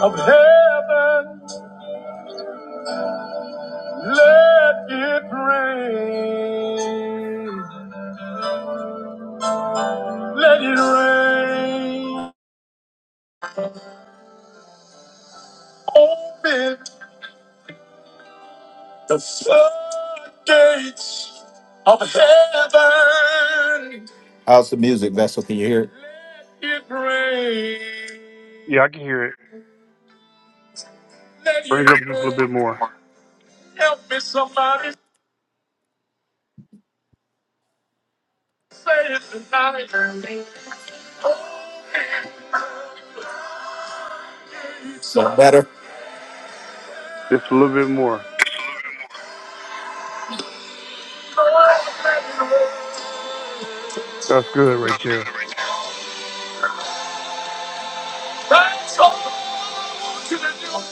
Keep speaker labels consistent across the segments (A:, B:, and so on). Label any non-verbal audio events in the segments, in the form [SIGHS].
A: of heaven, let it rain. Let it rain. Open the floodgates of heaven. How's the music, Vessel? Can you hear it? Let it rain.
B: Yeah, I can hear it.
A: Let
B: Bring
A: it
B: it up just a little
A: rain.
B: bit more.
A: Help me, somebody. Say it tonight. So better.
B: Just a little bit more. That's good right there.
A: Thanks all to the Lord.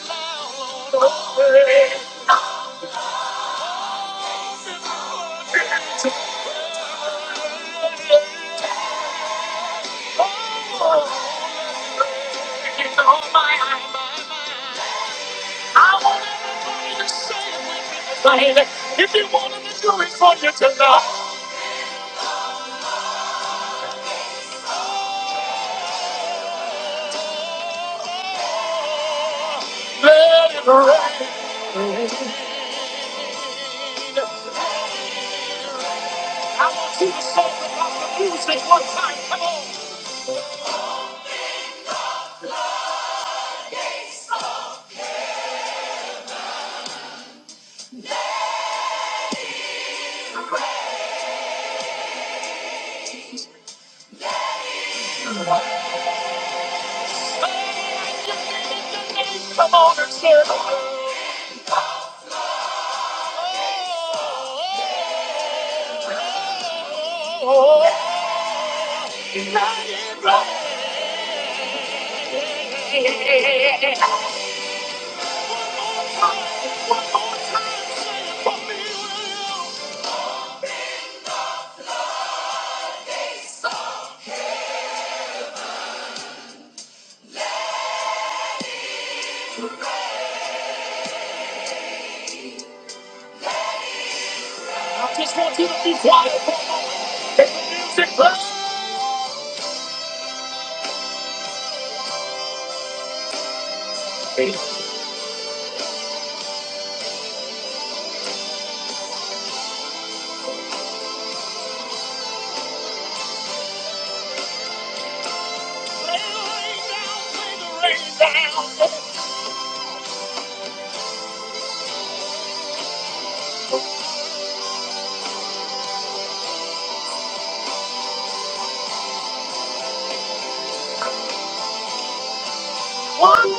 A: If you want him to do it for you tonight, let it rain. I want you to say about the music one time. Come on. Come on and say, oh, let it rain. I just want you to be quiet. The music bursts. It's rain. Everybody Everybody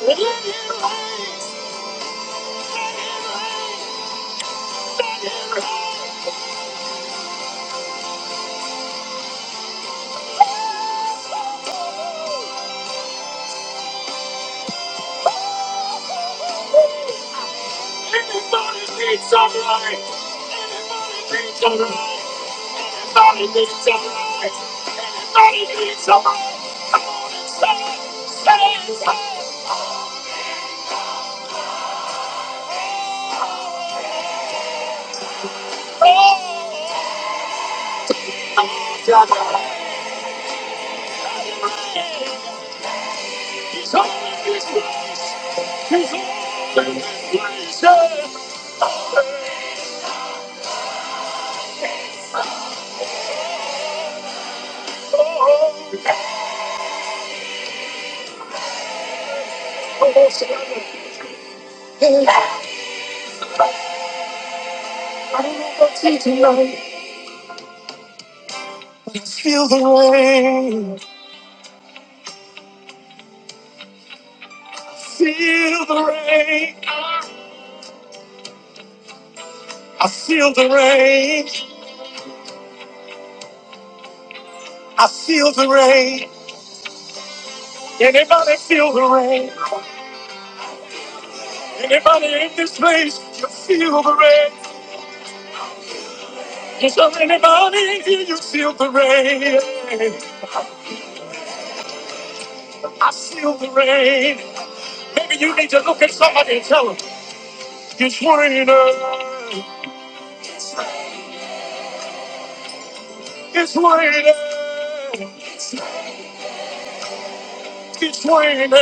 A: Everybody Everybody needs needs needs needs light. light. light. light. Come on and stand, stand, stand. Come on, he's on his way. He's on his way. Feel the rain. I feel the rain. I feel the rain. Anybody feel the rain? Anybody in this place, you feel the rain. Is there anybody in here you feel the rain? I feel the rain. Maybe you need to look at somebody and tell them, it's raining. It's raining. It's raining.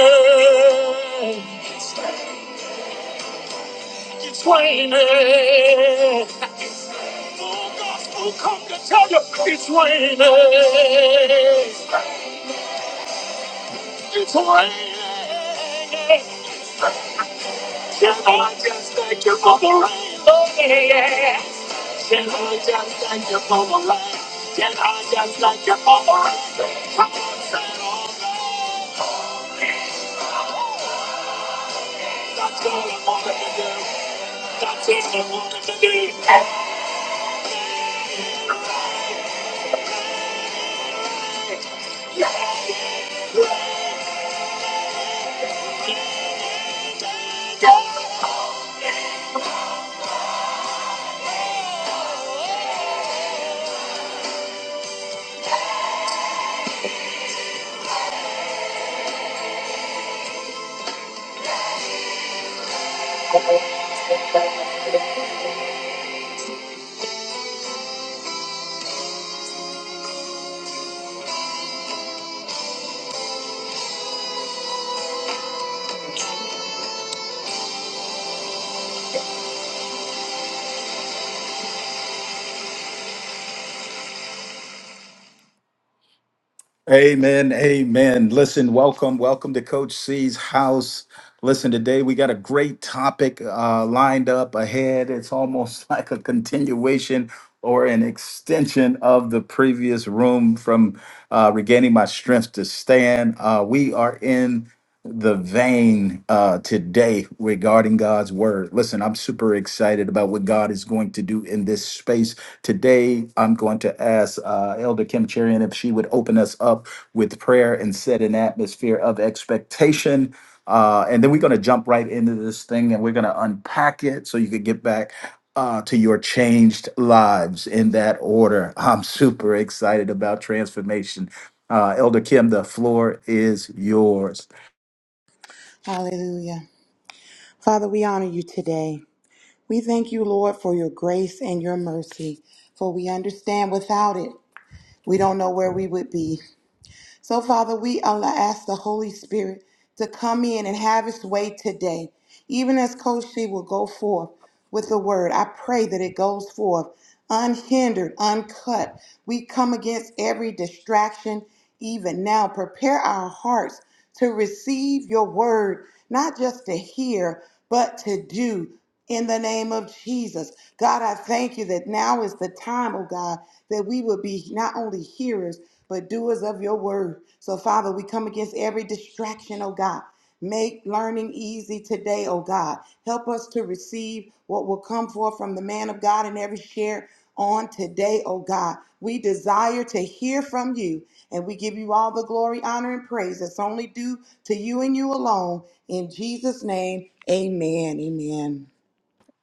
A: It's raining. The gospel come to tell you, it's raining. It's raining. Can I just thank you for the rain? Oh, yeah, yeah. Can I just thank you for the rain? Can I just thank you for the rain? Come on, set off! all. That's all I wanted to do. That's all I wanted to do. Amen. Amen. Listen, welcome. Welcome to Coach C's house. Listen, today we got a great topic uh, lined up ahead. It's almost [LAUGHS] like a continuation or an extension of the previous room from uh, regaining my strength to stand. Uh, we are in the vein uh, today regarding God's word. Listen, I'm super excited about what God is going to do in this space. Today, I'm going to ask uh, Elder Kim Cherian if she would open us up with prayer and set an atmosphere of expectation. Uh, and then we're going to jump right into this thing and we're going to unpack it so you could get back. Uh, to your changed lives in that order. [LAUGHS] I'm super excited about transformation. Uh, Elder Kim, the floor is yours.
C: Hallelujah. Father, we honor you today. We thank you, Lord, for your grace and your mercy, for we understand without it, we don't know where we would be. So, Father, we Allah ask the Holy Spirit to come in and have its way today. Even as Coach She will go forth with the word, I pray that it goes forth unhindered, uncut. We come against every distraction even now. Prepare our hearts to receive your word, not just to hear, but to do. In the name of Jesus. God, I thank you that now is the time, oh God, that we will be not only hearers, but doers of your word. So, Father, we come against every distraction, oh God. Make learning easy today, oh God. Help us to receive what will come forth from the man of God in every share on today, oh God. We desire to hear from you, and we give you all the glory, honor, and praise that's only due to you and you alone. In Jesus' name, amen. Amen.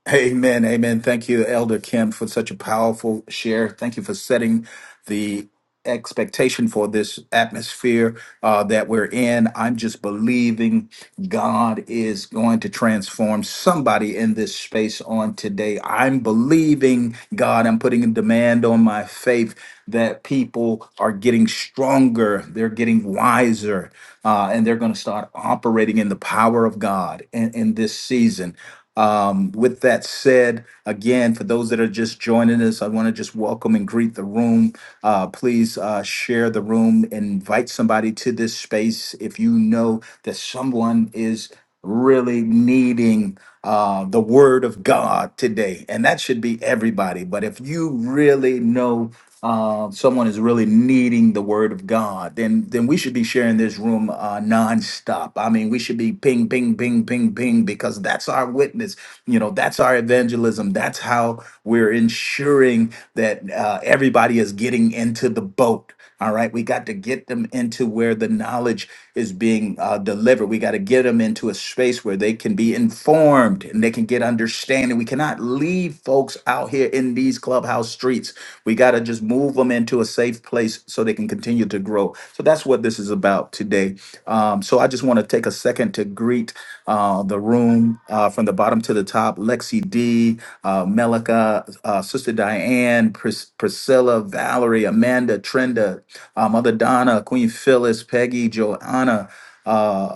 A: Amen. Amen. Thank you, Elder Kim, for such a powerful share. Thank you for setting the expectation for this atmosphere uh, that we're in. I'm just believing God is going to transform somebody in this space on today. I'm believing God. I'm putting a demand on my faith that people are getting stronger, they're getting wiser, uh, and they're going to start operating in the power of God in, in this season. Um, with that said, again, for those that are just joining us, I want to just welcome and greet the room. Uh, please uh, share the room, invite somebody to this space if you know that someone is really needing uh, the word of God today. And that should be everybody. But if you really know uh, someone is really needing the word of God, then then we should be sharing this room uh, nonstop. I mean, we should be ping, ping, ping, ping, ping, because that's our witness. You know, that's our evangelism. That's how we're ensuring that uh, everybody is getting into the boat. All right, we got to get them into where the knowledge is being uh, delivered. We got to get them into a space where they can be informed and they can get understanding. We cannot leave folks out here in these clubhouse streets. We got to just move them into a safe place so they can continue to grow. So that's what what this is about today. Um, so I just want to take a second to greet uh, the room uh, from the bottom to the top Lexi D, uh, Melika, uh, Sister Diane, Pris- Priscilla, Valerie, Amanda, Trenda, uh, Mother Donna, Queen Phyllis, Peggy, Joanna. Uh,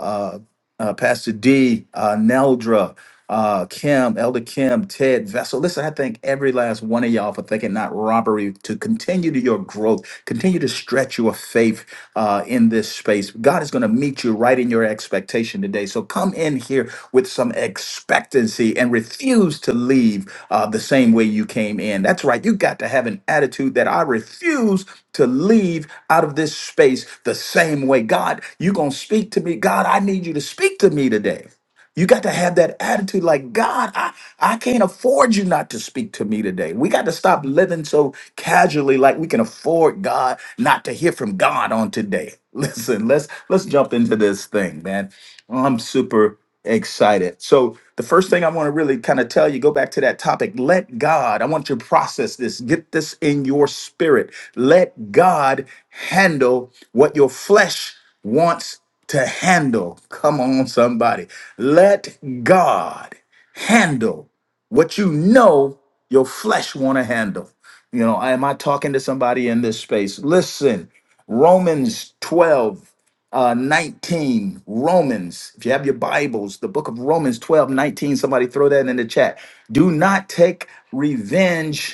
A: uh, uh, Pastor D, uh, Neldra, uh, Kim, Elder Kim, Ted Vessel. Listen, I thank every last one of y'all for thinking not robbery to continue to your growth, continue to stretch your faith uh, in this space. God is going to meet you right in your expectation today. So come come in here with some expectancy and refuse to leave uh, the same way you came in. That's right. You got to have an attitude that I refuse to leave out of this space the same way. God, you're going to speak to me. God, I need you to speak to me today. You got to have that attitude like, God, I, I can't afford you not to speak to me today. We got to stop living so casually like we can afford God not to hear from God on today. [LAUGHS] Listen, let's let's jump into this thing, man. I'm super excited. So the first thing I want to really kind of tell you, go back to that topic. Let God, I want you to process this, get this in your spirit. Let God handle what your flesh wants to handle. Come on, somebody. Let God handle what you know your flesh want to handle. You know, am I talking to somebody in this space? Listen, Romans 12, uh, 19. Romans, if you have your Bibles, the book of Romans 12 19. somebody throw that in the chat. Do not take revenge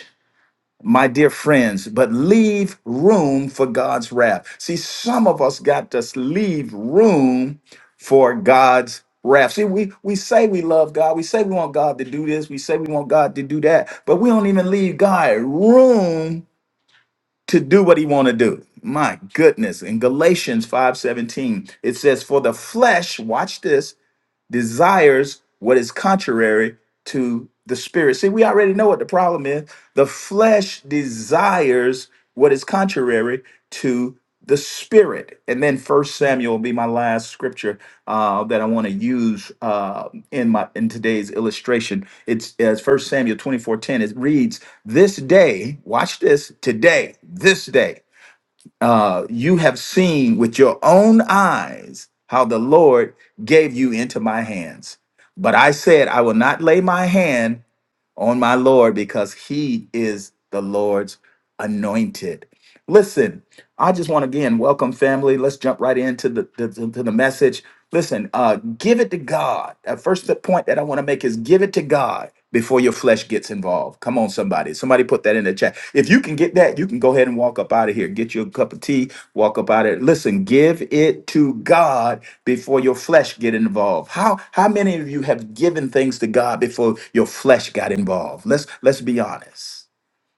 A: my dear friends, but leave room for God's wrath. See, some of us got to leave room for God's wrath. See, we, we say we love God. We say we want God to do this. We say we want God to do that. But we don't even leave God room to do what he want to do. My goodness. In Galatians 5:17, it says, For the flesh, watch this, desires what is contrary to the spirit. See, we already know what the problem is. The flesh desires what is contrary to the spirit. And then First Samuel will be my last scripture uh, that I want to use uh, in my in today's illustration. It's as First Samuel 24:10. It reads, This day, watch this, today, this day uh, you have seen with your own eyes how the Lord gave you into my hands. But I said, I will not lay my hand on my Lord because he is the Lord's anointed. Listen, I just want to again welcome family. Let's jump right into the the, to the message. Listen, uh, give it to God. Uh, first the point that I want to make is give it to God before your flesh gets involved. Come on, somebody. Somebody put that in the chat. If you can get that, you can go ahead and walk up out of here. Get you a cup of tea, walk up out of it. Listen, give it to God before your flesh get involved. How how many of you have given things to God before your flesh got involved? Let's let's be honest.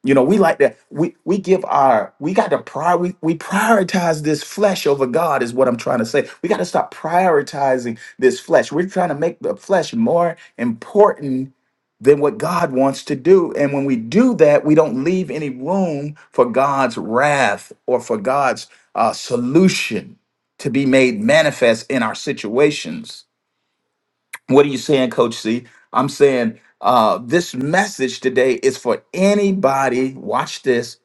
A: You know, we like that. We we give our we got to prior we, we prioritize this flesh over God is what I'm trying to say. We got to stop prioritizing this flesh. We're trying to make the flesh more important than what God wants to do. And when we do that, we don't leave any room for God's wrath or for God's uh, solution to be made manifest in our situations. What are you saying, Coach C? I'm saying uh, this message today is for anybody. Watch this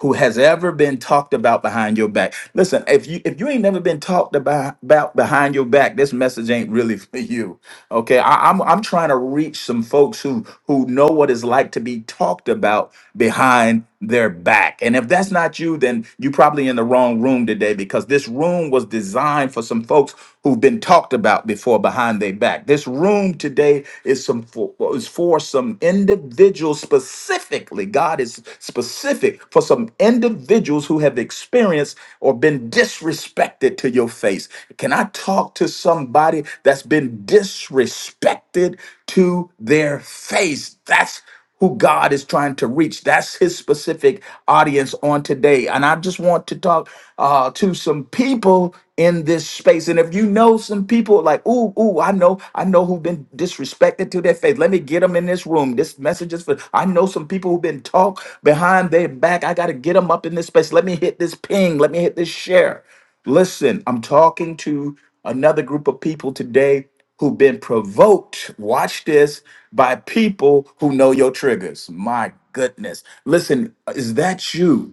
A: who has ever been talked about behind your back. Listen, if you if you ain't never been talked about about behind your back, this message ain't really [LAUGHS] for you. Okay, I, I'm I'm trying to reach some folks who who know what it's like to be talked about behind their back. And if that's not you, then you probably in the wrong room today because this room was designed for some folks who've been talked about before behind their back. This room today is some fo- is for some individuals specifically. God is specific for some individuals who have experienced or been disrespected to your face. Can I talk to somebody that's been disrespected to their face? That's who God is trying to reach. That's his specific audience on today. And I just want to talk uh, to some people in this space. And if you know some people like, ooh, ooh, I know, I know who've been disrespected to their faith. Let me get them in this room. This message is for, I know some people who've been talked behind their back. I got to get them up in this space. Let me hit this ping. Let me hit this share. Listen, I'm talking to another group of people today who've been provoked, watch this, by people who know your triggers. My goodness. Listen, is that you?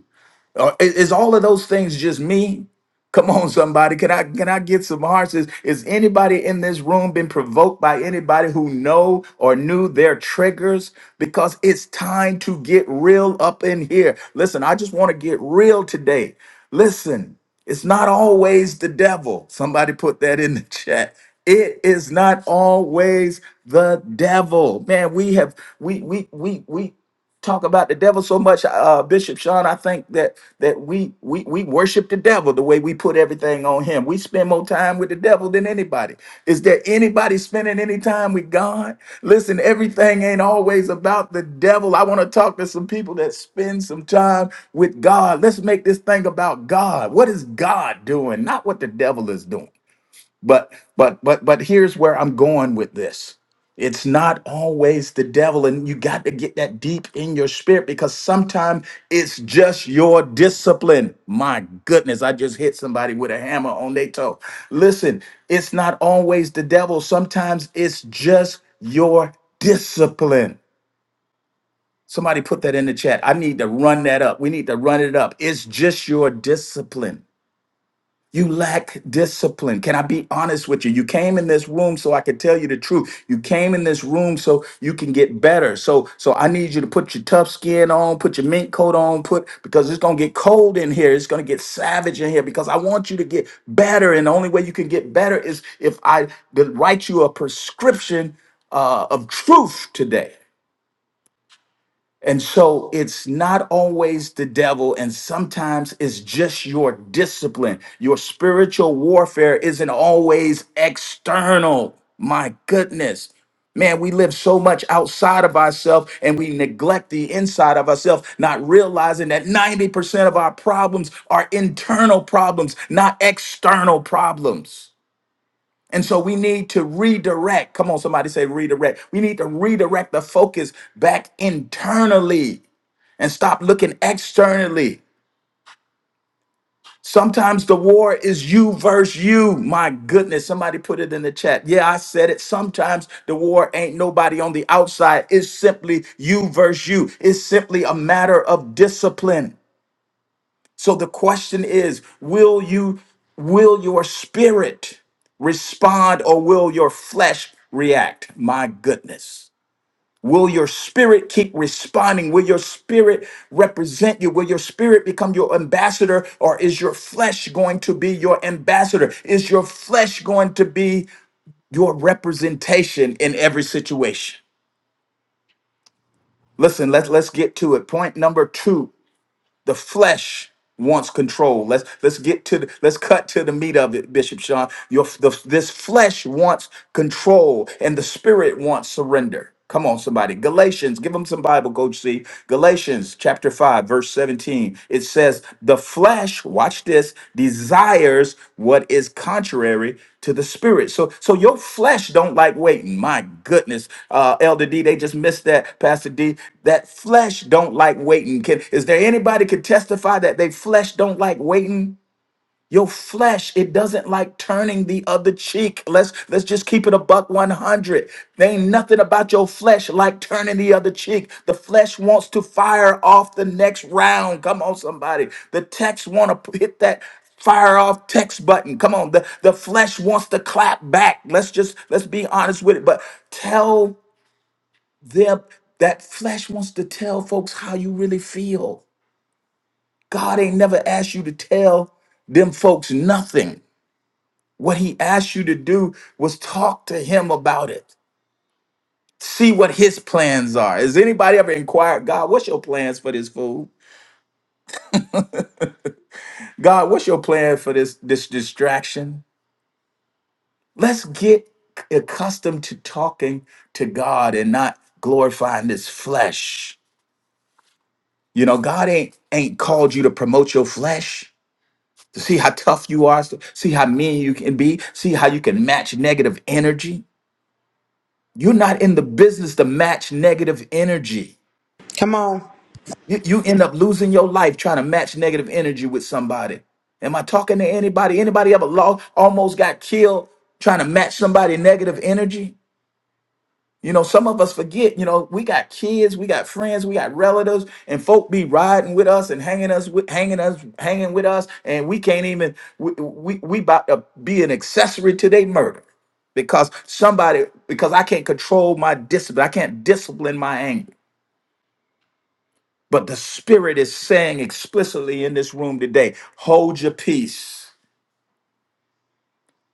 A: Uh, i- Is all of those things just me? Come on, somebody. Can I can I get some hearts? Is, is anybody in this room been provoked by anybody who know or knew their triggers? Because it's time to get real up in here. Listen, I just want to get real today. Listen, it's not always the devil. Somebody put that in the chat. It is not always the devil. Man, we have we we we we talk about the devil so much, uh, Bishop Sean. I think that that we we we worship the devil the way we put everything on him. We spend more time with the devil than anybody. Is there anybody spending any time with God? Listen, everything ain't always about the devil. I want to talk to some people that spend some time with God. Let's make this thing about God. What is God doing? Not what the devil is doing. But but but but here's where I'm going with this. It's not always the devil, and you got to get that deep in your spirit because sometimes it's just your discipline. My goodness, I just hit somebody with a hammer on their toe. Listen, it's not always the devil. Sometimes it's just your discipline. Somebody put that in the chat. I need to run that up. We need to run it up. It's just your discipline. You lack discipline. Can I be honest with you? You came in this room so I could tell you the truth. You came in this room so you can get better. So so I need you to put your tough skin on, put your mink coat on, put because it's going to get cold in here. It's going to get savage in here because I want you to get better and the only way you can get better is if I did write you a prescription uh, of truth today. And so it's not always the devil, and sometimes it's just your discipline. Your spiritual warfare isn't always external. My goodness. Man, we live so much outside of ourselves and we neglect the inside of ourselves, not realizing that 90% of our problems are internal problems, not external problems. And so we need to redirect. Come on, somebody say redirect. We need to redirect the focus back internally and stop looking externally. Sometimes the war is you versus you. My goodness, somebody put it in the chat. Yeah, I said it. Sometimes the war ain't nobody on the outside. It's simply you versus you. It's simply a matter of discipline. So the question is, will you will your spirit respond or will your flesh react? My goodness. Will your spirit keep responding? Will your spirit represent you? Will your spirit become your ambassador? Or is your flesh going to be your ambassador? Is your flesh going to be your representation in every situation? Listen, let's let's get to it. Point number two the flesh wants control. Let's let's get to the, let's cut to the meat of it, Bishop Sean. Your the, this flesh wants control, and the spirit wants surrender. Come on, somebody. Galatians, give them some Bible, Coach C. Galatians chapter 5, verse 17. It says, the the flesh, watch this, desires what is contrary to the spirit. So so your flesh don't like waiting. My goodness. Uh Elder D, they just missed that, Pastor D. That flesh don't like waiting. Can is there anybody could testify that they flesh don't like waiting? Your flesh, it doesn't like turning the other cheek. Let's let's just keep it a buck 100. There ain't nothing about your flesh like turning the other cheek. The flesh wants to fire off the next round. Come on, somebody. The text want to hit that fire off text button. Come on. The, the flesh wants to clap back. Let's just let's be honest with it. But tell them that flesh wants to tell folks how you really feel. God ain't never asked you to tell them folks nothing. What he asked you to do was talk to him about it. See what his plans are. Has anybody ever inquired, God, what's your plans for this food? God, what's your plan for this this distraction? Let's get accustomed to talking to God and not glorifying this flesh. You know, God ain't ain't called you to promote your flesh. To see how tough you are, to see how mean you can be, see how you can match negative energy. You're not in the business to match negative energy.
C: Come on.
A: You, you end up losing your life trying to match negative energy with somebody. Am I talking to anybody? Anybody ever lost, almost got killed trying to match somebody negative energy? You know, some of us forget, you know, we got kids, we got friends, we got relatives, and folk be riding with us and hanging us with hanging us, hanging with us, and we can't even we we, we about to be an accessory to their murder because somebody because I can't control my discipline. I can't discipline my anger. But the Spirit is saying explicitly in this room today hold your peace.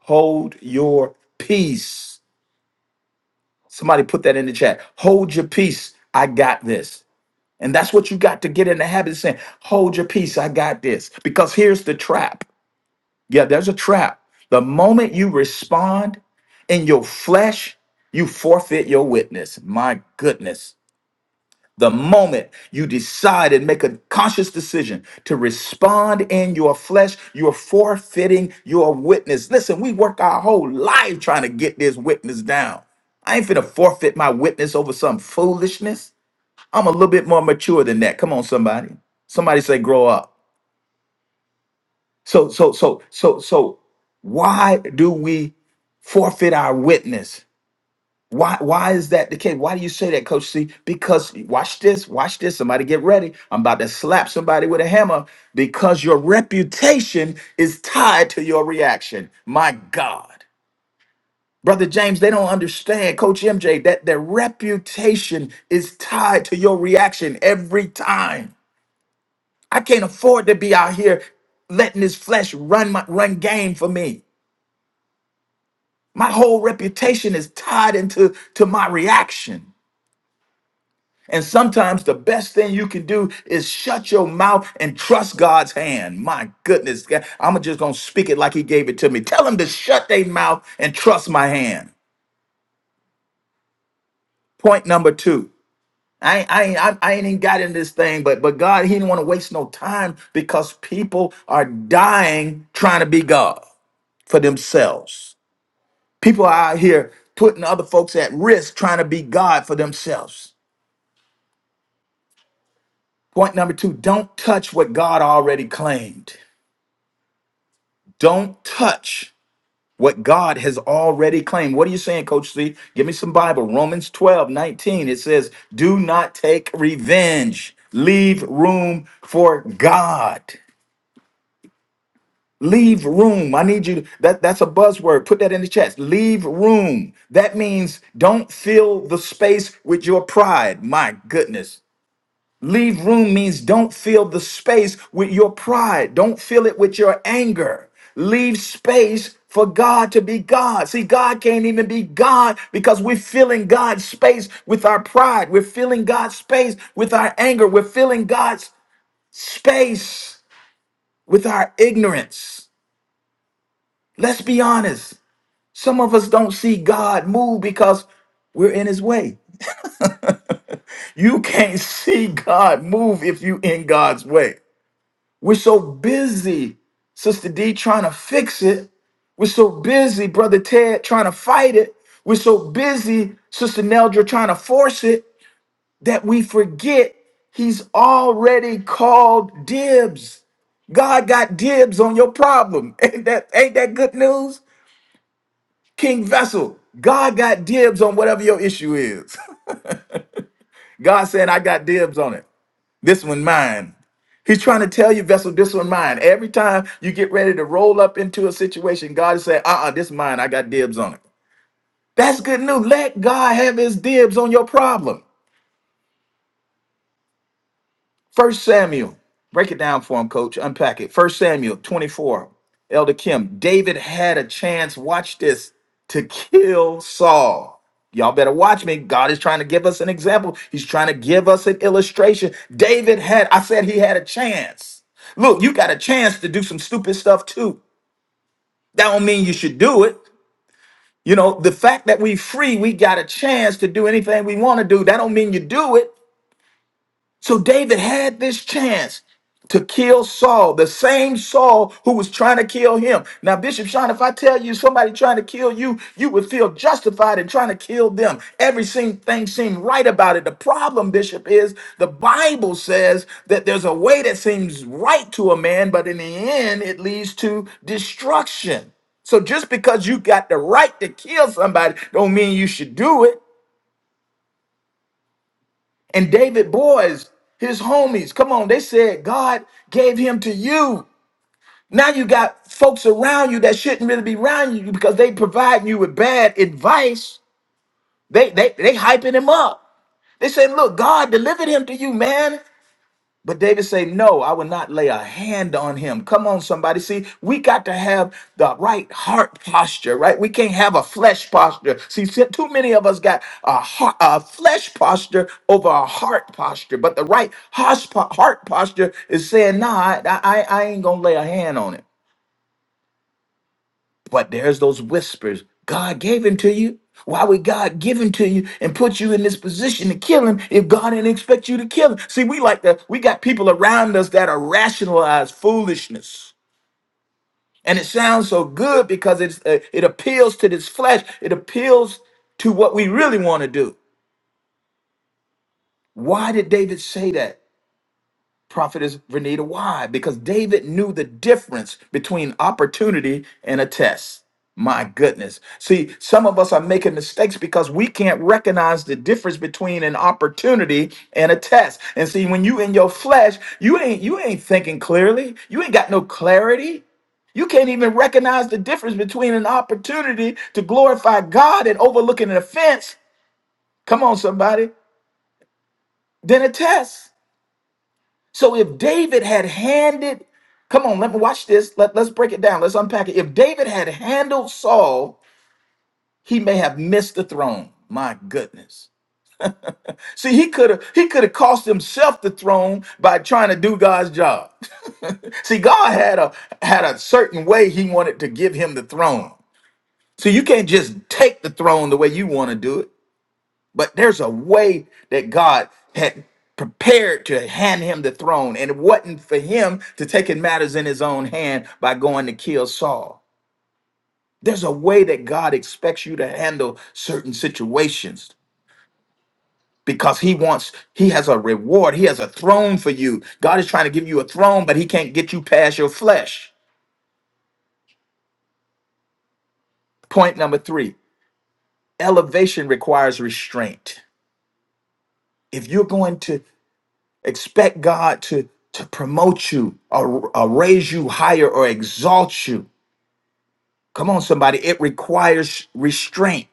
A: Hold your peace. Somebody put that in the chat. Hold your peace. I got this. And that's what you got to get in the habit of saying hold your peace. I got this. Because here's the trap. Yeah, there's a trap. The moment you respond in your flesh, you forfeit your witness. My goodness. The moment you decide and make a conscious decision to respond in your flesh, you're forfeiting your witness. Listen, we work our whole life trying to get this witness down. I ain't finna forfeit my witness over some foolishness. I'm a little bit more mature than that. Come on, somebody. Somebody say grow up. So, so, so, so, so, why do we forfeit our witness? Why why is that the case? Why do you say that, Coach C? Because watch this, watch this. Somebody get ready. I'm about to slap somebody with a hammer because your reputation is tied to your reaction. My God. Brother James, they don't understand, Coach MJ, that their reputation is tied to your reaction every time. I can't afford to be out here letting this flesh run my run game for me. My whole reputation is tied into to my reaction. And sometimes the best thing you can do is shut your mouth and trust God's hand. My goodness, God, I'm just going to speak it like He gave it to me. Tell them to shut their mouth and trust my hand. Point number two. I ain't, I ain't, I I ain't even got in this thing, but but God, He didn't want to waste no time because people are dying trying to be God for themselves. People are out here putting other folks at risk trying to be God for themselves. Point number two: Don't touch what God already claimed. Don't touch what God has already claimed. What are you saying, Coach C? Give me some Bible. Romans 12 19. It says, Do not take revenge. Leave room for God. Leave room. I need you. That, that's a buzzword. Put that in the chat. Leave room. That means don't fill the space with your pride. My goodness. Leave room means don't fill the space with your pride. Don't fill it with your anger. Leave space for God to be God. See, God can't even be God because we're filling God's space with our pride. We're filling God's space with our anger. We're filling God's space with our ignorance. Let's be honest. Some of us don't see God move because we're in his way. You can't [LAUGHS] see God move if you in God's way. We're so busy, Sister D, trying to fix it. We're so busy, Brother Ted, trying to fight it. We're so busy, Sister Neldra, trying to force it that we forget he's already called dibs. God got dibs on your problem. [LAUGHS] Ain't that, ain't that good news? King Vessel, God got dibs on whatever your issue is. [LAUGHS] God said, I got dibs on it. This one mine. He's trying to tell you, vessel, this one mine. Every time you get ready to roll up into a situation, God is saying, uh uh this mine. I got dibs on it. That's good news. Let God have his dibs on your problem. First Samuel, break it down for him, coach. Unpack it. First Samuel 24. Elder Kim, David had a chance, watch this, to kill Saul. Y'all better watch me. God is trying to give us an example. He's trying to give us an illustration. David had, I said he had a chance. Look, you got a chance to do some stupid stuff too. That don't mean you should do it. You know, the fact that we free, we got a chance to do anything we want to do. That don't mean you do it. So David had this chance to kill Saul, the same Saul who was trying to kill him. Now, Bishop Sean, if I tell you somebody trying to kill you, you would feel justified in trying to kill them. Everything thing seemed right about it. The problem, Bishop, is the Bible says that there's a way that seems right to a man, but in the end, it leads to destruction. So just because you got the right to kill somebody, don't mean you should do it. And David boys, his homies, come on, they said God gave him to you. Now you got folks around you that shouldn't really be around you because they providing you with bad advice. They they they hyping him up. They saying, look, God delivered him to you, man. But David say, "No, I will not lay a hand on him." Come on, somebody. See, we got to have the right heart posture, right? We can't have a flesh posture. See, si- too many of us got a, heart, a flesh posture over a heart posture. But the right hos- po- heart posture is saying, "Nah, I, I, I ain't gonna lay a hand on him." But there's those whispers. God gave him to you. Why would God give him to you and put you in this position to kill him if God didn't expect you to kill him? See, we like to, we got people around us that are rationalized foolishness. And it sounds so good because it's, uh, it appeals to this flesh. It appeals to what we really want to do. Why did David say that? prophetess Renita. Why? Because David knew the difference between opportunity and a test. My goodness. See, some of us are making mistakes because we can't recognize the difference between an opportunity and a test. And see, when you in your flesh, you ain't you ain't thinking clearly. You ain't got no clarity. You can't even recognize the difference between an opportunity to glorify God and overlooking an offense. Come on, somebody. Then a test. So if David had handed, come on, let me watch this. Let, let's break it down. Let's unpack it. If David had handled Saul, he may have missed the throne. My goodness. See, he could have he could have cost himself the throne by trying to do God's job. [LAUGHS] See, God had a had a certain way he wanted to give him the throne. So you can't just take the throne the way you want to do it. But there's a way that God had prepared to hand him the throne, and it wasn't for him to take in matters in his own hand by going to kill Saul. There's a way that God expects you to handle certain situations because he wants he has a reward he has a throne for you god is trying to give you a throne but he can't get you past your flesh point number three elevation requires restraint if you're going to Expect God to, to promote you or, or raise you higher or exalt you. Come on, somebody. It requires restraint.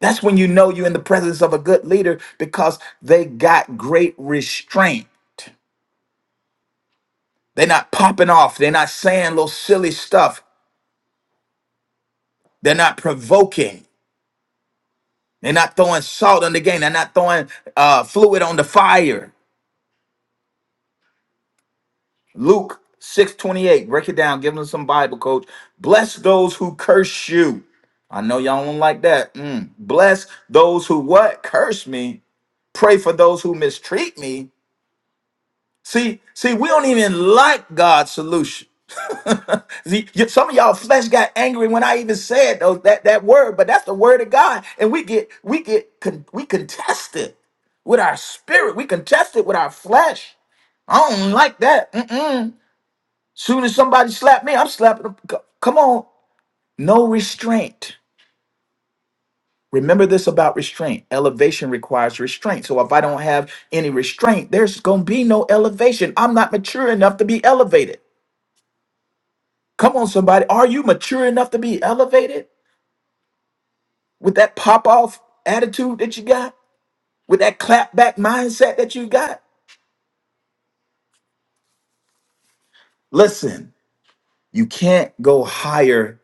A: That's when you know you're in the presence of a good leader because they got great restraint. They're not popping off. They're not saying little silly stuff. They're not provoking. They're not throwing salt on the game. They're not throwing uh, fluid on the fire. Luke 6:28. Break it down. Give them some Bible, coach. Bless those who curse you. I know y'all don't like that. Mm. Bless those who what? Curse me. Pray for those who mistreat me. See, see, we don't even like God's solution. [LAUGHS] See, y- some of y'all flesh got angry when I even said those that, that word, but that's the word of God. And we get we get con- we contest it with our spirit. We contest it with our flesh. I don't like that. Mm-mm. Soon as somebody slap me, I'm slapping them. C- Come on. No restraint. Remember this about restraint. Elevation requires restraint. So if I don't have any restraint, there's going to be no elevation. I'm not mature enough to be elevated. Come on, somebody. Are you mature enough to be elevated with that pop off attitude that you got, with that clap back mindset that you got? Listen, you can't go higher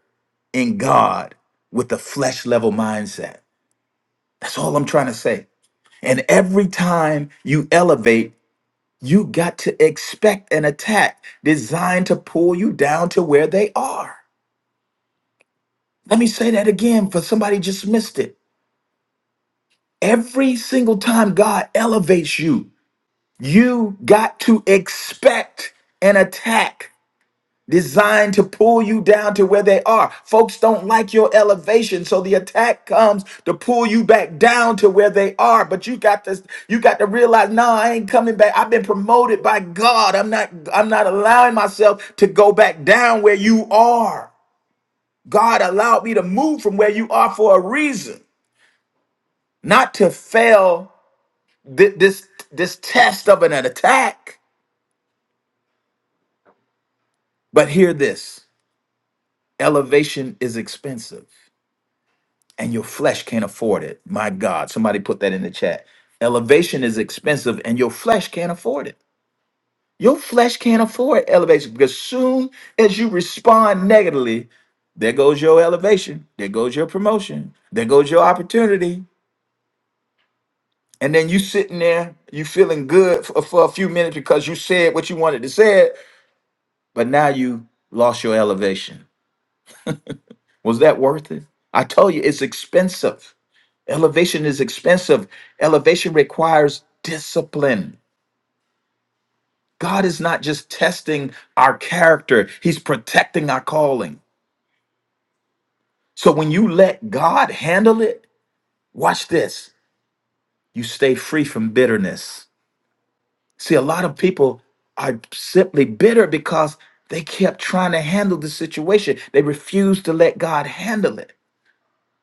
A: in God with the flesh level mindset. That's all I'm trying to say. And every time you elevate, you got to expect an attack designed to pull you down to where they are. Let me say that again for somebody just missed it. Every single time God elevates you, you got to expect an attack designed to pull you down to where they are. Folks don't like your elevation, so the attack comes to pull you back down to where they are. But you got to you got to realize, no, I ain't coming back. I've been promoted by God. I'm not I'm not allowing myself to go back down where you are. God allowed me to move from where you are for a reason, not to fail thi- this this test of an attack. But hear this. Elevation is expensive. and your flesh can't afford it. My God, somebody put that in the chat. Elevation is expensive and your flesh can't afford it. Your flesh can't afford elevation because soon as you respond negatively, there goes your elevation, there goes your promotion, there goes your opportunity. And then you sitting there, you feeling good for, for a few minutes because you said what you wanted to say, but now you lost your elevation. Was that worth it? I tell you, it's expensive. Elevation is expensive. Elevation requires discipline. God is not just testing our character, He's protecting our calling. So when you let God handle it, watch this. You stay free from bitterness. See, a lot of people are simply bitter because they kept trying to handle the situation. They refused to let God handle it.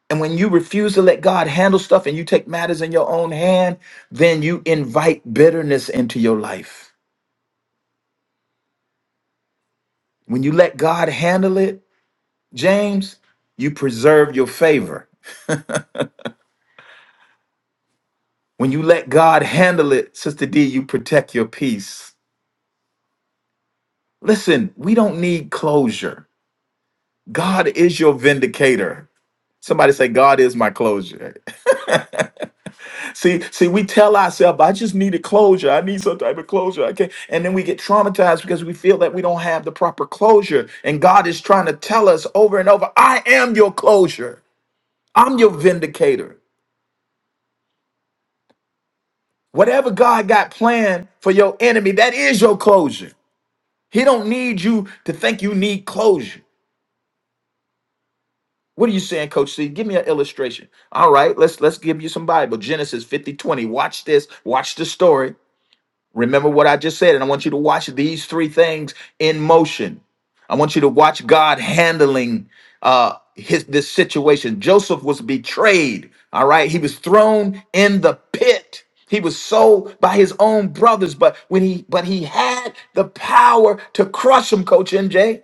A: And when you refuse to let God handle stuff and you take matters in your own hand, then you invite bitterness into your life When you let God handle it, James, you preserve your favor. When you let God handle it, Sister D, you protect your peace. Listen, we don't need closure. God is your vindicator. Somebody say, God is my closure. [LAUGHS] see, see, we tell ourselves, I just need a closure. I need some type of closure. I can't. And then we get traumatized because we feel that we don't have the proper closure. And God is trying to tell us over and over, I am your closure. I'm your vindicator. Whatever God got planned for your enemy, that is your closure. He don't need you to think you need closure. What are you saying, Coach C? Give me an illustration. All right, let's let's give you some Bible. Genesis 50 20. Watch this. Watch the story. Remember what I just said, and I want you to watch these three things in motion. I want you to watch God handling uh, his this situation. Joseph was betrayed. All right, he was thrown in the pit. He was sold by his own brothers, but when he but he had the power to crush him, Coach MJ.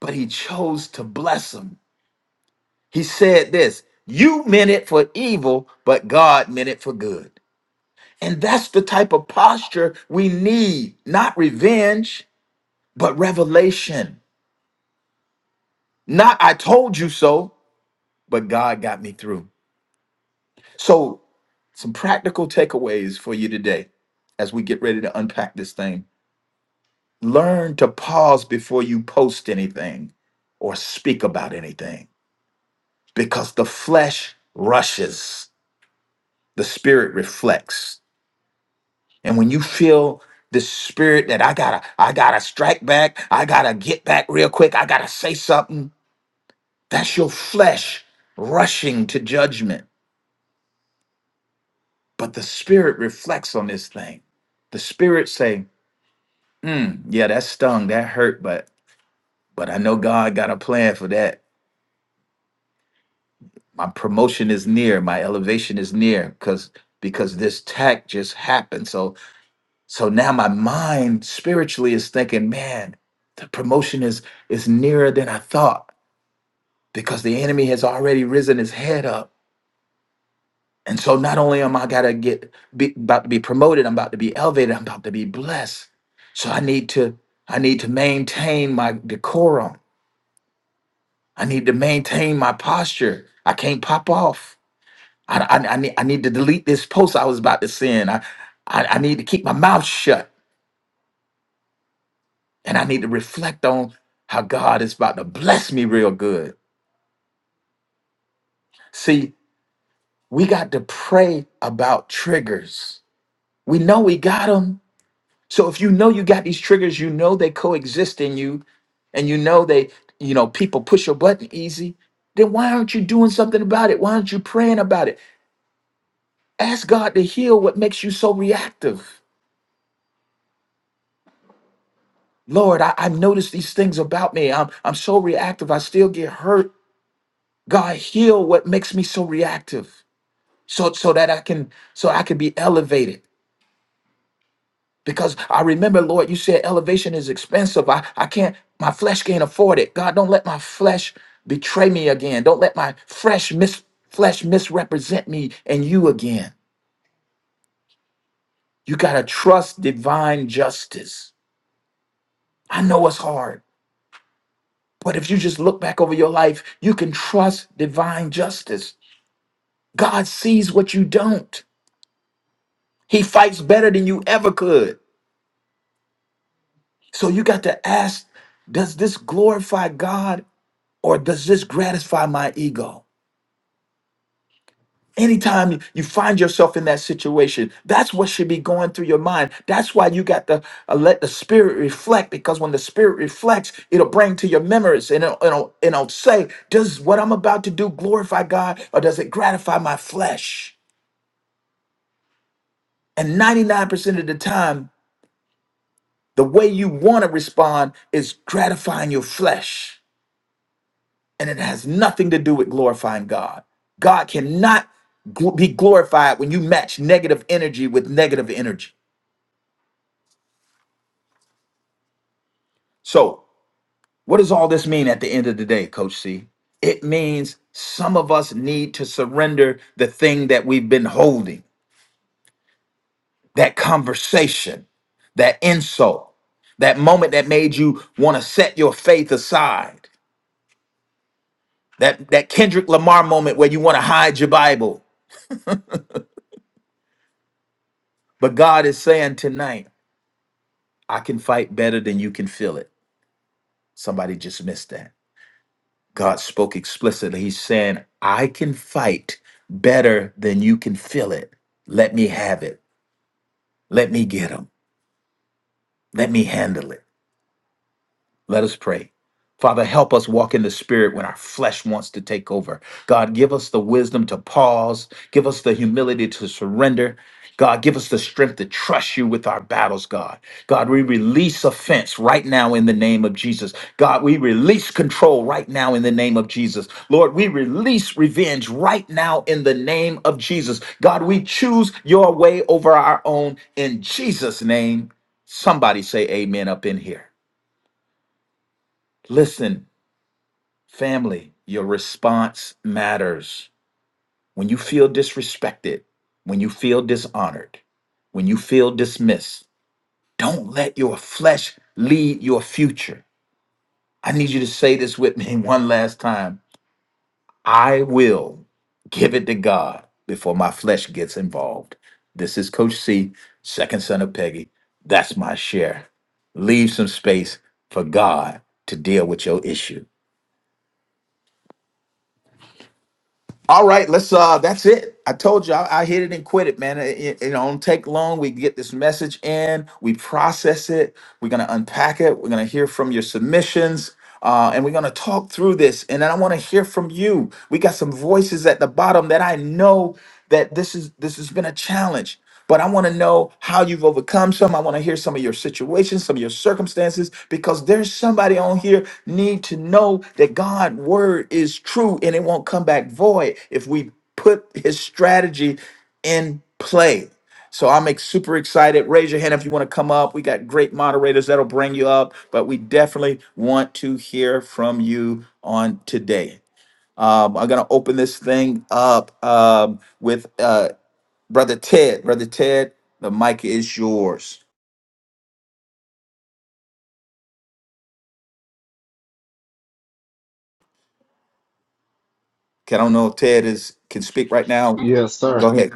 A: But he chose to bless him. He said this: "You meant it for evil, but God meant it for good." And that's the type of posture we need not revenge, but revelation. Not I told you so, but God got me through. So, some practical takeaways for you today as we get ready to unpack this thing. Learn to pause before you post anything or speak about anything because the flesh rushes, the spirit reflects. And when you feel the spirit that I gotta, I gotta strike back, I gotta get back real quick, I gotta say something, that's your flesh rushing to judgment. But the spirit reflects on this thing. The spirit say, mm, yeah, that stung, that hurt, but but I know God got a plan for that. My promotion is near, my elevation is near, because because this tack just happened. So So now my mind spiritually is thinking, man, the promotion is is nearer than I thought because the enemy has already risen his head up. And so not only am I gotta get be, about to be promoted, I'm about to be elevated, I'm about to be blessed. So I need to I need to maintain my decorum. I need to maintain my posture. I can't pop off. I, I, I need I need to delete this post I was about to send. I, I I need to keep my mouth shut. And I need to reflect on how God is about to bless me real good. See, we got to pray about triggers. We know we got them. So if you know you got these triggers, you know they coexist in you, and you know they, you know, people push your button easy, then why aren't you doing something about it? Why aren't you praying about it? Ask God to heal what makes you so reactive. Lord, I, I've noticed these things about me. I'm I'm so reactive. I still get hurt. God, heal what makes me so reactive. so so that I can so I can be elevated. Because I remember, Lord, you said elevation is expensive. I, I can't, my flesh can't afford it. God, don't let my flesh betray me again. Don't let my fresh mis flesh misrepresent me and you again. You gotta trust divine justice. I know it's hard, but if you just look back over your life, you can trust divine justice. God sees what you don't. He fights better than you ever could. So you got to ask, does this glorify God or does this gratify my ego? Anytime you you find yourself in that situation, that's what should be going through your mind. That's why you got to uh, let the spirit reflect because when the spirit reflects, it'll bring to your memories and it'll, it'll, it'll say, Does what I'm about to do glorify God or does it gratify my flesh? And 99% of the time, the way you want to respond is gratifying your flesh. and it has nothing to do with glorifying God. God cannot gl- be glorified when you match negative energy with negative energy. So, what does all this mean at the end of the day, Coach C? It means some of us need to surrender the thing that we've been holding, that conversation, that insult, that moment that made you want to set your faith aside, that, that Kendrick Lamar moment where you want to hide your Bible. But God is saying tonight, I can fight better than you can feel it. Somebody just missed that. God spoke explicitly. He's saying, I can fight better than you can feel it. Let me have it. Let me get them. Let me handle it. Let us pray. Father, help us walk in the spirit when our flesh wants to take over. God, give us the wisdom to pause. Give us the humility to surrender. God, give us the strength to trust you with our battles, God. God, we release offense right now in the name of Jesus. God, we release control right now in the name of Jesus. Lord, we release revenge right now in the name of Jesus. God, we choose your way over our own in Jesus' name. Somebody say amen up in here. Listen. Family, your response matters. When you feel disrespected, when you feel dishonored, when you feel dismissed, don't let your flesh lead your future. I need you to say this with me [LAUGHS] one last time. I will give it to God before my flesh gets involved. This is Coach C, second son of Peggy. That's my share. Leave some space for God to deal with your issue. All right, let's. Uh, that's it. I told you, I, I hit it and quit it, man. It, it- it don't take long. We get this message in, we process it, we're gonna unpack it, we're gonna hear from your submissions, uh, and we're gonna talk through this. And then I want to hear from you. We got some voices at the bottom that I know that this is this has been a challenge but i want to know how you've overcome some i want to hear some of your situations some of your circumstances because there's somebody on here need to know that god word is true and it won't come back void if we put his strategy in play so I'm ex- super excited. Raise your hand if you want to come up. We got great moderators that'll bring you up, but we definitely want to hear from you on today. Um, I'm gonna open this thing up um, with uh, Brother Ted. Brother Ted, the mic is yours. Okay, I don't know if Ted is can speak right now.
D: Yes, sir.
A: Go ahead.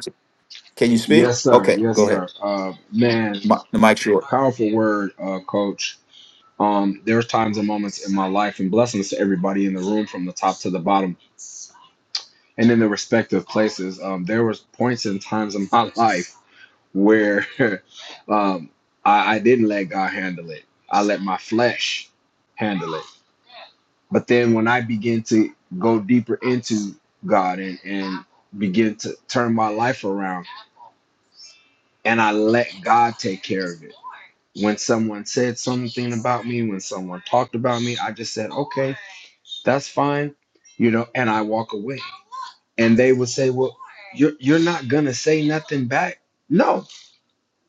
A: Can you speak?
D: Yes, sir.
A: Okay,
D: Yes,
A: go ahead.
D: sir. Uh, man,
A: Mi- The mic's yours.
D: powerful word, uh, coach. Um, there times and moments in my life, and blessings to everybody in the room from the top to the bottom, and in the respective places. Um, there was points and times in my life where [LAUGHS] um, I, I didn't let God handle it. I let my flesh handle it. But then when I begin to go deeper into God and, and begin to turn my life around, and I let God take care of it when someone said something about me, when someone talked about me, I just said, okay, that's fine, you know, and I walk away. And they would say, well, you're, you're not going to say nothing back? No,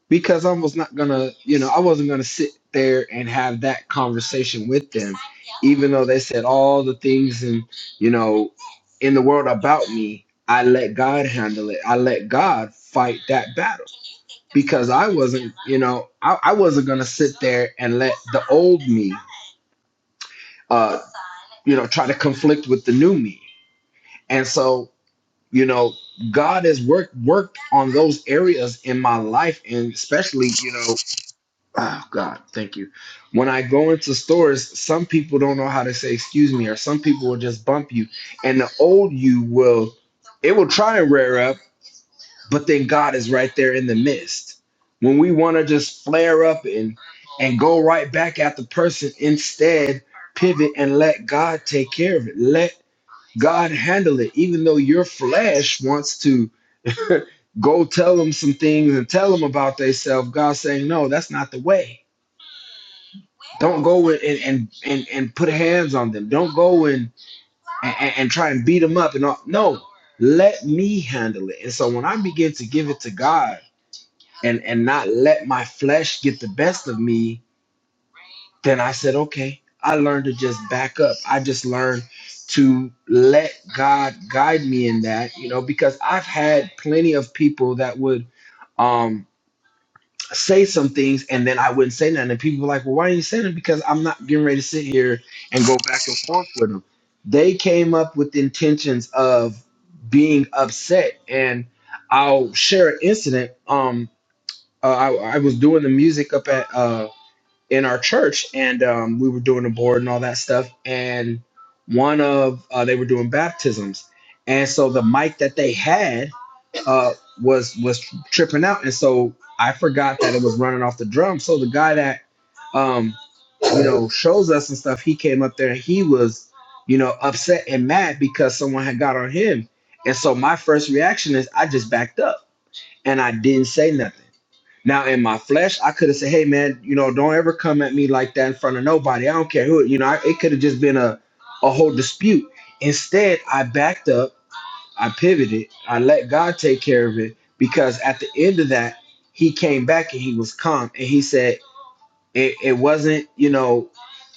D: because I was not going to, you know, I wasn't going to sit there and have that conversation with them, even though they said all the things and, you know, in the world about me, I let God handle it. I let God fight that battle because I wasn't, you know, I, I wasn't going to sit there and let the old me, uh, you know, try to conflict with the new me. And so, you know, God has worked worked on those areas in my life, and especially, you know, Oh God, thank you. When I go into stores, some people don't know how to say excuse me, or some people will just bump you, and the old you will, it will try and rear up, but then God is right there in the midst. When we want to just flare up and and go right back at the person, instead pivot and let God take care of it. Let God handle it, even though your flesh wants to [LAUGHS] go tell them some things and tell them about themselves. God's saying, no, that's not the way don't go and and, and, and put hands on them. Don't go and, and, and try and beat them up and all. No, let me handle it. And so when I begin to give it to God and and not let my flesh get the best of me, then I said, okay, I learned to just back up. I just learned to let God guide me in that, you know, because I've had plenty of people that would um. say some things and then I wouldn't say nothing. And people were like, well, why didn't you say nothing? Because I'm not getting ready to sit here and go back and forth with them. They came up with intentions of being upset. And I'll share an incident. Um, uh, I, I was doing the music up at uh, in our church and um, we were doing the board and all that stuff. And one of uh, they were doing baptisms. And so the mic that they had uh, was was tripping out, and so I forgot that it was running off the drum. So the guy that um, you know shows us and stuff, he came up there and he was you know upset and mad because someone had got on him, and so my first reaction is I just backed up and I didn't say nothing. Now in my flesh, I could have said, "Hey man, you know, don't ever come at me like that in front of nobody. I don't care who. it- You know, I, it could have just been a a whole dispute." Instead, I backed up I pivoted. I let God take care of it because at the end of that, he came back and he was calm and he said it, it wasn't, you know,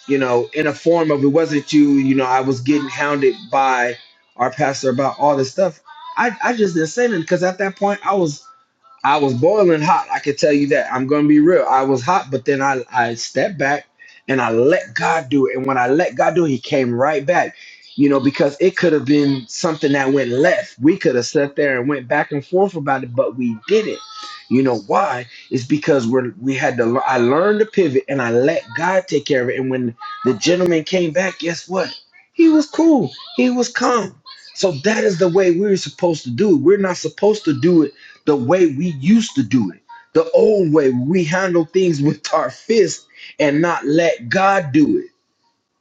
D: you know, in a form of it wasn't you, you know, I was getting hounded by our pastor about all this stuff. I, I just didn't say nothing because at that point I was I was boiling hot. I could tell you that. I'm gonna be real. I was hot, but then I I stepped back and I let God do it. And when I let God do it, He came right back. You know, because it could have been something that went left. We could have sat there and went back and forth about it, but we didn't. You know why? It's because we're we had to. lear- I learned to pivot, and I let God take care of it. And when the gentleman came back, guess what? He was cool. He was calm. So that is the way we're supposed to do. it. We're not supposed to do it the way we used to do it, the old way we handle things with our fist and not let God do it.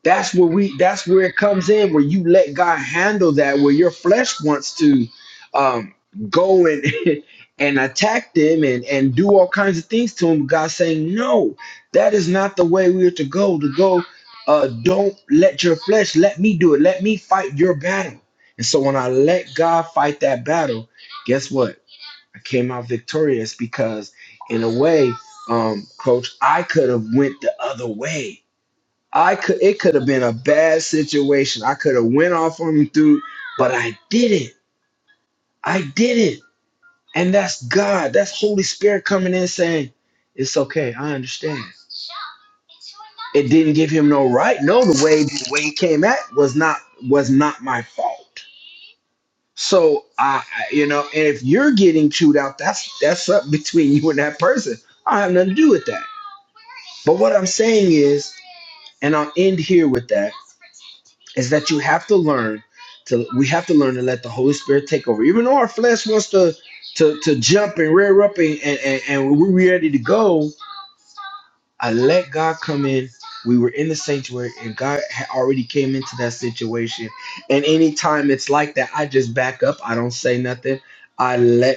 D: That's where we that's where it comes in where you let God handle that where your flesh wants to um go and [LAUGHS] and attack them and and do all kinds of things to them. God saying, "No, that is not the way we're to go. To go uh don't let your flesh let me do it. Let me fight your battle." And so when I let God fight that battle, guess what? I came out victorious because, in a way, um, coach, I could have went the other way. I could. It could have been a bad situation. I could have went off on him through, but I didn't. I didn't. And that's God. That's Holy Spirit coming in saying, "It's okay. I understand." It didn't give him no right. No, the way the way he came at was not was not my fault. So I, I- you know, and if you're getting chewed out, that's that's up between you and that person. I have nothing to do with that. But what I'm saying is, and I'll end here with that, is that you have to learn to we have to learn to let the Holy Spirit take over. Even though our flesh wants to to to jump and rear up and and, and, and we're ready to go, I let God come in. We were in the sanctuary and God had already came into that situation. And anytime it's like that, I just back up. I don't say nothing. I let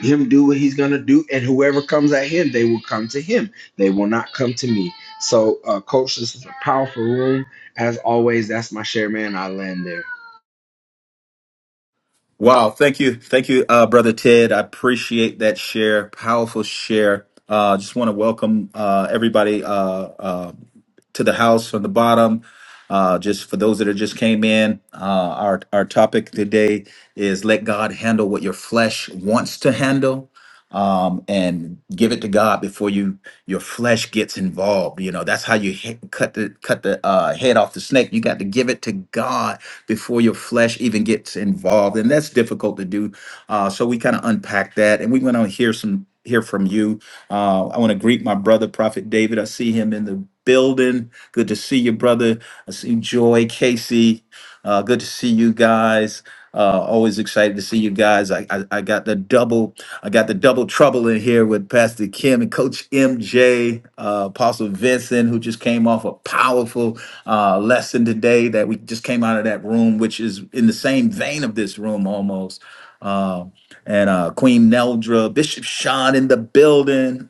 D: him do what he's gonna do, and whoever comes at him, they will come to him. They will not come to me. So, uh, coach, this is a powerful room as always. That's my share, man. I land there.
A: Wow, thank you. Thank you, uh, Brother Ted. I appreciate that share, powerful share. Uh, just want to welcome uh, everybody uh, uh, to the house from the bottom. Uh, just for those that are just came in, uh, our, our topic today is let God handle what your flesh wants to handle um, and give it to God before you your flesh gets involved. You know that's how you he- cut the cut the uh, head off the snake. You got to give it to God before your flesh even gets involved, and that's difficult to do. Uh, so we kind of unpack that, and we want to hear some hear from you. Uh, I want to greet my brother, Prophet David. I see him in the building. Good to see you, brother. I see Joy, Casey. Uh, good to see you guys. Uh, always excited to see you guys. I, I, I got the double I got the double trouble in here with Pastor Kim and Coach MJ, uh, Apostle Vincent, who just came off a powerful uh, lesson today that we just came out of that room, which is in the same vein of this room almost. Uh, and uh, Queen Neldra, Bishop Sean in the building,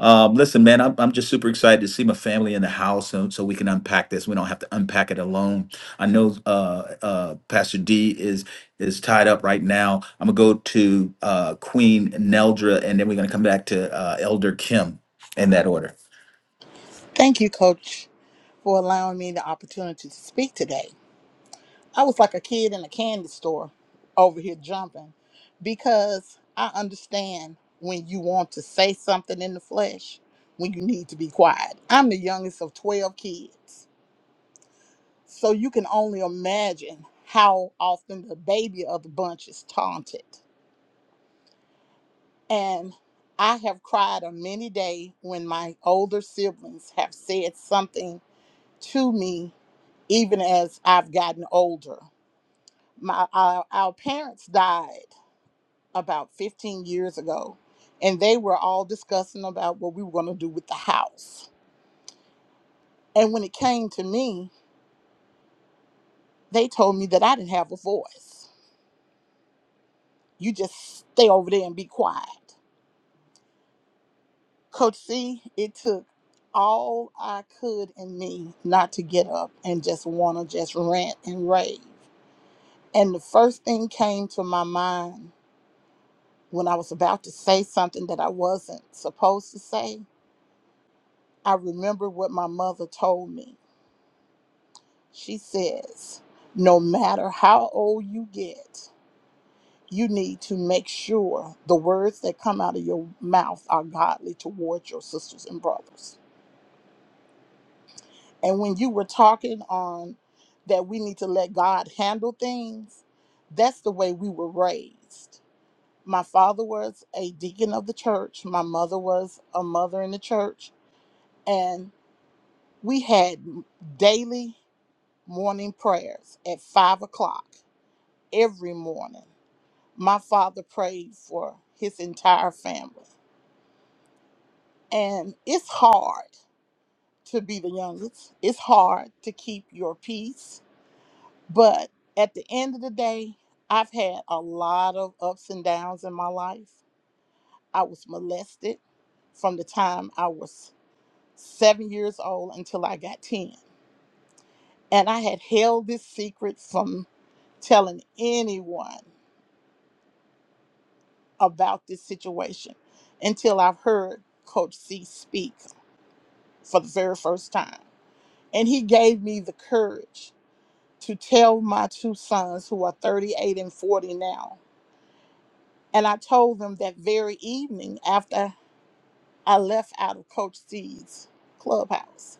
A: um, listen, man, I'm, I'm just super excited to see my family in the house so, so we can unpack this. We don't have to unpack it alone. I know uh, uh, Pastor D is is tied up right now. I'm going to go to uh, Queen Neldra, and then we're going to come back to uh, Elder Kim in that order.
E: Thank you, Coach, for allowing me the opportunity to speak today. I was like a kid in a candy store over here jumping because I understand when you want to say something in the flesh, when you need to be quiet. I'm the youngest of 12 kids. So you can only imagine how often the baby of the bunch is taunted. And I have cried on many days when my older siblings have said something to me even as I've gotten older. My our, our parents died about 15 years ago, and they were all discussing about what we were going to do with the house. And when it came to me, they told me that I didn't have a voice. You just stay over there and be quiet. Coach C, it took all I could in me not to get up and just want to just rant and rave. And the first thing came to my mind when I was about to say something that I wasn't supposed to say, I remember what my mother told me. She says, No matter how old you get, you need to make sure the words that come out of your mouth are godly towards your sisters and brothers. And when you were talking on that we need to let God handle things, that's the way we were raised. My father was a deacon of the church, my mother was a mother in the church. And We had daily morning prayers at five o'clock every morning. My father prayed for his entire family. And it's hard to be the youngest, it's hard to keep your peace. But at the end of the day, I've had a lot of ups and downs in my life. I was molested from the time I was seven years old until I got 10. And I had held this secret from telling anyone about this situation until I've heard Coach C speak for the very first time. And he gave me the courage to tell my two sons, who are 38 and 40 now. And I told them that very evening after I left out of Coach C's clubhouse.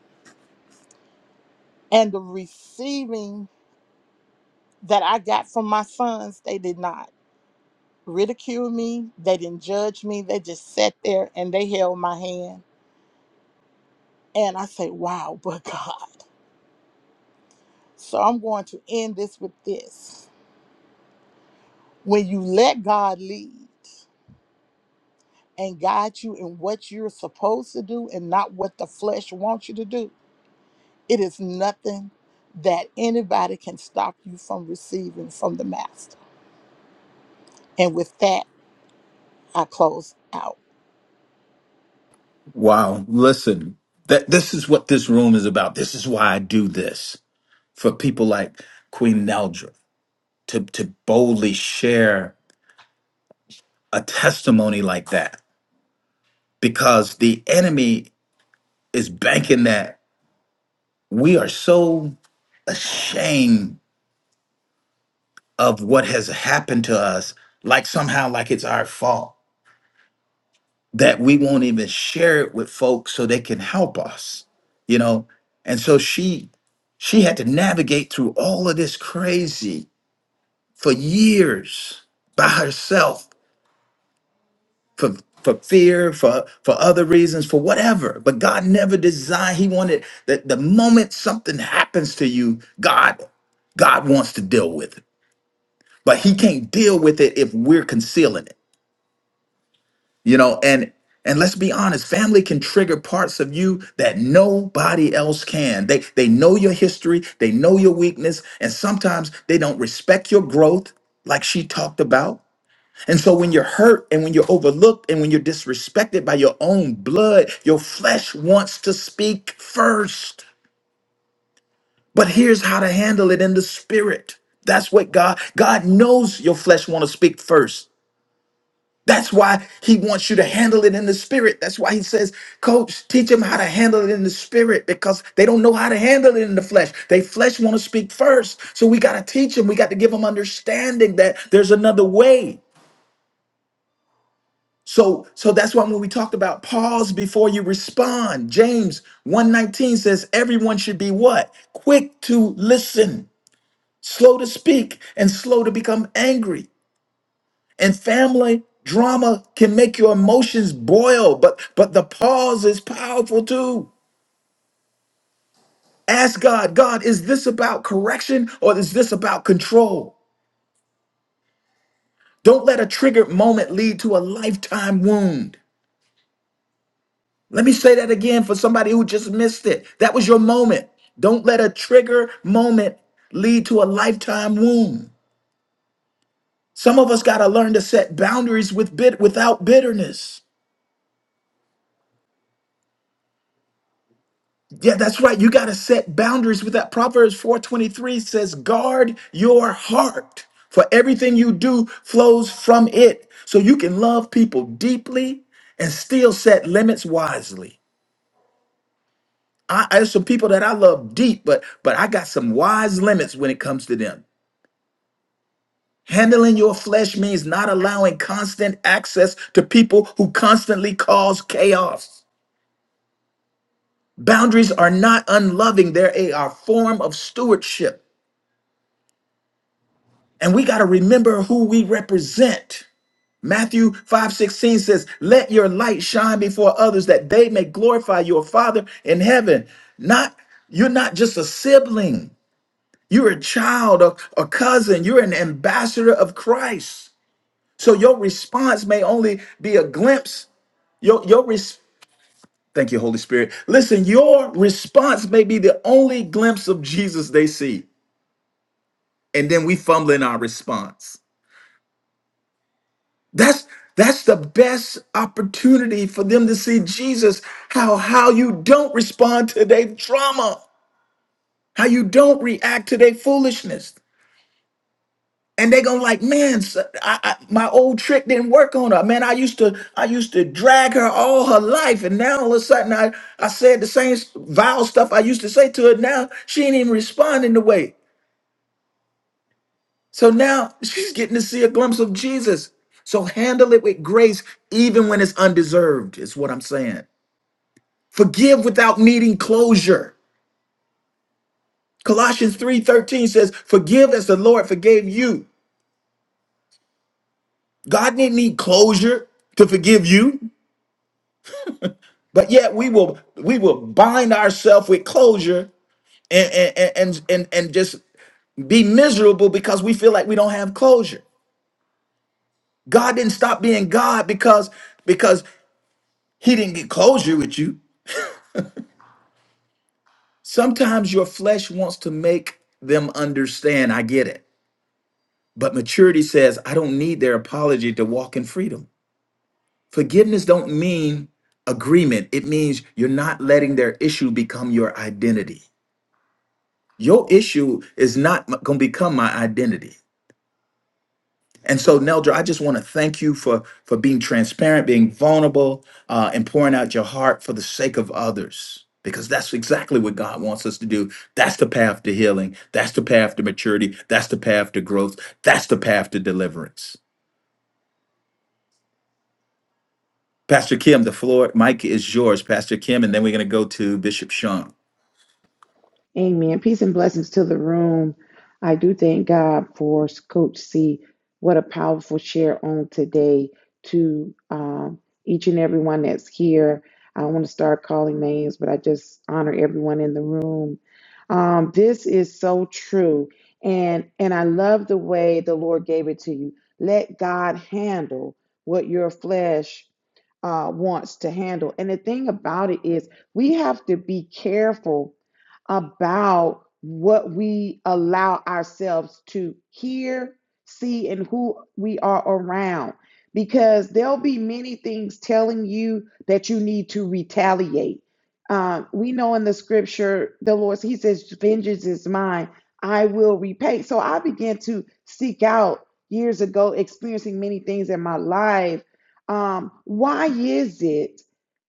E: And the receiving that I got from my sons, they did not ridicule me, they didn't judge me, they just sat there and they held my hand And I say, wow, but [LAUGHS] God. So I'm going to end this with this. When you let God lead and guide you in what you're supposed to do and not what the flesh wants you to do, it is nothing that anybody can stop you from receiving from the Master. And with that, I close out.
A: Wow. Listen, that this is what this room is about. This is why I do this for people like Queen Neldra to, to boldly share a testimony like that because the enemy is banking that we are so ashamed of what has happened to us, like somehow like it's our fault, that we won't even share it with folks so they can help us, you know? And so she she had to navigate through all of this crazy for years by herself for for fear, for for other reasons, for whatever. But God never designed. He wanted that the moment something happens to you, God God wants to deal with it. But He can't deal with it if we're concealing it. You know, and and let's be honest, family can trigger parts of you that nobody else can. They they know your history, they know your weakness, and sometimes they don't respect your growth, like she talked about. And so when you're hurt and when you're overlooked and when you're disrespected by your own blood, your flesh wants to speak first. But here's how to handle it in the spirit. That's what God God knows your flesh want to speak first. That's why he wants you to handle it in the spirit. That's why he says, "Coach, teach them how to handle it in the spirit because they don't know how to handle it in the flesh. They flesh want to speak first. So we got to teach them. We got to give them understanding that there's another way. So, so that's why when we talked about pause before you respond, James 119 says everyone should be what? Quick to listen, slow to speak, and slow to become angry. And family drama can make your emotions boil, but but the pause is powerful too. Ask God, God, is this about correction or is this about control? Don't let a triggered moment lead to a lifetime wound. Let me say that again for somebody who just missed it. That was your moment. Don't let a trigger moment lead to a lifetime wound. Some of us got to learn to set boundaries with bit without bitterness. Yeah, that's right. You got to set boundaries with that. Proverbs 4:23 says, "Guard your heart, for everything you do flows from it." So you can love people deeply and still set limits wisely. I, I there's some people that I love deep, but but I got some wise limits when it comes to them. Handling your flesh means not allowing constant access to people who constantly cause chaos. Boundaries are not unloving, they're a, a form of stewardship. And we got to remember who we represent. Matthew 5 16 says, Let your light shine before others that they may glorify your Father in heaven. Not you're not just a sibling, you're a child, a, a cousin, you're an ambassador of Christ. So your response may only be a glimpse Your your res- thank you, Holy Spirit. Listen, your response may be the only glimpse of Jesus they see, and then we fumble in our response. That's that's the best opportunity for them to see Jesus. How how you don't respond to their trauma, how you don't react to their foolishness. and they gonna like man s- I, I- my old trick didn't work on her man i used to i used to drag her all her life and now all of a sudden i i said the same s- vile stuff i used to say to her now she ain't even responding the way so now she's getting to see a glimpse of jesus so handle it with grace even when it's undeserved is what i'm saying forgive without needing closure colossians 3.13 says forgive as the lord forgave you god didn't need closure to forgive you But yet we will we will bind ourselves with closure and and, and and and just be miserable because we feel like we don't have closure. God didn't stop being God because because he didn't get closure with you. Sometimes your flesh wants to make them understand, I get it. But maturity says, I don't need their apology to walk in freedom. Forgiveness don't mean agreement. It means you're not letting their issue become your identity. Your issue is not going to become my identity. And so, Neldra, I just want to thank you for for being transparent, being vulnerable, uh, and pouring out your heart for the sake of others, because that's exactly what God wants us to do. That's the path to healing. That's the path to maturity. That's the path to growth. That's the path to deliverance. Pastor Kim, the floor, Mike is yours, Pastor Kim, and then we're going to go to Bishop Sean.
C: Amen. Peace and blessings to the room. I do thank God for Coach C. What a powerful share on today to um, each and everyone that's here. I don't want to start calling names, but I just honor everyone in the room. Um, this is so true, and and I love the way the Lord gave it to you. Let God handle what your flesh uh, wants to handle. And the thing about it is, we have to be careful about what we allow ourselves to hear, see, and who we are around. Because there'll be many things telling you that you need to retaliate. Um, we know in the scripture, the Lord, He says, Vengeance is mine, I will repay. So I began to seek out years ago, experiencing many things in my life um, why is it,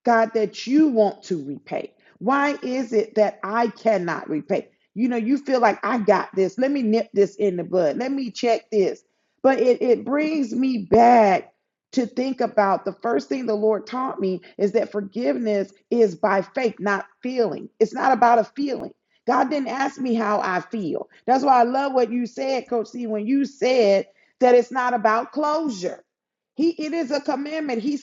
C: God, that you want to repay? Why is it that I cannot repay? You know, you feel like I got this. Let me nip this in the bud. Let me check this. But it, it brings me back to think about the first thing the Lord taught me is that forgiveness is by faith, not feeling. It's not about a feeling. God didn't ask to feel. That's why I love what you said, Coach C, that that it's not about closure. He commandment.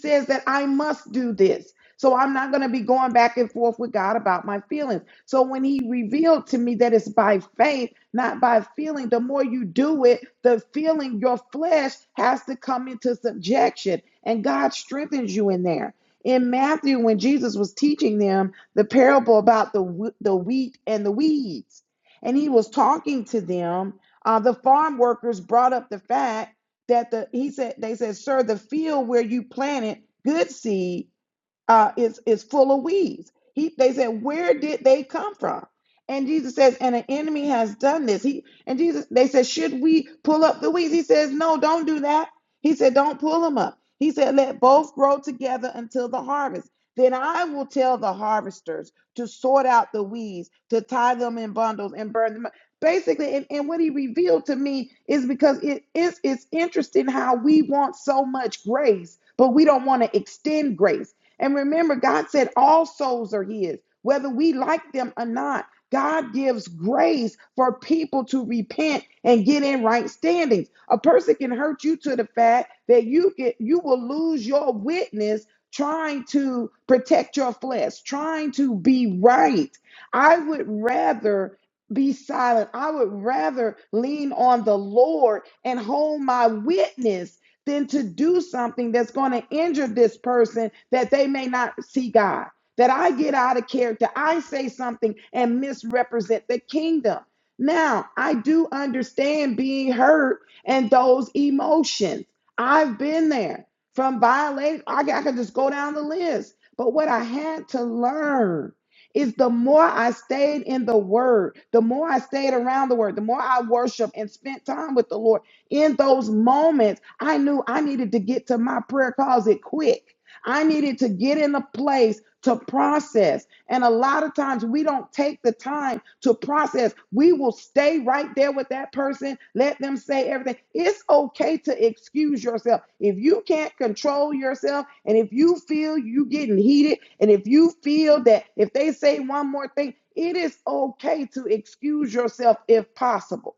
C: So I'm not going to be going back and forth with God about my feelings. So when he revealed to me that it's by faith, not by feeling, the more you do it, the feeling, your flesh has to come into subjection. And God strengthens you in there. In Matthew, when Jesus was teaching them the parable about the, whe- the wheat and the weeds, and he was talking to them, uh, the farm workers brought up the fact that the he said they said, Sir, the field where you planted good seed uh, is is full of weeds. He they said, where did they come from? And Jesus says, and an enemy has done this. He and Jesus they said, should we pull up the weeds? He says, no, don't do that. He said, don't pull them up. He said, let both grow together until the harvest. Then I will tell the harvesters to sort out the weeds, to tie them in bundles and burn them up. Basically, and, and what he revealed to me is because it is it's interesting how we want so much grace, but we don't want to extend grace. And remember, God said all souls are His, whether we like them or not. God gives grace for people to repent and get in right standings. A person can hurt you to the fact that you get you will lose your witness trying to protect your flesh, trying to be right. I would rather be silent. I would rather lean on the Lord and hold my witness than to do something that's going to injure this person that they may not see God. That I get out of character, I say something and misrepresent the kingdom. Now, I do understand being hurt and those emotions. I've been there from violation. I, I can just go down the list. But what I had to learn is the more I stayed in the word, the more I stayed around the word, the more I worship and spent time with the Lord, in those moments, I knew I needed to get to my prayer closet quick. I needed to get in a place to process. And a lot of times we don't take the time to process. We will stay right there with that person, let them say everything. It's okay to excuse yourself. If you can't control yourself and if you feel you getting heated and if you feel that if they say one more thing, it is okay to excuse yourself if possible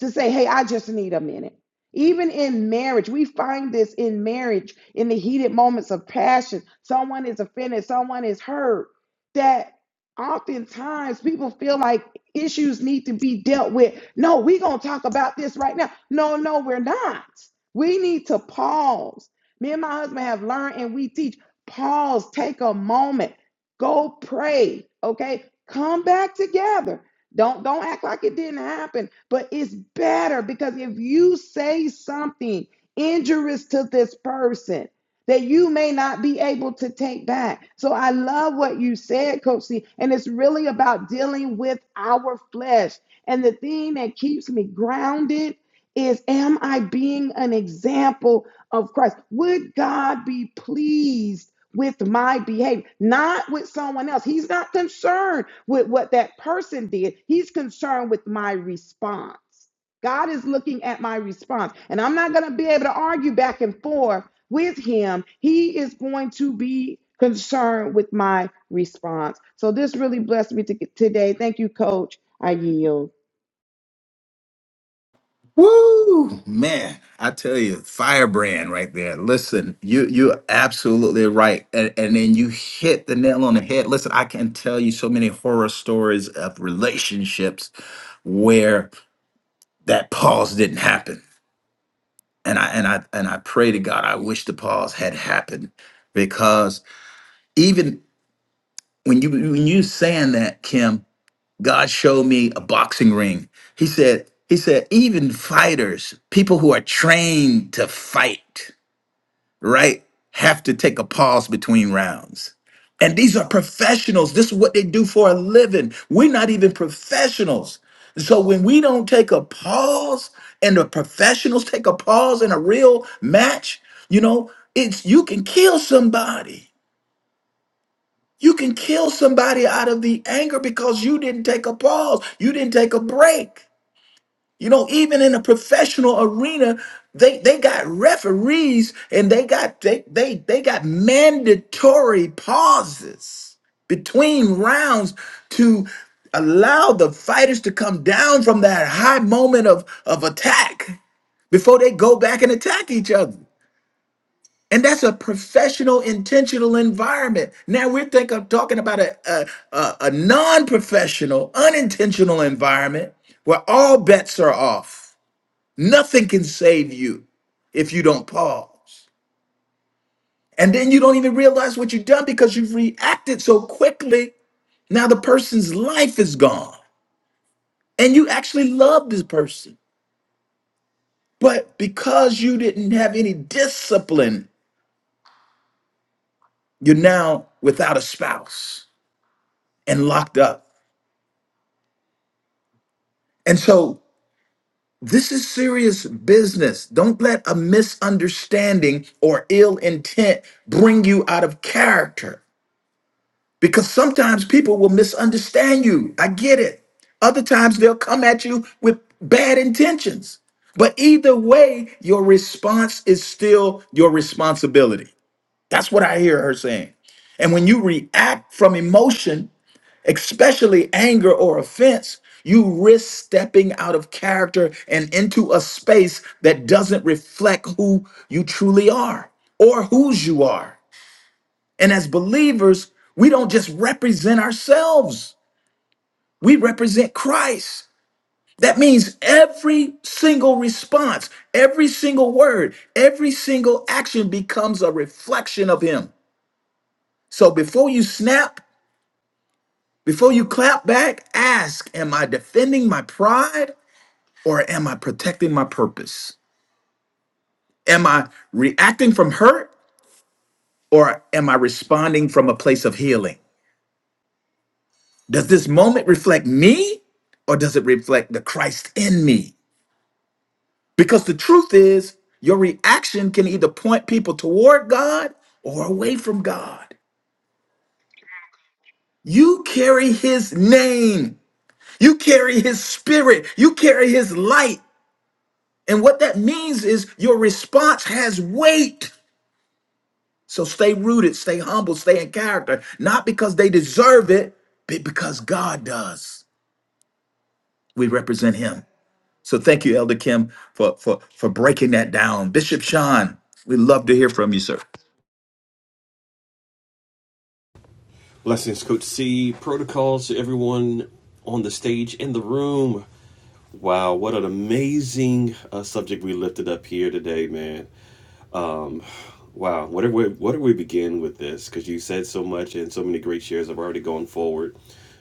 C: to say, hey, I just need a minute. Even in marriage, we find this in marriage, in the heated moments of passion. Someone is offended, someone is hurt. That oftentimes people feel like issues need to be dealt with. No, we're going to talk about this right now. No, no, we're not. We need to pause. Me and my husband have learned and we teach pause, take a moment, go pray, okay? Come back together don't don't act like it didn't happen. But it's better because if you say something injurious to this person that you may not be able to take back. So I love what you said, Coach C, and it's really about dealing with our flesh. And the thing that keeps me grounded is am I being an example of Christ? Would God be pleased? with my behavior, not with someone else. He's not concerned with what that person did, he's concerned with my response. God is looking at my response, and I'm not going to be able to argue back and forth with him. He is going to be concerned with my response. So, this really blessed me to, today. Thank you, Coach. I yield.
A: Woo, man! I tell you, firebrand right there. Listen, you you're absolutely right, and, and then you hit the nail on the head. Listen, I can tell you so many horror stories of relationships where that pause didn't happen, and I and I and I pray to God, I wish the pause had happened because even when you when you saying that, Kim. God showed me a boxing ring. He said, he said, even fighters, people who are trained to fight, right, have to take a pause between rounds. And these are professionals. This is what they do for a living. We're not even professionals. So when we don't take a pause and the professionals take a pause in a real match, you know, it's you can kill somebody you can kill somebody out of the anger because you didn't take a pause. You didn't take a break. You know, even in a professional arena, they they got referees and they got they they they got mandatory pauses between rounds to allow the fighters to come down from that high moment of of attack before they go back and attack each other. And that's a professional, intentional environment. Now we're think of talking about a, a, a, a non-professional, unintentional environment where all bets are off. Nothing can save you if you don't pause. And then you don't even realize what you've done because you've reacted so quickly. Now the person's life is gone. And you actually love this person. But because you didn't have any discipline, you're now without a spouse and locked up. And so this is serious business. Don't let a misunderstanding or ill intent bring you out of character because sometimes people will misunderstand you. I get it. Other times they'll come at you with bad intentions. But either way, your response is still your responsibility. That's what I hear her saying. And when you react from emotion, especially anger or offense, you risk stepping out of character and into a space that doesn't reflect who you truly are or whose you are. And as believers, we don't just represent ourselves, we represent Christ. That means every single response, every single word, every single action becomes a reflection of Him. So before you snap, before you clap back, ask Am I defending my pride? or am I protecting my purpose? Am I reacting from hurt or am I responding from a place of healing? Does this moment reflect me or does it reflect the Christ in me? Because the truth is, your reaction can either point people toward God or away from God. You carry his name. You carry his spirit. You carry his light. And what that means is your response has weight. So stay rooted, stay humble, stay in character, not because they deserve it, but because God does. We represent him. So thank you, Elder Kim, for for for breaking that down. Bishop Sean, we'd love to hear from you, sir.
F: Blessings, Coach C. Protocols to everyone on the stage in the room. Wow, what an amazing uh, subject we lifted up here today, man. Um, wow, what do we what do we begin with this? Because you said so much and so many great shares have already gone forward.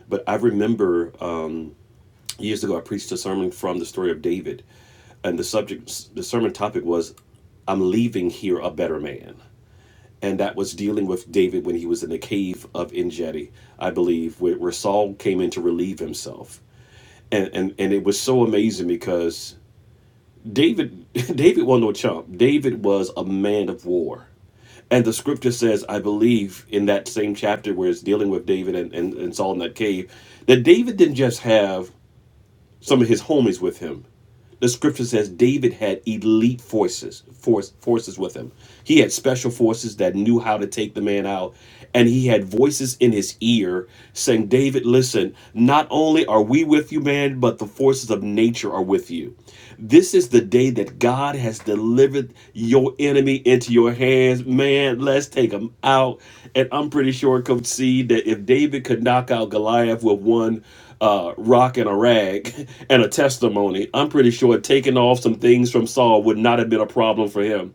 F: But I remember um, years ago I preached a sermon from the story of David, and the subject, the sermon topic was, "I'm leaving here a better man." and that was dealing with David when he was in the cave of Engedi, I believe, where, where Saul came in to relieve himself. And, and and it was so amazing because David [LAUGHS] David was no chump. David was a man of war. And the scripture says, I believe, in that same chapter where it's dealing with David and, and, and Saul in that cave, that David didn't just have some of his homies with him the scripture says David had elite forces, force, forces with him. He had special forces that knew how to take the man out, and he had voices in his ear saying, "David, listen. Not only are we with you, man, but the forces of nature are with you." This is the day that God has delivered your enemy into your hands. Man, let's take him out. And I'm pretty sure, could see that if David could knock out Goliath with one uh, rock and a rag [LAUGHS] and a testimony, I'm pretty sure taking off some things from Saul would not have been a problem for him.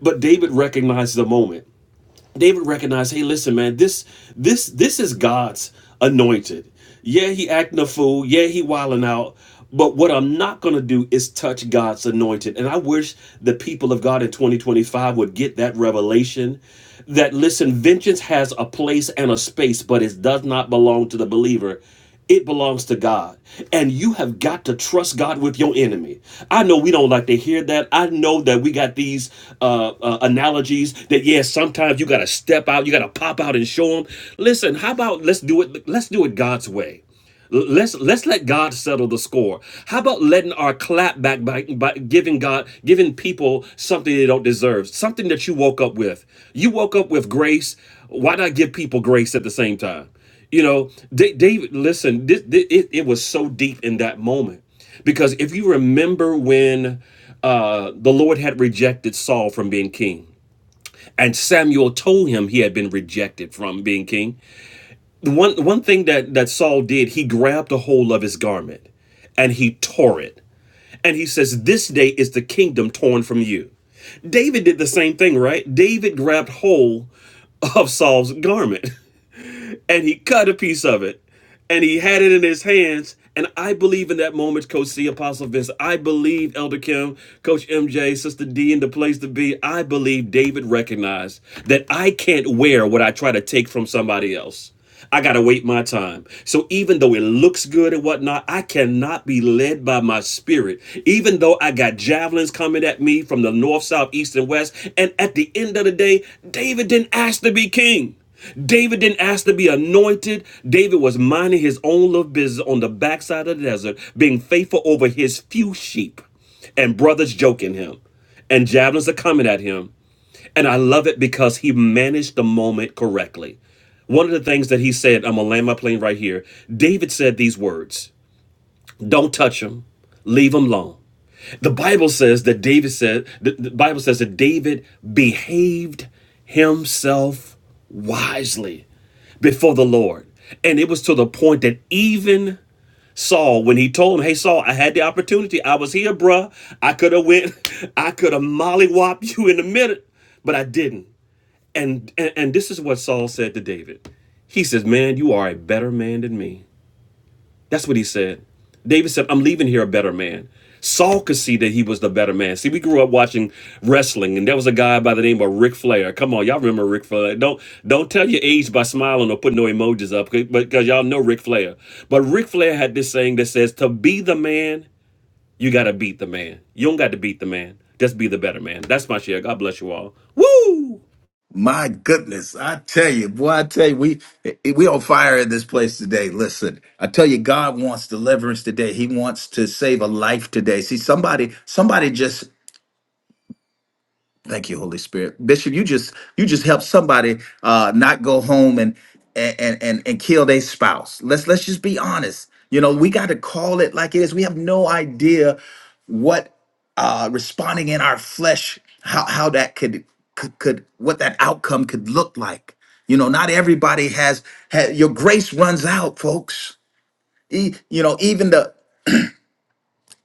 F: But David recognized the moment. David recognized, hey, listen, man, this this this is God's anointed. Yeah, he acting a fool. Yeah, he wilding out. But what I'm not gonna do is touch God's anointed. And I wish the people of God in 2025 would get that revelation that listen, vengeance has a place and a space, but it does not belong to the believer. It belongs to God. And you have got to trust God with your enemy. I know we don't like to hear that. I know that we got these uh, uh, analogies that, yes, yeah, sometimes you got to step out, you got to pop out and show them. Listen, how about let's do it? Let's do it God's way. Let's let's let God settle the score. How about letting our clap back by, by giving God giving people something they don't deserve, something that you woke up with. You woke up with grace. Why not give people grace at the same time? You know, Da- David. Listen, this, thi- it, it was so deep in that moment because if you remember when uh, the Lord had rejected Saul from being king, and Samuel told him he had been rejected from being king one one thing that that Saul did, he grabbed a hold of his garment and he tore it. And he says, "This day is the kingdom torn from you." David did the same thing, right? David grabbed hold of Saul's garment and he cut a piece of it and he had it in his hands. And I believe in that moment, Coach C, Apostle Vince. I believe Elder Kim, Coach MJ, Sister D, and the place to be. I believe David recognized that I can't wear what I try to take from somebody else. I gotta wait my time. So even though it looks good and whatnot, I cannot be led by my spirit. Even though I got javelins coming at me from the north, south, east, and west. And at the end of the day, David didn't ask to be king. David didn't ask to be anointed. David was minding his own little business on the backside of the desert, being faithful over his few sheep, and brothers joking him, and javelins are coming at him. And I love it because he managed the moment correctly. One of the things that he said, I'm gonna land my plane right here. David said these words. Don't touch them. Leave them alone. The Bible says that David said, the, the Bible says that David behaved himself wisely before the Lord. And it was to the point that even Saul, when he told him, Hey Saul, I had the opportunity. I was here, bruh. I could have went, [LAUGHS] I could have mollywopped you in a minute, but I didn't. And, and and this is what Saul said to David. He says, Man, you are a better man than me. That's what he said. David said, I'm leaving here a better man. Saul could see that he was the better man. See, we grew up watching wrestling, and there was a guy by the name of Ric Flair. Come on, y'all remember Ric Flair. Don't don't tell your age by smiling or putting no emojis up, because y'all know Ric Flair. But Ric Flair had this saying that says, to be the man, you got to beat the man. You don't got to beat the man. Just be the better man. That's my share. God bless you all. Woo!
A: My goodness, I tell you, boy, I tell you, we we on fire in this place today. Listen, I tell you, God wants deliverance today. He wants to save a life today. See, somebody, somebody just Thank you, Holy Spirit. Bishop, you just you just help somebody uh not go home and and and and kill their spouse. Let's let's just be honest. You know, we got to call it like it is. We have no idea what uh responding in our flesh how how that could could, could what that outcome could look like. You know, not everybody has, has your grace runs out, folks. E- you know, even the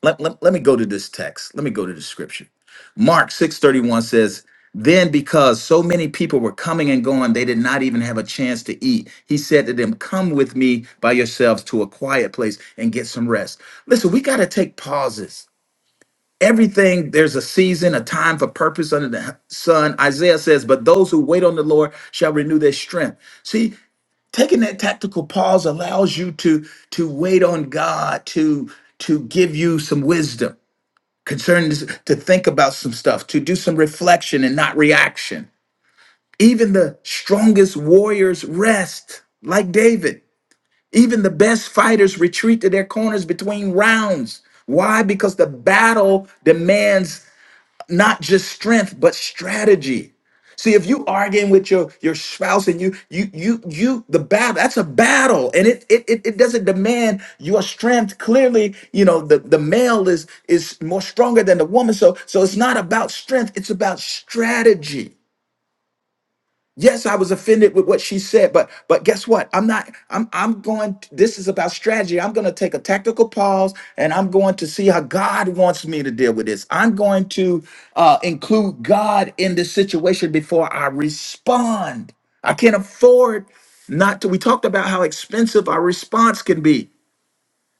A: let, let, let me go to this text. Let me go to the scripture. Mark 6:31 says, Then because so many people were coming and going, they did not even have a chance to eat. He said to them, 'Come with me by yourselves to a quiet place and get some rest. Listen, we got to take pauses. Everything, there's a season, a time for purpose under the sun. Isaiah says, But those who wait on the Lord shall renew their strength. See, taking that tactical pause allows you to to wait on God to to give you some wisdom concerning this, to think about some stuff, to do some reflection and not reaction. Even the strongest warriors rest, like David. Even the best fighters retreat to their corners between rounds. Why? Because the battle demands not just strength but strategy see if you arguing with your your spouse and you you you you the battle that's a battle and it it, it, it doesn't demand your strength clearly you know the the male is is more stronger than the woman so so it's not about strength it's about strategy Yes, I was offended with what she said, but but guess what? I'm not I'm I'm going this is about strategy. I'm going to take a tactical pause and I'm going to see how God wants me to deal with this. I'm going to uh include God in this situation before I respond. I can't afford not to we talked about how expensive our response can be.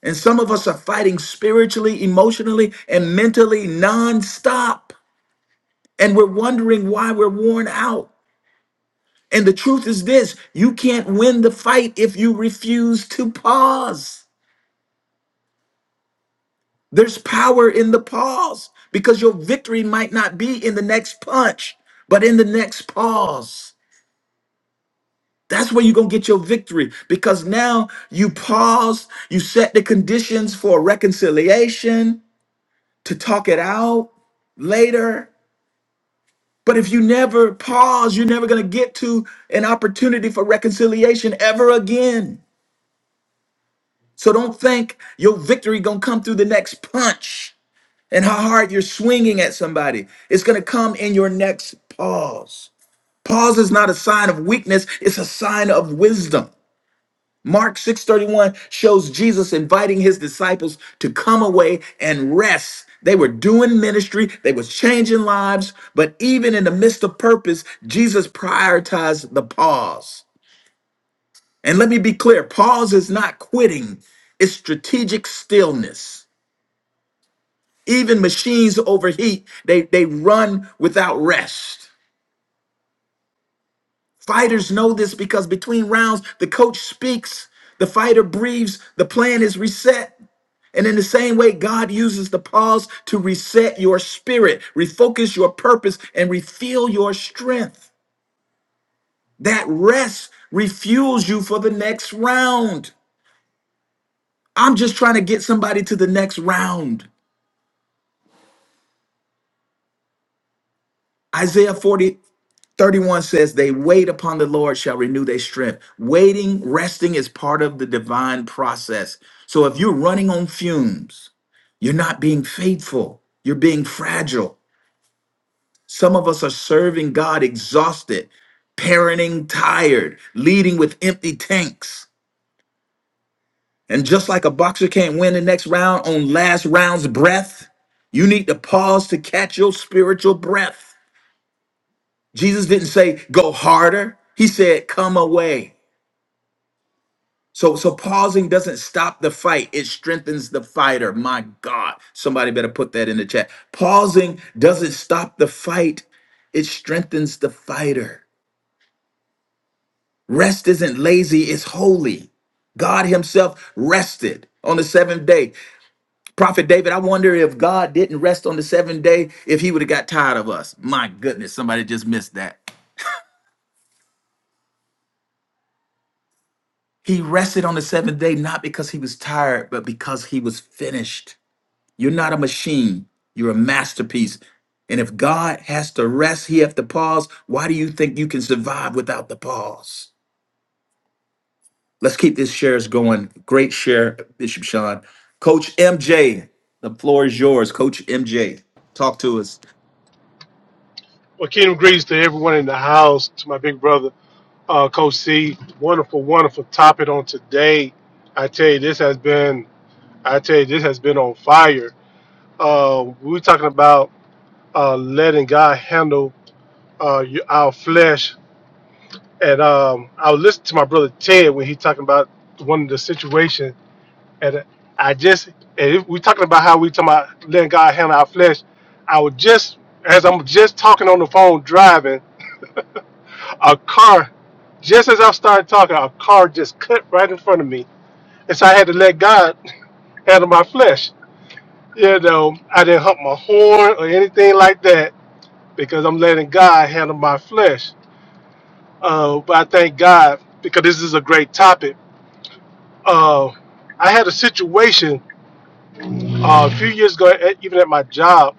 A: And some of us are fighting spiritually, emotionally, and mentally nonstop. And we're wondering why we're worn out. And the truth is this you can't win the fight if you refuse to pause. There's power in the pause because your victory might not be in the next punch, but in the next pause. That's where you're going to get your victory because now you pause, you set the conditions for reconciliation to talk it out later. But if you never pause, you're never going to get to an opportunity for reconciliation ever again. So don't think your victory gonna come through the next punch and how hard you're swinging at somebody. It's gonna come in your next pause. Pause is not a sign of weakness; it's a sign of wisdom. Mark 6:31 shows Jesus inviting his disciples to come away and rest. They were doing ministry, they was changing lives, but even in the midst of purpose, Jesus prioritized the pause. And let me be clear, pause is not quitting, it's strategic stillness. Even machines overheat, they, they run without rest. Fighters know this because between rounds, the coach speaks, the fighter breathes, the plan is reset. And in the same way, God uses the pause to reset your spirit, refocus your purpose, and refuel your strength. That rest refuels you for the next round. I'm just trying to get somebody to the next round. Isaiah 40, 31 says, They wait upon the Lord shall renew their strength. Waiting, resting is part of the divine process. So if you're running on fumes, you're not being faithful, you're being fragile. Some of us are serving God exhausted, parenting tired, leading with empty tanks. And just like a boxer can't win the next round on last round's breath, you need to pause to catch your spiritual breath. Jesus didn't say, Go harder, He said, Come away. So, so pausing doesn't stop the fight. It strengthens the fighter. My God, somebody better put that in the chat. Pausing doesn't stop the fight. It strengthens the fighter. Rest isn't lazy. It's holy. God himself rested on the seventh day. Prophet David, I wonder if God didn't rest on the seventh day, if he would have got tired of us. My goodness, somebody just missed that. He rested on the seventh day, not because he was tired, but because he was finished. You're not a machine. You're a masterpiece. And if God has to rest, he has to pause. Why do you think you can survive without the pause? Let's keep this shares going. Great share, Bishop Sean. Coach MJ, the floor is yours. Coach MJ, talk to us.
G: Well, kingdom greetings to everyone in the house, to my big brother, uh, Coach C. Wonderful, wonderful topic on today. I tell you, this has been, I tell you, this has been on fire. Uh, we were talking about uh, letting God handle uh, y- our flesh. And um, I was listening to my brother Ted when he talking about one of the situation. And I just, and if we talking about how we talking about letting God handle our flesh. I was just, as I'm just talking on the phone driving, a car, just as I started talking, a car just cut right in front of me. And so I had to let God [LAUGHS] handle my flesh. You know, I didn't hump my horn or anything like that because I'm letting God handle my flesh. Uh, but I thank God because this is a great topic. Uh, I had a situation uh, a few years ago, at, even at my job.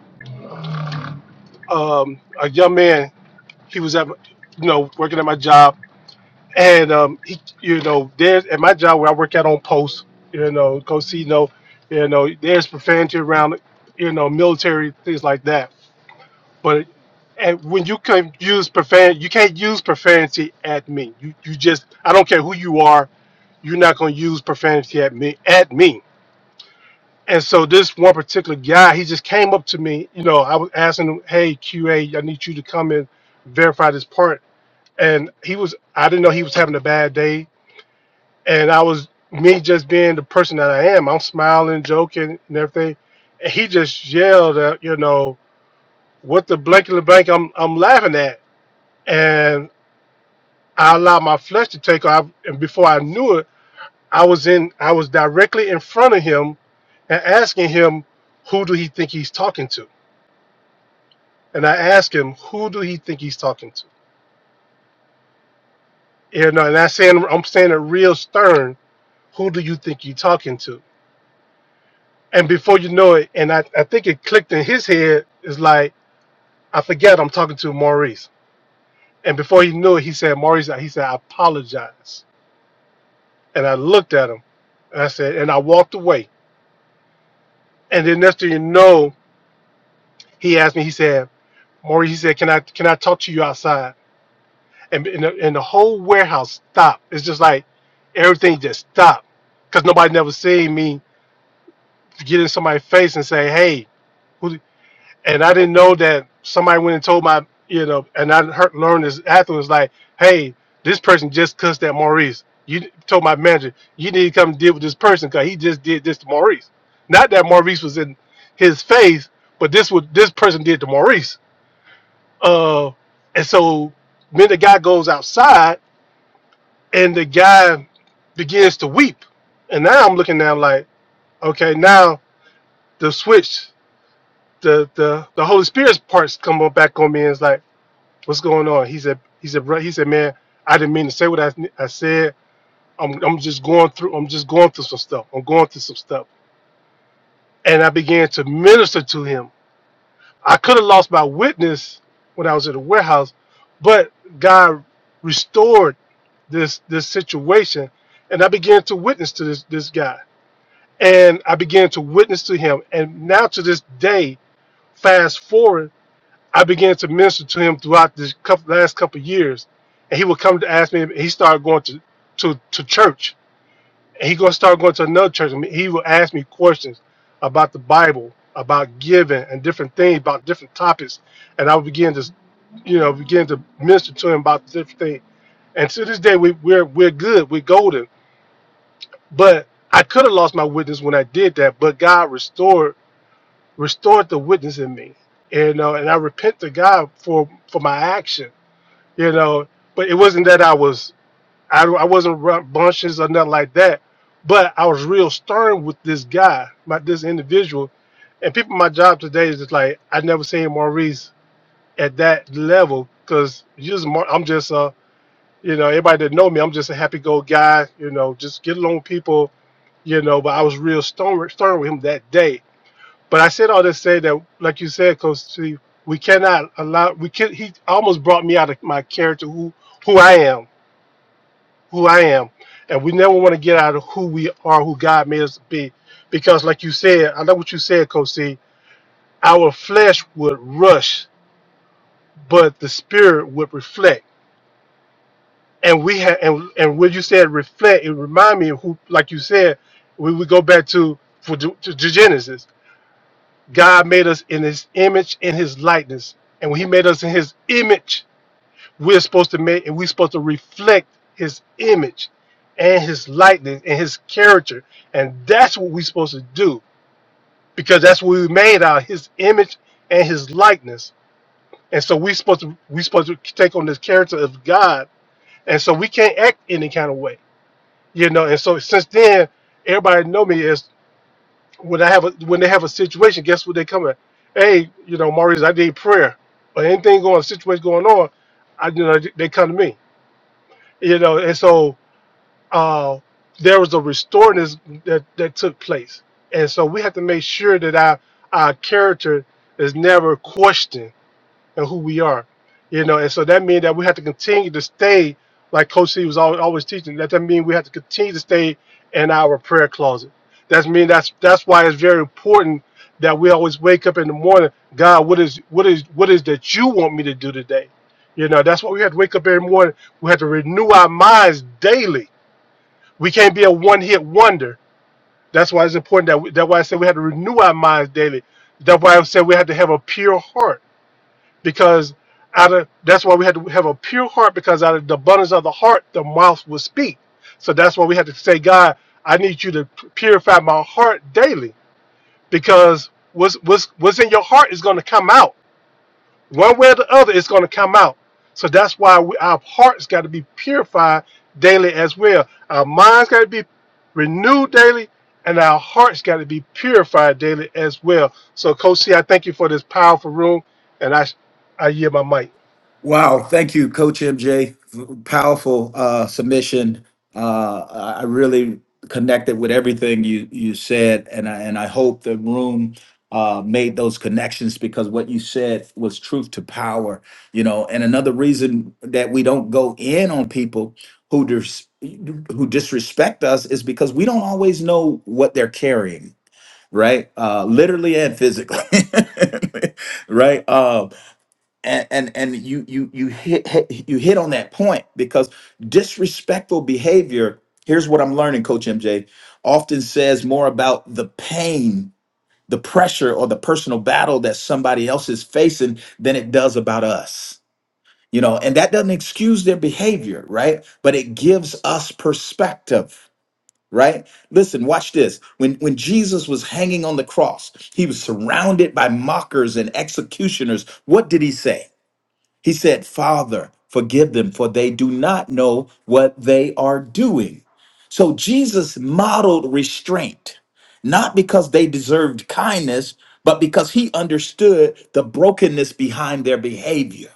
G: Um, a young man, he was at, my- you know, working at my job And um, he, you know, there's at my job where I work out on post, you know, casino, you know, there's profanity around, you know, military things like that. But and when you can use profanity, you can't use profanity at me. You you just I don't care who you are, you're not gonna use profanity at me at me. And so this one particular guy, he just came up to me, you know, I was asking him, hey QA, I need you to come and verify this part. And he was I didn't know he was having a bad day and I was me just being the person that I am. I'm smiling, joking, and everything. And he just yelled, at, you know, what the blanket of blank I'm I'm laughing at, and I allowed my flesh to take off. And before I knew it, I was in I was directly in front of him and asking him, who do he think he's talking to? And I asked him, who do he think he's talking to? You know, and I saying I'm saying it real stern. Who do you think you're talking to? and before you know it, and I, I think it clicked in his head, it's like, I forget I'm talking to Maurice. And before he knew it, he said, Maurice, he said, I apologize. And I looked at him and I said, and I walked away. And then next thing you know, he asked me, he said, Maurice, he said, can I, can I talk to you outside? And, and, the, and the whole warehouse stopped. It's just like everything just stopped because nobody never seen me get in somebody's face and say, hey, who?" and I didn't know that somebody went and told my, you know, and I heard, learned this afterwards, like, hey, this person just cussed at Maurice. You told my manager, you need to come deal with this person because he just did this to Maurice. Not that Maurice was in his face, but this was this person did to Maurice. Uh, and so then the guy goes outside and the guy begins to weep. And now I'm looking down like, okay, now the switch, the the the Holy Spirit's parts come on back on me and it's like what's going on? He said, he said, bro, he said, man, I didn't mean to say what I, I said. I'm, I'm just going through, I'm just going through some stuff. I'm going through some stuff. And I began to minister to him. I could have lost my witness when I was at the warehouse, but God restored this, this situation. And I began to witness to this, this guy. And I began to witness to him. And now to this day, fast forward I began to minister to him throughout this couple, last couple of years, and he would come to ask me. He started going to to, to church, and he gonna start going to another church. and he would ask me questions about the Bible, about giving, and different things about different topics, and I would begin to, you know, begin to minister to him about different things. And to this day, we, we're we're good, we're golden. But I could have lost my witness when I did that, but God restored restored the witness in me, and uh, and I repent to God for for my action you know. But it wasn't that I was I, I wasn't bunches or nothing like that. But I was real stern with this guy, my this individual, and people. My job today is just like I never seen Maurice at that level because just Mar- I'm just uh you know everybody that know me I'm just a happy go guy you know just get along with people you know. But I was real stern stern with him that day. But I said all this to say that like you said, Coach, see, we cannot allow we can. He almost brought me out of my character who who I am who I am, and we never want to get out of who we are, who God made us to be, because like you said, I know what you said, Coach C. Our flesh would rush, but the spirit would reflect. And we had, and and when you said reflect, it remind me of who, like you said, we would go back to for to, to Genesis. God made us in His image, in His likeness, and when He made us in His image, we're supposed to make and we're supposed to reflect his image and his likeness and his character and that's what we're supposed to do because that's what we made out his image and his likeness and so we're supposed to we're supposed to take on this character of god and so we can't act any kind of way you know and so since then everybody know me as when i have a when they have a situation guess what they come at hey you know maurice i need prayer or anything going situation going on i you know they come to me you know and so uh, there was a restoredness that, that took place. And so we have to make sure that our, our character is never questioned and who we are. You know, and so that means that we have to continue to stay, like Coach C was always, always teaching, that, that means we have to continue to stay in our prayer closet. That's mean that's that's why it's very important that we always wake up in the morning, God, what is what is what is that you want me to do today? You know, that's why we have to wake up every morning. We have to renew our minds daily we can't be a one-hit wonder. That's why it's important that we, that's why I said we had to renew our minds daily. That's why I said we had to have a pure heart because out of that's why we had to have a pure heart because out of the abundance of the heart the mouth will speak. So that's why we had to say, God, I need you to purify my heart daily because what's what's what's in your heart is going to come out one way or the other, it's going to come out. So that's why we, our hearts got to be purified daily as well. Our minds got to be renewed daily, and our hearts got to be purified daily as well. So, Coach C, I thank you for this powerful room, and I, I yield my mic.
A: Wow. Thank you, Coach MJ. Powerful uh, submission. Uh, I I really connected with everything you, you said, and I, and I hope the room uh, made those connections because what you said was truth to power. You know, and another reason that we don't go in on people who dis- who disrespect us is because we don't always know what they're carrying, right? Uh, literally and physically, [LAUGHS] right? Uh, and and and you you you hit, hit you hit on that point because disrespectful behavior here's what i'm learning coach mj often says more about the pain the pressure or the personal battle that somebody else is facing than it does about us you know and that doesn't excuse their behavior right but it gives us perspective right listen watch this when when jesus was hanging on the cross he was surrounded by mockers and executioners what did he say he said, Father, forgive them, for they do not know what they are doing. So Jesus modeled restraint, not because they deserved kindness, but because he understood the brokenness behind their behavior.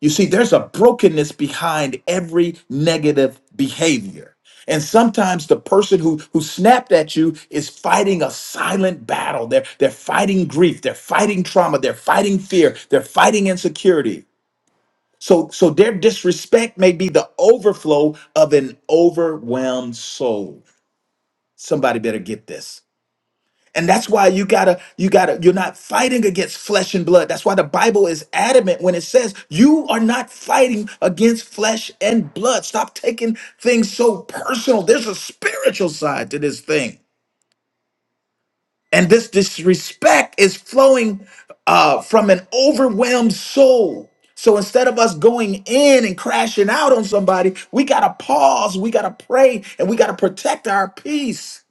A: You see, there's a brokenness behind every negative behavior. And sometimes the person who, who snapped at you is fighting a silent battle. They're, they're fighting grief. They're fighting trauma. They're fighting fear. They're fighting insecurity. So, so their disrespect may be the overflow of an overwhelmed soul. Somebody better get this. And that's why you gotta, you gotta, you're not fighting against flesh and blood. That's why the Bible is adamant when it says you are not fighting against flesh and blood. Stop taking things so personal. There's a spiritual side to this thing. And this disrespect is flowing uh, from an overwhelmed soul. So instead of us going in and crashing out on somebody, we got to pause, we got to pray, and we got to protect our peace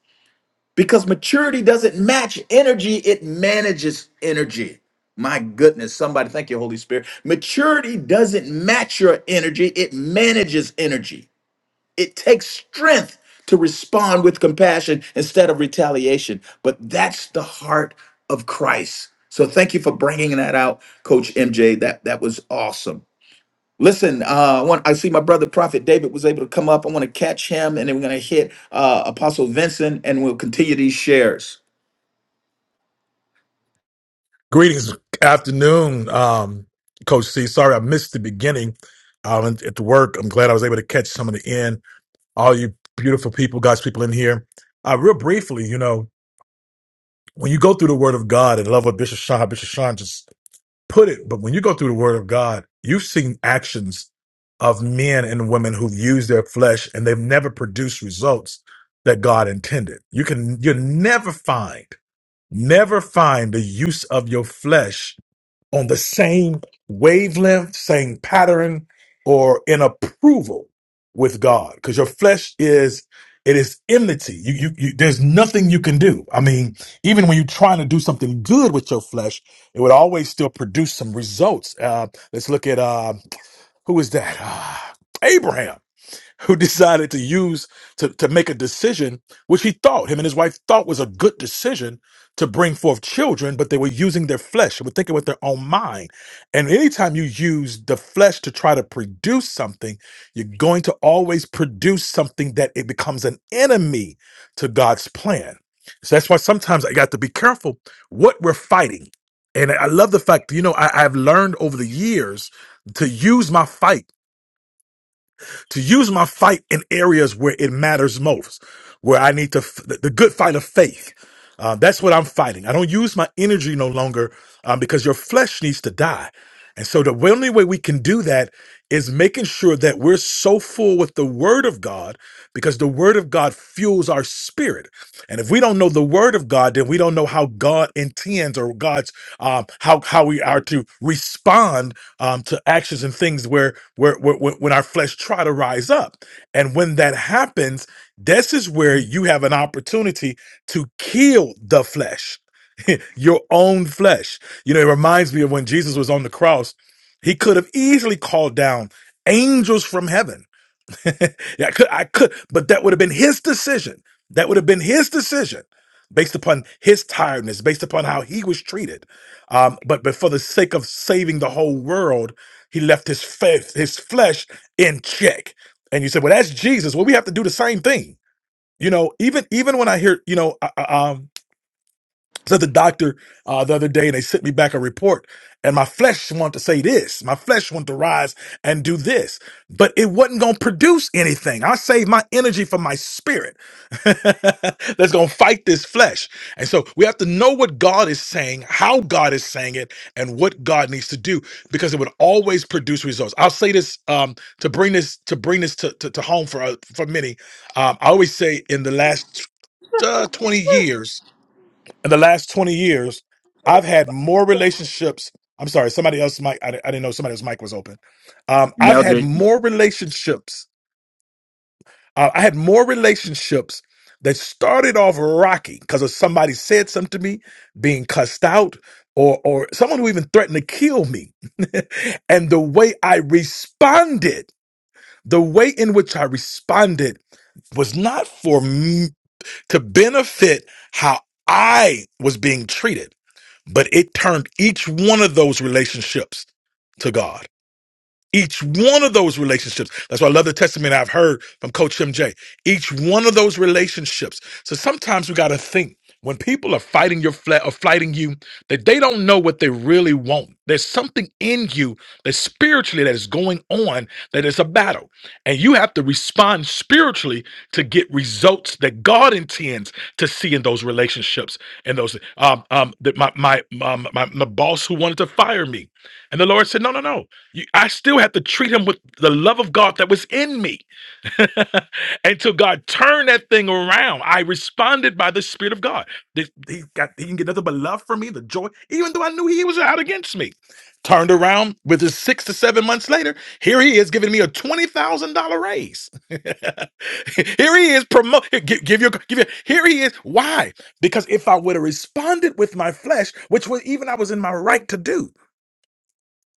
A: because maturity doesn't match energy, it manages energy. My goodness, somebody, thank you, Holy Spirit. Maturity doesn't match your energy, it manages energy. It takes strength to respond with compassion instead of retaliation. But that's the heart of Christ. So thank you for bringing that out, Coach MJ. That that was awesome. Listen, uh, I, want, I see my brother Prophet David was able to come up. I want to catch him, and then we're going to hit uh, Apostle Vincent, and we'll continue these shares.
H: Greetings, afternoon, um, Coach C. Sorry I missed the beginning um, and at the work. I'm glad I was able to catch some of the end. All you beautiful people, God's people in here. Uh, real briefly, you know, when you go through the Word of God, and I love what Bishop Sean, Bishop Sean just put it, but when you go through the Word of God, you've seen actions of men and women who've used their flesh and they've never produced results that God intended. You can, you'll never find, never find the use of your flesh on the same wavelength, same pattern, or in approval with God. Because your flesh is it is enmity. You, you you there's nothing you can do. I mean, even when you're trying to do something good with your flesh, it would always still produce some results. Uh, let's look at uh, who is that? Ah, Abraham who decided to use to, to make a decision, which he thought him and his wife thought was a good decision to bring forth children, but they were using their flesh. They were thinking with their own mind. And anytime you use the flesh to try to produce something, you're going to always produce something that it becomes an enemy to God's plan. So that's why sometimes I got to be careful what we're fighting. And I love the fact, you know, I, I've learned over the years to use my fight to use my fight in areas where it matters most, where I need to, f- the the good fight of faith. Uh, that's what I'm fighting. I don't use my energy no longer um, because your flesh needs to die. And so the only way we can do that is making sure that we're so full with the word of God because the word of God fuels our spirit. And if we don't know the word of God, then we don't know how God intends or God's um, how how we are to respond um, to actions and things where, where where where- when our flesh try to rise up, and when that happens, this is where you have an opportunity to kill the flesh, [LAUGHS] your own flesh. You know, it reminds me of when Jesus was on the cross; he could have easily called down angels from heaven [LAUGHS] yeah, I could, I could, but that would have been his decision. That would have been his decision based upon his tiredness, based upon how he was treated. Um, but, but for the sake of saving the whole world, he left his faith, his flesh in check. And you said, well, that's Jesus. Well, we have to do the same thing. You know, even even when I hear, you know, uh, uh, um, to the doctor uh, the other day and they sent me back a report and my flesh wanted to say this my flesh wanted to rise and do this but it wasn't going to produce anything i saved my energy for my spirit [LAUGHS] that's going to fight this flesh and so we have to know what god is saying how god is saying it and what god needs to do because it would always produce results i'll say this um, to bring this to bring this to, to, to home for uh, for many um, i always say in the last uh, 20 years in the last 20 years, I've had more relationships. I'm sorry, somebody else's mic. I, I didn't know somebody else's mic was open. Um, I've had more relationships. Uh, I had more relationships that started off rocky because of somebody said something to me, being cussed out, or or someone who even threatened to kill me. [LAUGHS] and the way I responded, the way in which I responded was not for me to benefit how I was being treated but it turned each one of those relationships to God. Each one of those relationships. That's why I love the testimony I've heard from Coach MJ. Each one of those relationships. So sometimes we got to think when people are fighting your flat or fighting you, that they don't know what they really want. There's something in you that spiritually that is going on that is a battle. And you have to respond spiritually to get results that God intends to see in those relationships and those um um that my my um, my, my boss who wanted to fire me. And the Lord said, No, no, no. You, I still have to treat him with the love of God that was in me [LAUGHS] until God turned that thing around. I responded by the Spirit of God. This- He, got, he didn't get nothing but love for me, the joy, even though I knew he was out against me. Turned around with his six to seven months later. Here he is giving me a twenty thousand dollar raise. [LAUGHS] here he is promote. Give, give your give your. Here he is. Why? Because if I would have responded with my flesh, which was even I was in my right to do,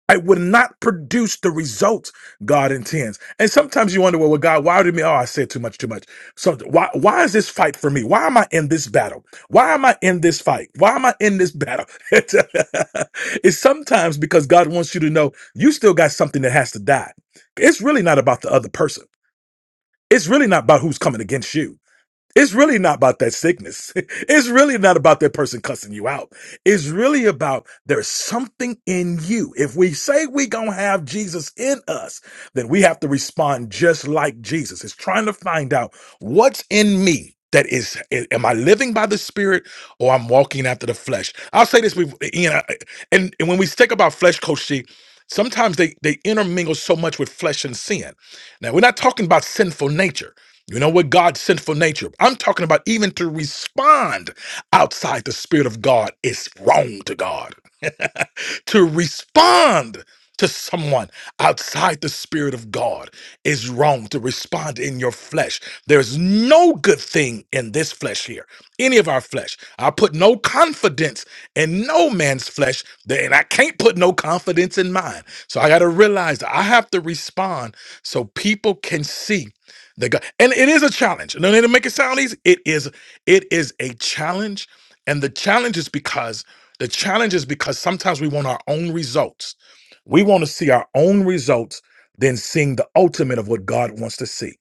H: I would not produce the results God intends. And sometimes you wonder, well, well God, why did me? Oh, I said too much, too much. So why, why is this fight for me? Why am I in this battle? Why am I in this fight? Why am I in this battle? [LAUGHS] it's it's sometimes because God wants you to know you still got something that has to die. It's really not about the other person. It's really not about who's coming against you. It's really not about that sickness. [LAUGHS] It's really not about that person cussing you out. It's really about there's something in you. If we say we gonna have Jesus in us, then we have to respond just like Jesus. It's trying to find out what's in me. That is, am I living by the Spirit or I'm walking after the flesh? I'll say this, with- you know, and, and when we think about flesh, Coach C, sometimes they they intermingle so much with flesh and sin. Now we're not talking about sinful nature. You know what God sent for nature? I'm talking about even to respond outside the Spirit of God is wrong to God. [LAUGHS] to respond to someone outside the Spirit of God is wrong. To respond in your flesh. There's no good thing in this flesh here, any of our flesh. I put no confidence in no man's flesh, and I can't put no confidence in mine. So I got to realize that I have to respond so people can see the God, and it is a challenge. No, need to make it sound easy. It is, it is a challenge, and the challenge is because the challenge is because sometimes we want our own results. We want to see our own results than seeing the ultimate of what God wants to see.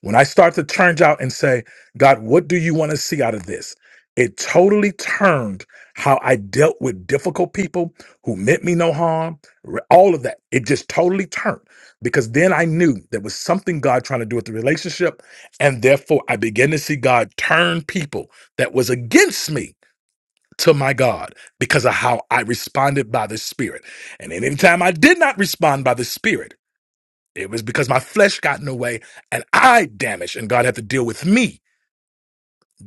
H: When I start to turn out and say, God, what do you want to see out of this? It totally turned how I dealt with difficult people who meant me no harm, re- all of that. It just totally turned because then I knew there was something God trying to do with the relationship. And therefore, I began to see God turn people that was against me to my God because of how I responded by the Spirit. And anytime I did not respond by the Spirit, it was because my flesh got in the way and I damaged, and God had to deal with me.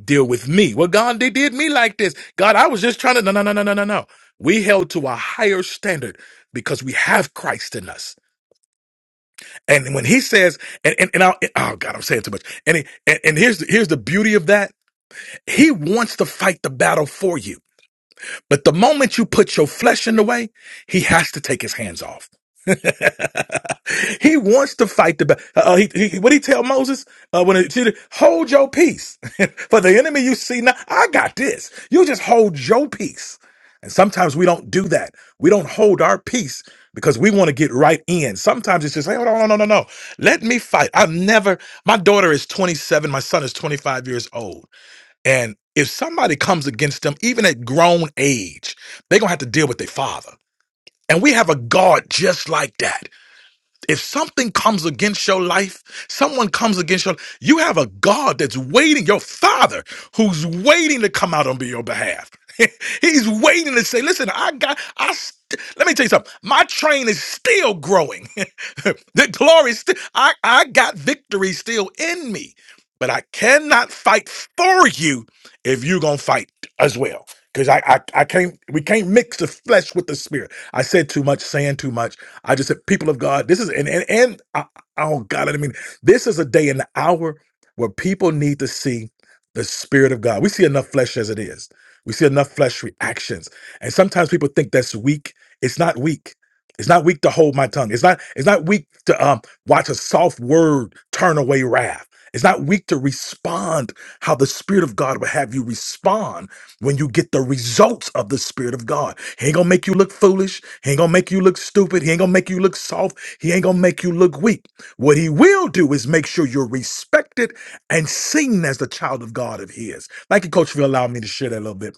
H: Deal with me. Well, God, they did me like this. God, I was just trying to. No, no, no, no, no, no, no. We held to a higher standard because we have Christ in us. And when he says, and and, and I, oh God, I'm saying too much. And, he, and and here's here's the beauty of that. He wants to fight the battle for you. But the moment you put your flesh in the way, he has to take his hands off. [LAUGHS] he wants to fight the battle. Uh, uh, he, he, what he tell Moses uh, when he said, hold your peace [LAUGHS] for the enemy you see now. I got this. You just hold your peace. And sometimes we don't do that. We don't hold our peace because we want to get right in. Sometimes it's just like, oh, no, no, no, no, no. Let me fight. I've never, my daughter is 27. My son is 25 years old. And if somebody comes against them, even at grown age, they're going to have to deal with their father. And we have a God just like that. If something comes against your life, someone comes against your life, you have a God that's waiting, your father who's waiting to come out on your behalf. [LAUGHS] He's waiting to say, listen, I got, I, st- let me tell you something. My train is still growing. [LAUGHS] the glory, is sti- I, I got victory still in me, but I cannot fight for you if you're going to fight as well. Cause I, I, I can't, we can't mix the flesh with the spirit. I said too much, saying too much. I just said, people of God, this is and and, and uh, oh God, I mean, this is a day and hour where people need to see the Spirit of God. We see enough flesh as it is. We see enough flesh reactions, and sometimes people think that's weak. It's not weak. It's not weak to hold my tongue. It's not. It's not weak to um, watch a soft word turn away wrath. It's not weak to respond how the Spirit of God would have you respond when you get the results of the Spirit of God. He ain't gonna make you look foolish. He ain't gonna make you look stupid. He ain't gonna make you look soft. He ain't gonna make you look weak. What he will do is make sure you're respected and seen as the child of God of his. Thank you, Coach, for allowing me to share that a little bit.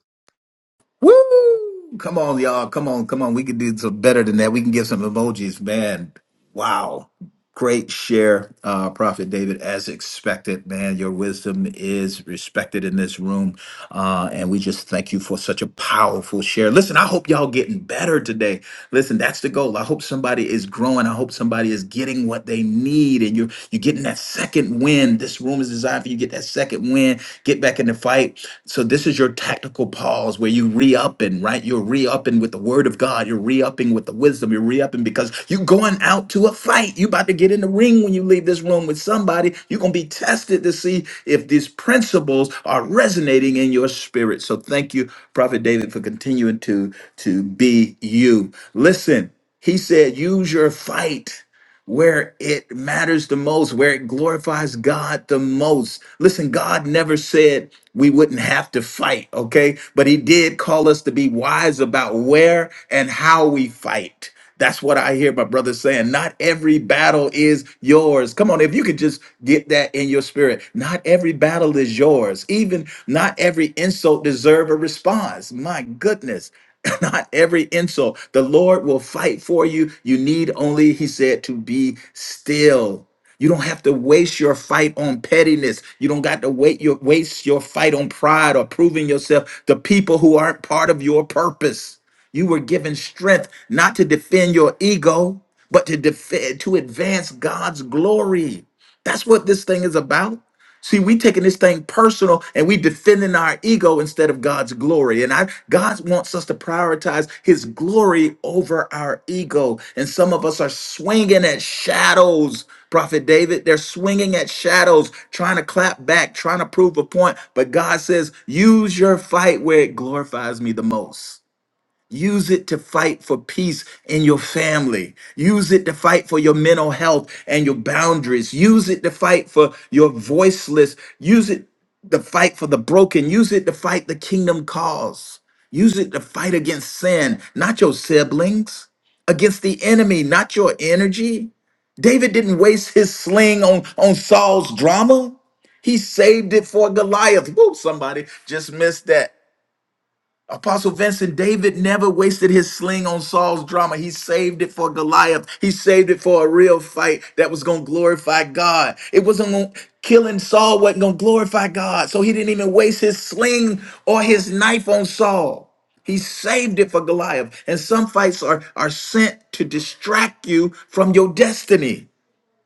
A: Woo! Come on, y'all. Come on, come on. We can do some better than that. We can give some emojis, man. Wow. Great share, uh, Prophet David, as expected, man. Your wisdom is respected in this room. Uh, and we just thank you for such a powerful share. Listen, I hope y'all getting better today. Listen, that's the goal. I hope somebody is growing. I hope somebody is getting what they need. And you're you're getting that second win. This room is designed for you to get that second win, get back in the fight. So this is your tactical pause where you re-upping, right? You're re-upping with the word of God. You're re-upping with the wisdom. You're re-upping because you're going out to a fight. You about to get in the ring when you leave this room with somebody. You're gonna be tested to see if these principles are resonating in your spirit. So thank you, Prophet David, for continuing to to be you. Listen, he said, use your fight where it matters the most, where it glorifies God the most. Listen, God never said we wouldn't have to fight, okay? But He did call us to be wise about where and how we fight. That's what I hear my brother saying. Not every battle is yours. Come on, if you could just get that in your spirit. Not every battle is yours. Even not every insult deserve a response. My goodness. [COUGHS] [LAUGHS] not every insult. The Lord will fight for you. You need only, he said, to be still. You don't have to waste your fight on pettiness. You don't got to wait your waste your fight on pride or proving yourself to people who aren't part of your purpose. You were given strength not to defend your ego, but to defend to advance God's glory. That's what this thing is about. See, we taking this thing personal and we defending our ego instead of God's glory. And I God wants us to prioritize his glory over our ego. And some of us are swinging at shadows, Prophet David. They're swinging at shadows, trying to clap back, trying to prove a point. But God says, use your fight where it glorifies me the most. Use it to fight for peace in your family. Use it to fight for your mental health and your boundaries. Use it to fight for your voiceless. Use it to fight for the broken. Use it to fight the kingdom cause. Use it to fight against sin, not your siblings, against the enemy, not your energy. David didn't waste his sling on, on Saul's drama. He saved it for Goliath. Whoop, somebody just missed that. Apostle Vincent, David never wasted his sling on Saul's drama. He saved it for Goliath. He saved it for a real fight that was going to glorify God. It wasn't going killing Saul wasn't going to glorify God. So he didn't even waste his sling or his knife on Saul. He saved it for Goliath. And some fights are, are sent to distract you from your destiny.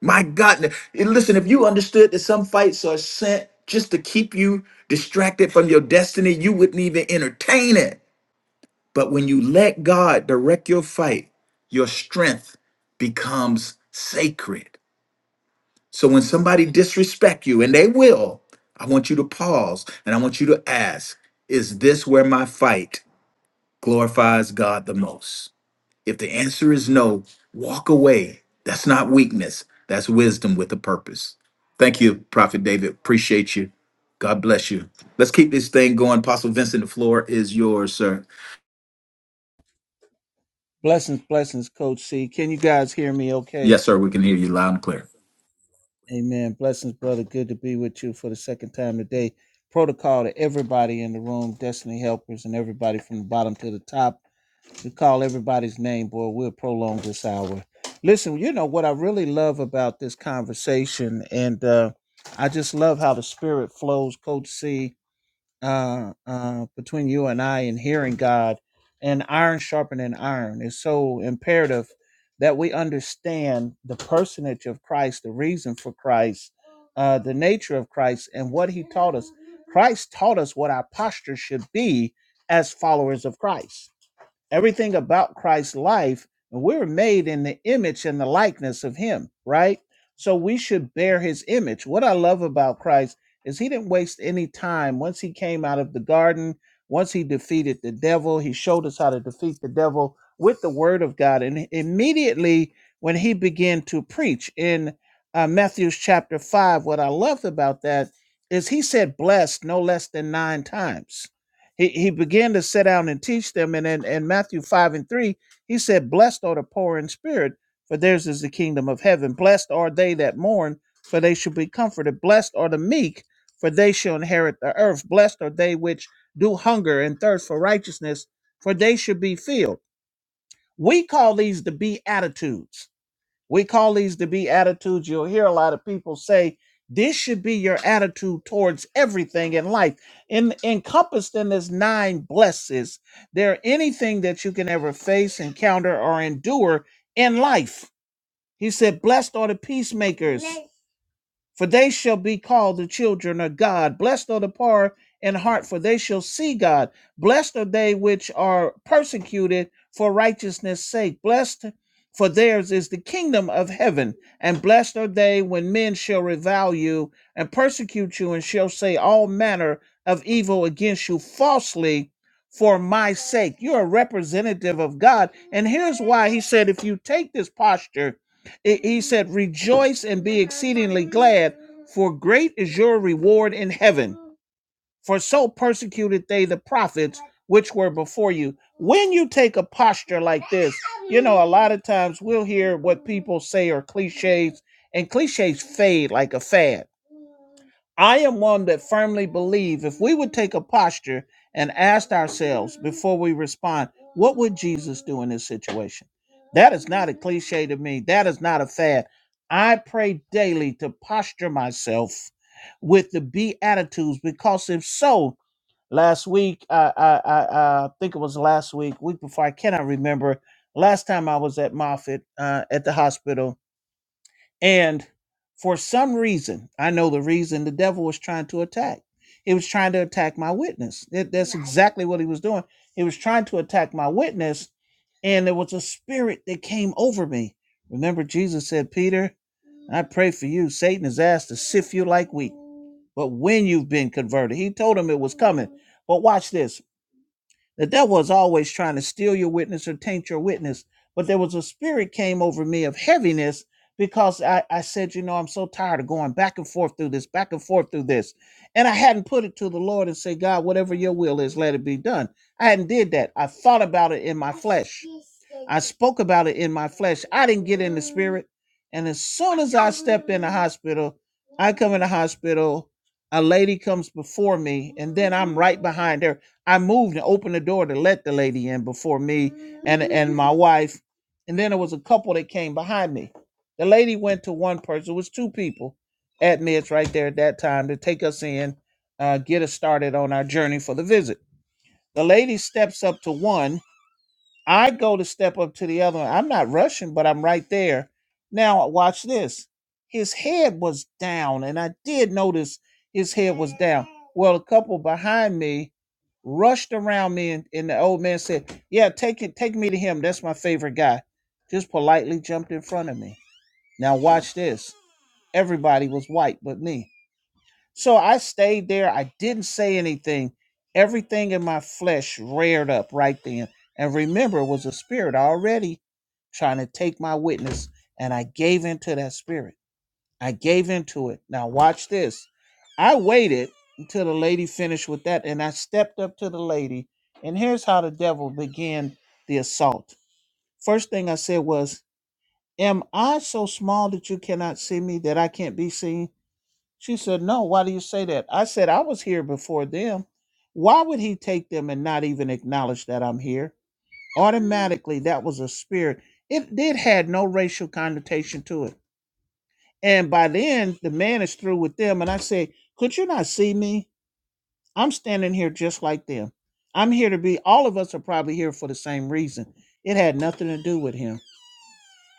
A: My God. And Listen, if you understood that some fights are sent just to keep you distracted from your destiny, you wouldn't even entertain it. But when you let God direct your fight, your strength becomes sacred. So when somebody disrespect you, and they will, I want you to pause and I want you to ask, is this where my fight glorifies God the most? If the answer is no, walk away. That's not weakness. That's wisdom with a purpose. Thank you, Prophet David. Appreciate you. God bless you. Let's keep this thing going. Apostle Vincent, the floor is yours, sir.
I: Blessings, blessings, Coach C. Can you guys hear me okay?
A: Yes, sir. We can hear you loud and clear.
I: Amen. Blessings, brother. Good to be with you for the second time today. Protocol to everybody in the room, Destiny helpers, and everybody from the bottom to the top. We call everybody's name, boy. We'll prolong this hour. Listen, you know what I really love about this conversation, and uh, I just love how the spirit flows, Coach C uh, uh, between you and I and hearing God and iron sharpening iron is so imperative that we understand the personage of Christ, the reason for Christ, uh, the nature of Christ, and what he taught us. Christ taught us what our posture should be as followers of Christ everything about Christ's life, and we're made in the image and the likeness of him, right? So we should bear his image. What I love about Christ is he didn't waste any time. Once he came out of the garden, once he defeated the devil, he showed us how to defeat the devil with the word of God. And immediately when he began to preach in uh, Matthew chapter 5, what I loved about that is he said blessed no less than nine times he, he began to sit down and teach them. And in, in Matthew 5 and 3, he said, Blessed are the poor in spirit, for theirs is the kingdom of heaven. Blessed are they that mourn, for they shall be comforted. Blessed are the meek, for they shall inherit the earth. Blessed are they which do hunger and thirst for righteousness, for they shall be filled. We call these the Beatitudes we call these to be attitudes. You'll hear a lot of people say, this should be your attitude towards everything in life. In encompassed in this nine blesses, there anything that you can ever face, encounter, or endure in life. He said, Blessed are the peacemakers for they shall be called the children of God. Blessed are the poor in heart, for they shall see God. Blessed are they which are persecuted for righteousness' sake. Blessed, for theirs is the kingdom of heaven. And blessed are they when men shall revile you and persecute you, and shall say all manner of evil against you falsely. For my sake, you're a representative of God. And here's why he said, if you take this posture it- He said, Rejoice and be exceedingly glad, for great is your reward in heaven. For so persecuted they the prophets which were before you. When you take a posture like this, you know, a lot of times we'll hear what people say are cliches, and cliches fade like a fad I am one that firmly believe if we would take a posture and ask ourselves before we respond, what would Jesus do in this situation? That is not a cliche to me. That is not a fad. I pray daily to posture myself with the beatitudes because if so, last week, I, I, I, I think it was last week, week before, I cannot remember. Last time I was at Moffitt uh, at the hospital, and for some reason, I know the reason the devil was trying to attack. He was trying to attack my witness. That- That's Right. exactly what he was doing. He was trying to attack my witness, and there was a spirit that came over me. Remember, Jesus said, Peter, I pray for you. Satan is asked to sift you like wheat. But when you've been converted, he told him it was coming. But watch this. The devil is always trying to steal your witness or taint your witness. But there was a spirit came over me of heaviness because I, I said, you know, I'm so tired of going back and forth through this, back and forth through this. And I hadn't put it to the Lord and say, God, whatever your will is, let it be done. I hadn't did that. I thought about it in my flesh. I spoke about it in my flesh. I didn't get in the spirit. And as soon as I step in the hospital, I come in the hospital, a lady comes before me, and then I'm right behind her I moved and opened the door to let the lady in before me and and my wife. And then there was a couple that came behind me. The lady went to one person. It was two people admits right there at that time to take us in, uh, get us started on our journey for the visit. The lady steps up to one I go to step up to the other one. I'm not rushing, but I'm right there. Now, watch this. His head was down, and I did notice his head was down. Well, a couple behind me rushed around me, and, and the old man said, Yeah, take it, take me to him. That's my favorite guy. Just politely jumped in front of me. Now, watch this. Everybody was white but me. So I stayed there. I didn't say anything. Everything in my flesh reared up right then. And remember, it was a spirit already trying to take my witness. And I gave in to that spirit. I gave in to it. Now, watch this. I waited until the lady finished with that. And I stepped up to the lady. And here's how the devil began the assault. First thing I said was, Am I so small that you cannot see me, that I can't be seen? She said, No, why do you say that? I said, I was here before them. Why would he take them and not even acknowledge that I'm here? Automatically, that was a spirit. It did had no racial connotation to it. And by then, the man is through with them. And I said, Could you not see me? I'm standing here just like them. I'm here to be, all of us are probably here for the same reason. It had nothing to do with him.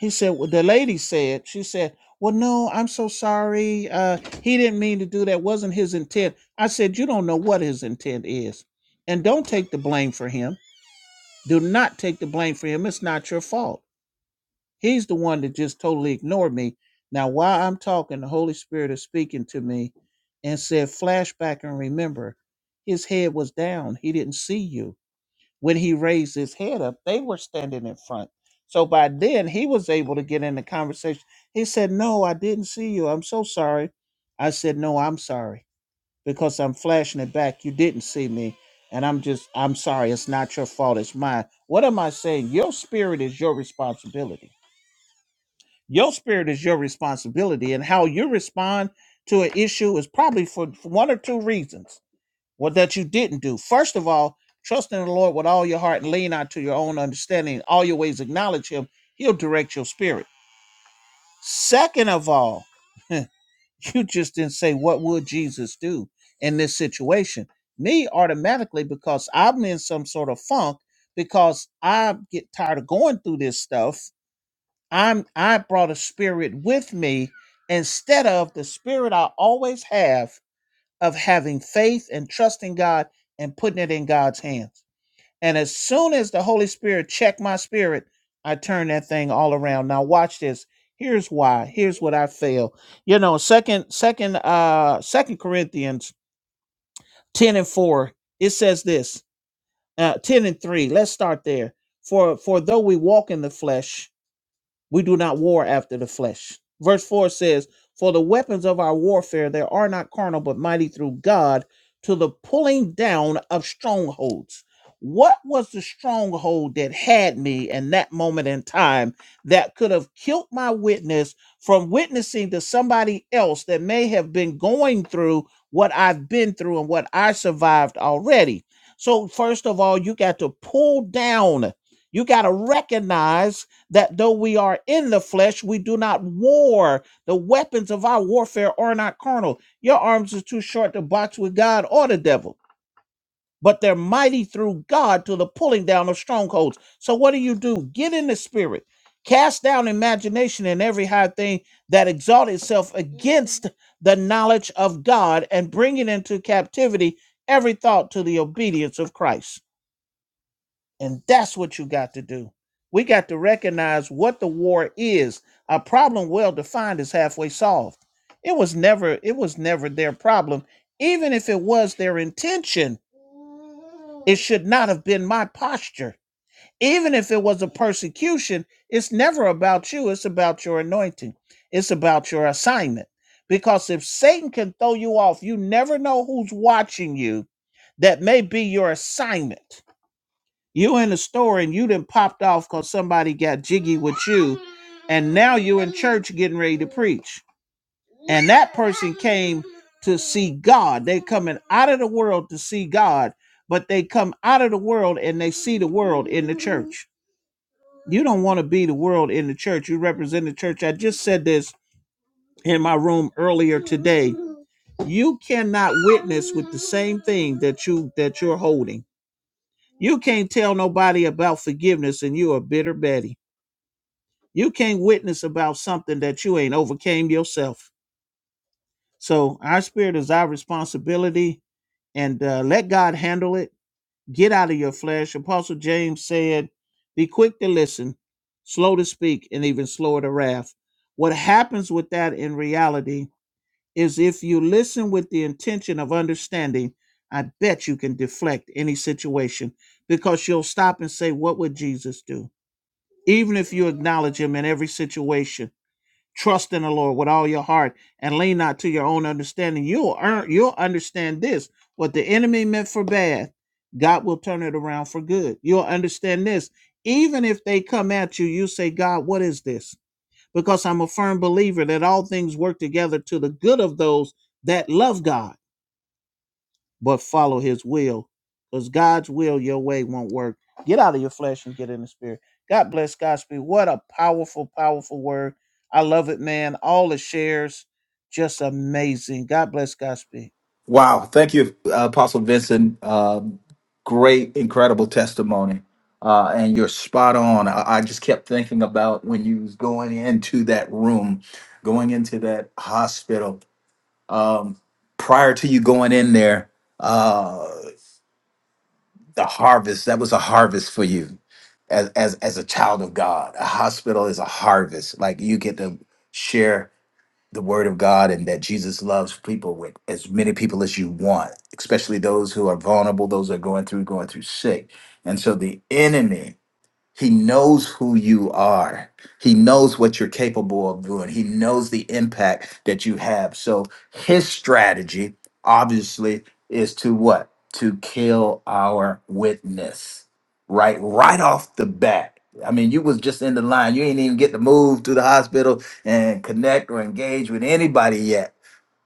I: He said, well, the lady said, she said, well, no, I'm so sorry. Uh, he didn't mean to do that. Wasn't his intent. I said, you don't know what his intent is. And don't take the blame for him. Do not take the blame for him. It's not your fault. He's the one that just totally ignored me. Now, while I'm talking, the Holy Spirit is speaking to me and said, flashback and remember, his head was down. He didn't see you when he raised his head up, they were standing in front. So by then he was able to get in the conversation. He said, No, I didn't see you. I'm so sorry. I said, No, I'm sorry because I'm flashing it back. You didn't see me. And I'm just, I'm sorry. It's not your fault. It's mine. What am I saying? Your spirit is your responsibility. Your spirit is your responsibility. And how you respond to an issue is probably for for one or two reasons or that you didn't do. First of all, trust in the Lord with all your heart and lean not to your own understanding. All your ways acknowledge him. He'll direct your spirit. Second of all, [LAUGHS] you just didn't say what would Jesus do in this situation. Me automatically because I'm in some sort of funk because I get tired of going through this stuff. I'm I brought a spirit with me instead of the spirit I always have of having faith and trusting God and putting it in God's hands. And as soon as the Holy Spirit checked my spirit, I turned that thing all around. Now watch this. Here's why. Here's what I feel. You know, second, second, uh, second Corinthians 10 and 4, it says this. Uh, 10 and 3. Let's start there. For for though we walk in the flesh, we do not war after the flesh. Verse 4 says, For the weapons of our warfare, they are not carnal, but mighty through God to the pulling down of strongholds. What was the stronghold that had me in that moment in time that could have killed my witness from witnessing to somebody else that may have been going through what I've been through and what I survived already? So, first of all, you got to pull down, you got to recognize that though we are in the flesh, we do not war. The weapons of our warfare are not carnal. Your arms are too short to box with God or the devil, but they're mighty through God to the pulling down of strongholds. So, what do you do? Get in the spirit, cast down imagination and every high thing that exalt itself against the knowledge of God, and bring it into captivity every thought to the obedience of Christ. And that's what you got to do. We got to recognize what the war is. A problem well defined is halfway solved. It was never it was never their problem. Even if it was their intention, it should not have been my posture. Even if it was a persecution, it's never about you, it's about your anointing. It's about your assignment. Because if Satan can throw you off, you never know who's watching you. That may be your assignment you in the store and you done popped off because somebody got jiggy with you, and now you in church getting ready to preach. And that person came to see God. They coming out of the world to see God, but they come out of the world and they see the world in the church. You don't want to be the world in the church. You represent the church. I just said this in my room earlier today. You cannot witness with the same thing that you that you're holding you can't tell nobody about forgiveness and you are bitter Betty. You can't witness about something that you ain't overcame yourself. So our spirit is our responsibility and uh, let God handle it. Get out of your flesh. Apostle James said, be quick to listen, slow to speak, and even slower to wrath. What happens with that in reality is if you listen with the intention of understanding, I bet you can deflect any situation because you'll stop and say, What would Jesus do? even if you acknowledge him in every situation trust in the lord with all your heart and lean not to your own understanding you'll earn you'll understand this what the enemy meant for bad god will turn it around for good you'll understand this even if they come at you you say god what is this because i'm a firm believer that all things work together to the good of those that love god but follow his will. Because God's will, your way won't work. Get out of your flesh and get in the spirit. God bless Godspeed. What a powerful, powerful word. I love it, man. All the shares, just amazing. God bless Godspeed.
A: Wow. Thank you, uh, Apostle Vincent. Um great, incredible testimony. Uh, and you're spot on. I, I just kept thinking about when you was going into that room, going into that hospital. Um, prior to you going in there, uh, the harvest, that was a harvest for you as, as, as a child of God. A hospital is a harvest. Like you get to share the word of God and that Jesus loves people with as many people as you want, especially those who are vulnerable, those that are going through, going through sick. And so the enemy he knows who you are. He knows what you're capable of doing. He knows the impact that you have. So his strategy, obviously, is to what? To kill our witness. Right, right off the bat. I mean, you was just in the line. You ain't even get to move to the hospital and connect or engage with anybody yet.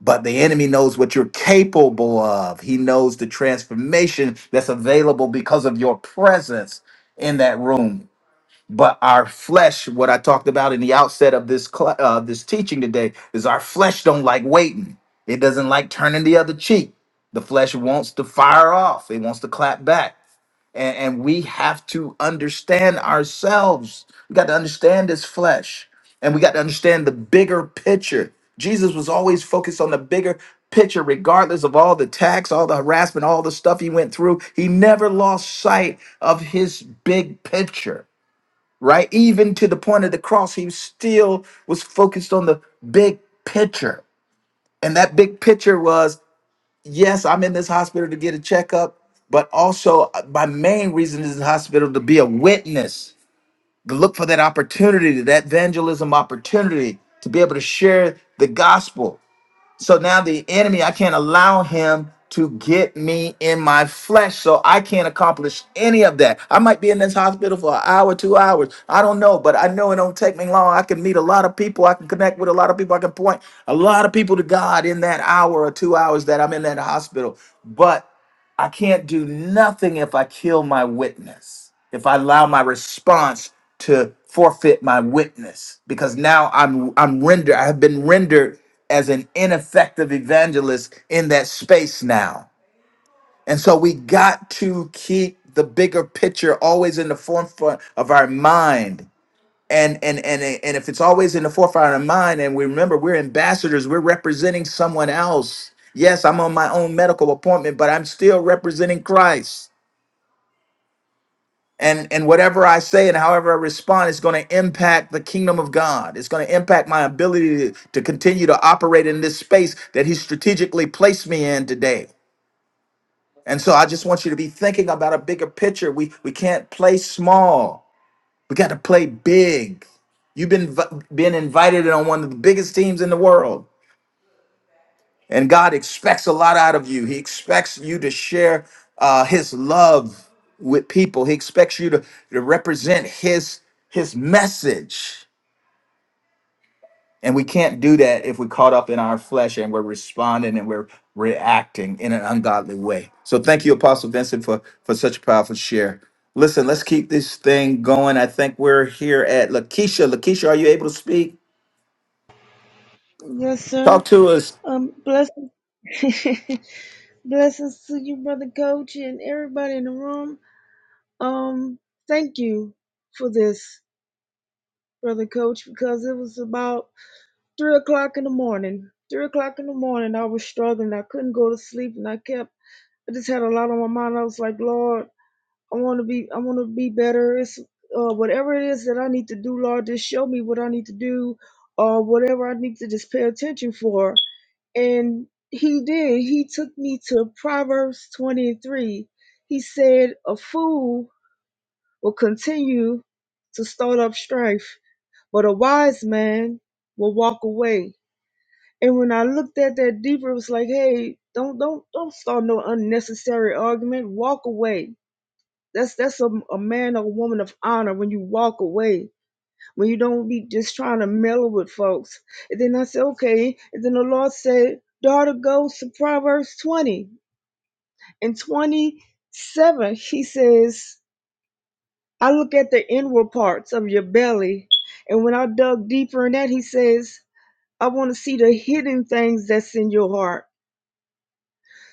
A: But the enemy knows what you're capable of. He knows the transformation that's available because of your presence in that room but our flesh what i talked about in the outset of this cl- uh, this teaching today is our flesh don't like waiting it doesn't like turning the other cheek the flesh wants to fire off it wants to clap back and, and we have to understand ourselves we got to understand this flesh and we got to understand the bigger picture jesus was always focused on the bigger picture regardless of all the tax all the harassment all the stuff he went through he never lost sight of his big picture right? Even to the point of the cross, he still was focused on the big picture. And that big picture was yes, I'm in this hospital to get a checkup, but also uh, my main reason is the hospital to be a witness, to look for that opportunity, that evangelism opportunity, to be able to share the gospel so now the enemy, I can't allow him to get me in my flesh. So I can't accomplish any of that. I might be in this hospital for an hour, two hours. I don't know, but I know it don't take me long. I can meet a lot of people. I can connect with a lot of people. I can point a lot of people to God in that hour or two hours that I'm in that hospital. But I can't do nothing if I kill my witness, if I allow my response to forfeit my witness, because now I'm I'm rendered, I have been rendered as an ineffective evangelist in that space now. And so we got to keep the bigger picture always in the forefront of our mind and and and and if it's always in the forefront of mind and we remember we're ambassadors we're representing someone else yes i'm on my own medical appointment but i'm still representing christ and and whatever i say and however i respond is going to impact the kingdom of god it's going to impact my ability to, to continue to operate in this space that he strategically placed me in today and so i just want you to be thinking about a bigger picture we we can't play small We got to play big. You've been v- been invited on one of the biggest teams in the world, and God expects a lot out of you. He expects you to share uh, His love with people. He expects you to, to represent His His message, and we can't do that if we're caught up in our flesh and we're responding and we're reacting in an ungodly way. So, thank you, Apostle Vincent, for for such a powerful share. Listen, let's keep this thing going. I think we're here at Lakeisha. Lakeisha, are you able to speak?
J: Yes, sir.
A: Talk to us.
J: Um, blessings, [LAUGHS] blessings to you, brother coach, and everybody in the room. Um, thank you for this, brother coach, because it was about three o'clock in the morning. Three o'clock in the morning, I was struggling. I couldn't go to sleep, and I kept. I just had a lot on my mind. I was like, Lord, I want to be. I want to be better. It's uh, whatever it is that I need to do, Lord, just show me what I need to do, or whatever I need to just pay attention for. And he did. He took me to Proverbs 23. He said, A fool will continue to start up strife, but a wise man will walk away. And when I looked at that deeper, it was like, hey, don't don't don't start no unnecessary argument. Walk away. That's that's a, a man or woman of honor when you walk away when you don't be just trying to mellow with folks. And then I said, okay. And then the Lord said, daughter, go to Proverbs 20 and 27. He says, I look at the inward parts of your belly. And when I dug deeper in that, he says, I want to see the hidden things that's in your heart.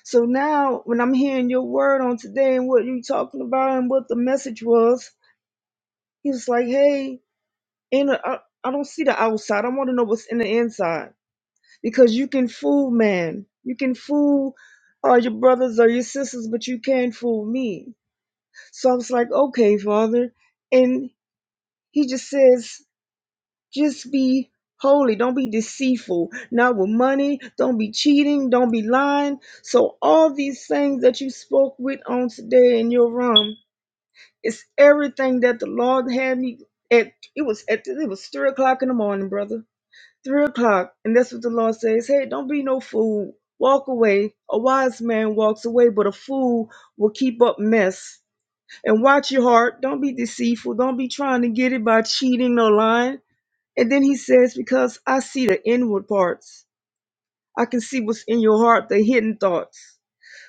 J: So now, when I'm hearing your word on today and what you talking about and what the message was, he was like, hey, in a, I I don't see the outside. I want to know what's in the inside. because you can fool man. You can fool uh, your brothers or your sisters, but you can't fool me. So I was like, okay, Father. And he just says, just be holy. Don't be deceitful. Not with money. Don't be cheating. Don't be lying. So all these things that you spoke with on today in your room, it's everything that the Lord had me at. It was at it was three o'clock in the morning, brother three o'clock, and that's what the Lord says. Hey, don't be no fool. Walk away. A wise man walks away, but a fool will keep up mess. And watch your heart. Don't be deceitful. Don't be trying to get it by cheating or lying. And then he says, Because I see the inward parts. I can see what's in your heart, the hidden thoughts.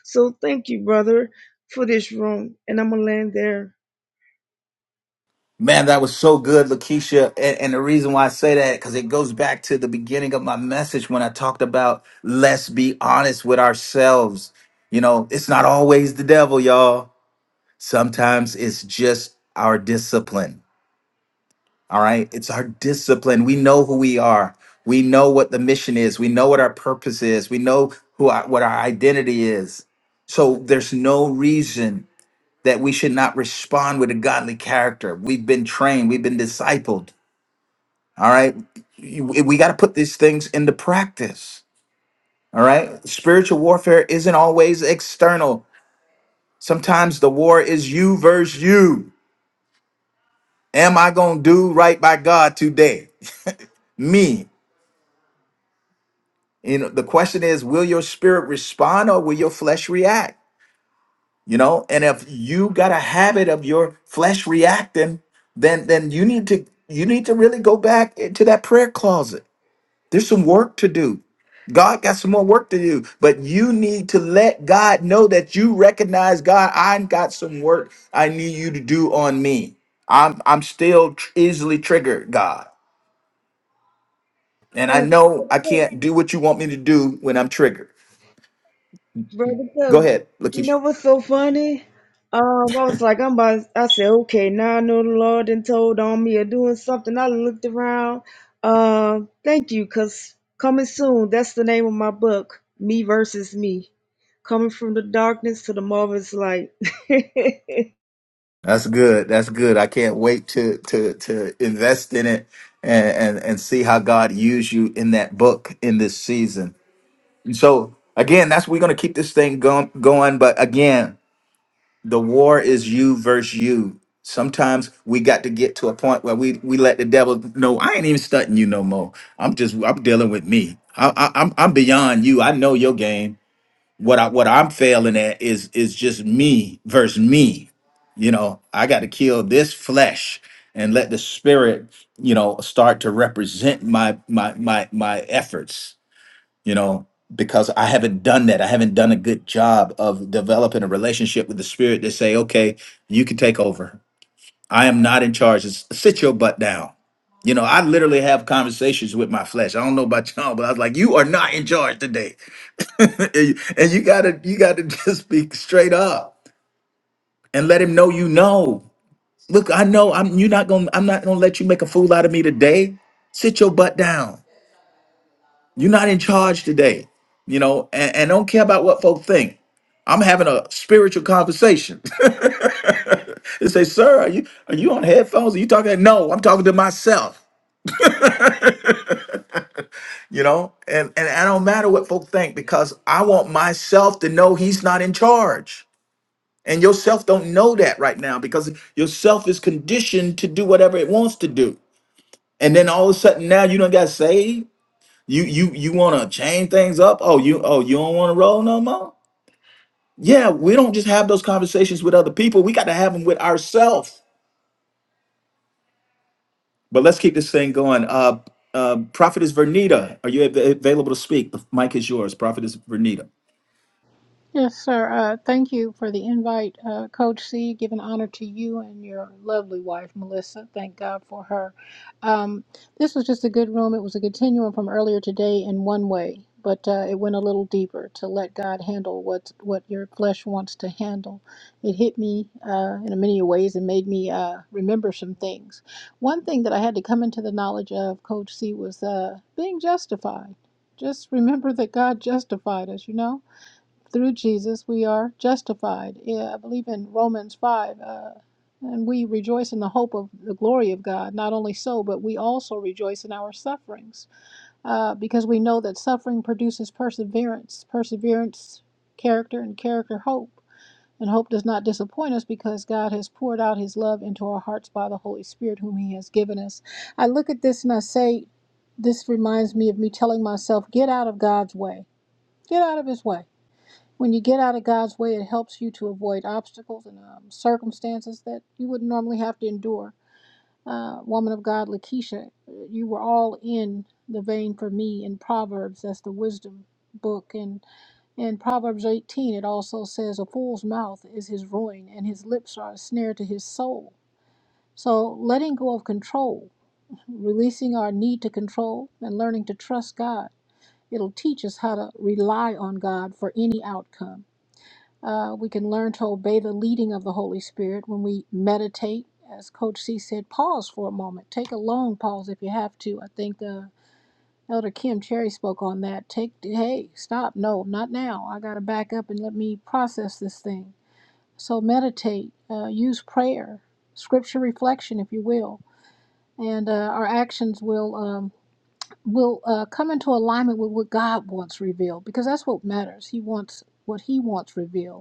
J: So thank you, brother, for this room. And I'm going to land there.
A: Man, that was so good, Lakeisha. And, and the reason why I say that, because it goes back to the beginning of my message when I talked about let's be honest with ourselves. You know, it's not always the devil, y'all. Sometimes it's just our discipline. All right. It's our discipline. We know who we are. We know what the mission is. We know what our purpose is. We know who our, what our identity is. So there's no reason that we should not respond with a godly character. We've been trained, we've been discipled. All right. You- We got to put these things into practice. All right. Spiritual warfare isn't always external. Sometimes the war is you versus you. Am I going to do right by God today? [LAUGHS] Me. You know, the question is will your spirit respond or will your flesh react? you know and if you got a habit of your flesh reacting then then you need to you need to really go back into that prayer closet there's some work to do god got some more work to do but you need to let god know that you recognize god i got some work i need you to do on me i'm i'm still tr- easily triggered god and i
J: Oh,
A: know i can't do what you want me to do when i'm triggered
J: Brother
A: go
J: Coach,
A: ahead
J: you
A: Lakeisha.
J: know what's so funny? Um, I was like, I'm about, I said, okay, now I know the Lord done told on me or doing something. I looked around. Uh, thank you, because coming soon, that's the name of my book, Me versus Me. Coming from the darkness to the marvelous light. [LAUGHS]
A: That's good. That's good. I can't wait to to to invest in it and and, and see how God used you in that book in this season. And so again, that's we're gonna keep this thing going going. But again, the war is you versus you. Sometimes we got to get to a point where we we let the devil know I ain't even stunting you no more. I'm just I'm dealing with me. I, I, I'm I'm beyond you. I know your game what I what I'm failing at is is just me versus me. You know, I got to kill this flesh and let the spirit, you know, start to represent my my my my efforts, you know, because I haven't done that. I haven't done a good job of developing a relationship with the spirit to say, "Okay, you can take over. I am not in charge. S- Sit your butt down." You know, I literally have conversations with my flesh. I don't know about y'all, but I was like, "You are not in charge today." [LAUGHS] and you gotta you gotta [LAUGHS] just be straight up and let him know you know. Look, I know I'm you're not gonna I'm not gonna let you make a fool out of me today. Sit your butt down. You're not in charge today, you know, and, and don't care about what folks think. I'm having a spiritual conversation. [LAUGHS] They say, sir, are you are you on headphones? Are you talking? No, I'm talking to myself, you know, and, and I don't matter what folk think because I want myself to know he's not in charge. And yourself don't know that right now because yourself is conditioned to do whatever it wants to do. And then all of a sudden now you don't got saved. You you you want to change things up? Oh, you oh you don't want to roll no more? Yeah, we don't just have those conversations with other people. We got to have them with ourselves. But let's keep this thing going. Uh, uh, Prophetess Vernita, are you av- available to speak? The mic is yours, Prophetess Vernita.
K: Yes, sir. Uh, thank you for the invite, uh, Coach C. Giving honor to you and your lovely wife, Melissa. Thank God for her. Um, this was just a good room. It was a continuum from earlier today in one way, but uh, it went a little deeper to let God handle what what your flesh wants to handle. It hit me uh, in many ways and made me uh, remember some things. One thing that I had to come into the knowledge of, Coach C, was uh, being justified. Just remember that God justified us, you know? through Jesus we are justified. Yeah, I believe in Romans 5. Uh, and we rejoice in the hope of the glory of God. Not only so, but we also rejoice in our sufferings uh, because we know that suffering produces perseverance, perseverance, character, and character, hope. And hope does not disappoint us because God has poured out his love into our hearts by the Holy Spirit, whom he has given us. I look at this and I say, This reminds me of me telling myself, Get out of God's way. Get out of his way when you get out of God's way, it helps you to avoid obstacles and um, circumstances that you wouldn't normally have to endure. Uh, woman of God, Lakeisha, uh, you were all in the vein for me in Proverbs. That's the wisdom book. And in Proverbs 18, it also says, A fool's mouth is his ruin, and his lips are a snare to his soul. So letting go of control, releasing our need to control, and learning to trust God, it'll teach us how to rely on God for any outcome uh, we can learn to obey the leading of the Holy Spirit when we meditate. As Coach C said, pause for a moment. Take a long pause if you have to. I think uh, Elder Kim Cherry spoke on that. Take, hey, stop. No, not now. I got to back up and let me process this thing. So meditate, uh, use prayer, scripture reflection, if you will. And uh, our actions will um, will uh, come into alignment with what God wants revealed, because that's what matters. He wants what He wants revealed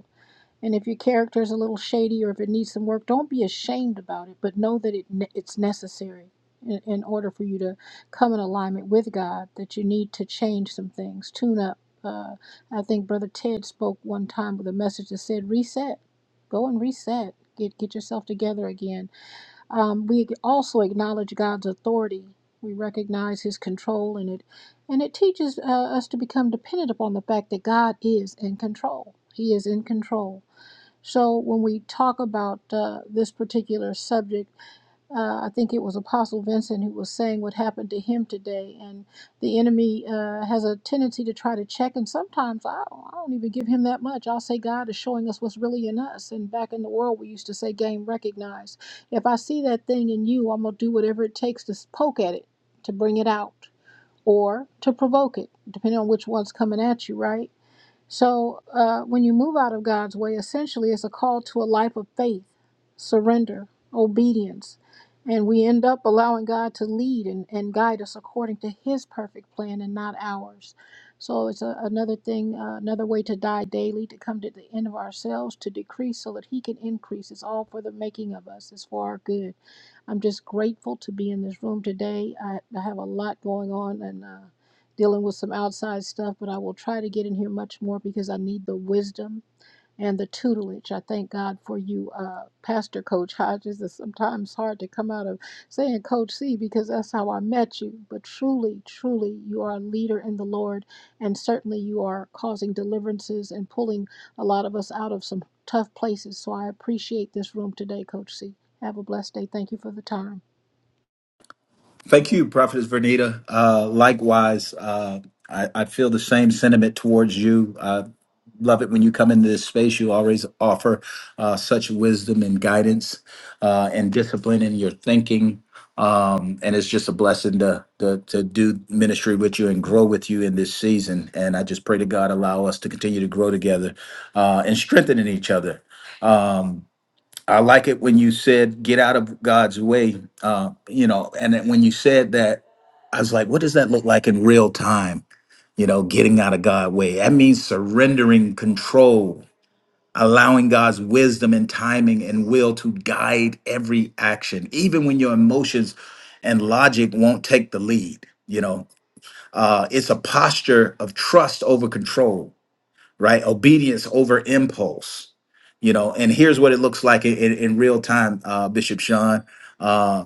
K: and if your character is a little shady or if it needs some work, don't be ashamed about it, but know that it it's necessary in, in order for you to come in alignment with God, that you need to change some things, tune up. Uh, I think Brother Ted spoke one time with a message that said, reset, go and reset, get, get yourself together again. Um, we also acknowledge God's authority. We recognize his control in it, and it teaches uh, us to become dependent upon the fact that God is in control. He is in control so when we talk about uh, this particular subject, uh, I think it was Apostle Vincent who was saying what happened to him today, and the enemy uh, has a tendency to try to check, and sometimes I don't, I don't even give him that much. I'll say God is showing us what's really in us, and back in the world we used to say game recognized. If I see that thing in you, I'm gonna do whatever it takes to poke at it, to bring it out, or to provoke it, depending on which one's coming at you, right? So uh, when you move out of God's way, essentially it's a call to a life of faith, surrender, obedience. And we end up allowing God to lead and, and guide us according to his perfect plan and not ours. So it's a, another thing, uh, another way to die daily, to come to the end of ourselves, to decrease so that he can increase. It's all for the making of us, it's for our good. I'm just grateful to be in this room today. I, I have a lot going on and uh, dealing with some outside stuff, but I will try to get in here much more because I need the wisdom and the tutelage. I thank God for you, uh, Pastor Coach Hodges. It's sometimes hard to come out of saying Coach C because that's how I met you. But truly, truly, you are a leader in the Lord, and certainly you are causing deliverances and pulling a lot of us out of some tough places. So I appreciate this room today, Coach C. Have a blessed day. Thank you for the time.
A: Thank you, Prophetess Vernita. Uh, likewise, uh, I, I feel the same sentiment towards you. love it when you come into this space. You always offer uh, such wisdom and guidance uh, and discipline in your thinking. Um, and it's just a blessing to, to to do ministry with you and grow with you in this season. And I just pray to God allow us to continue to grow together uh, and strengthening each other. Um, I like it when you said get out of God's way. Uh, you know, and then when you said that, I was like, what does that look like in real time? You know, getting out of God's way. That means surrendering control, allowing God's wisdom and timing and will to guide every action, even when your emotions and logic won't take the lead. You know, uh, it's a posture of trust over control right? Obedience over impulse, you know. And here's what it looks like in, in, in real time, uh, Bishop Sean. Uh,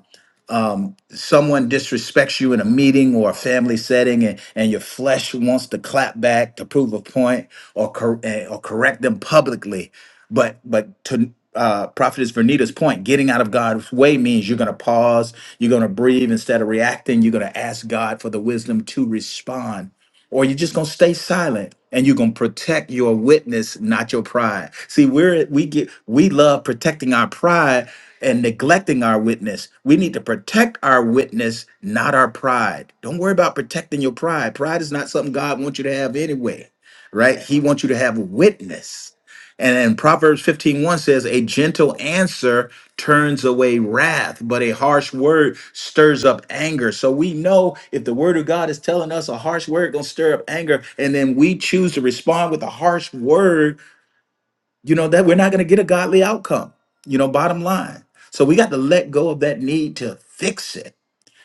A: um, someone disrespects you in a meeting or a family setting, and, and your flesh wants to clap back to prove a point or cor- eh, or correct them publicly. But but to uh, Prophetess Vernita's point, getting out of God's way means you're going to pause, you're going to breathe instead of reacting, you're going to ask God for the wisdom to respond or you're just gonna stay silent and you're gonna protect your witness, not your pride. See, we're we get we love protecting our pride and neglecting our witness. We need to protect our witness, not our pride. Don't worry about protecting your pride. Pride is not something God wants you to have anyway, right? He wants you to have witness. And, and Proverbs fifteen one says, a gentle answer turns away wrath, but a harsh word stirs up anger. So we know if the word of God is telling us a harsh word gonna stir up anger, and then we choose to respond with a harsh word, you know, that we're not gonna get a godly outcome, you know, bottom line. So we got to let go of that need to fix it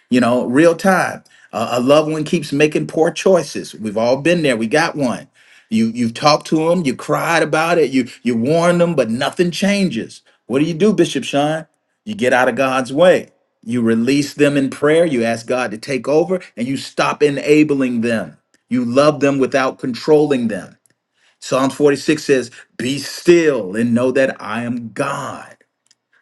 A: you know, real time. Uh, a loved one keeps making poor choices. We've all been there. We got one. You you've talked to them, you cried about it, you you warned them, but nothing changes. What do you do, Bishop Sean? You get out of God's way. You release them in prayer. You ask God to take over, and you stop enabling them. You love them without controlling them. Psalms 46 says, "Be still and know that I am God."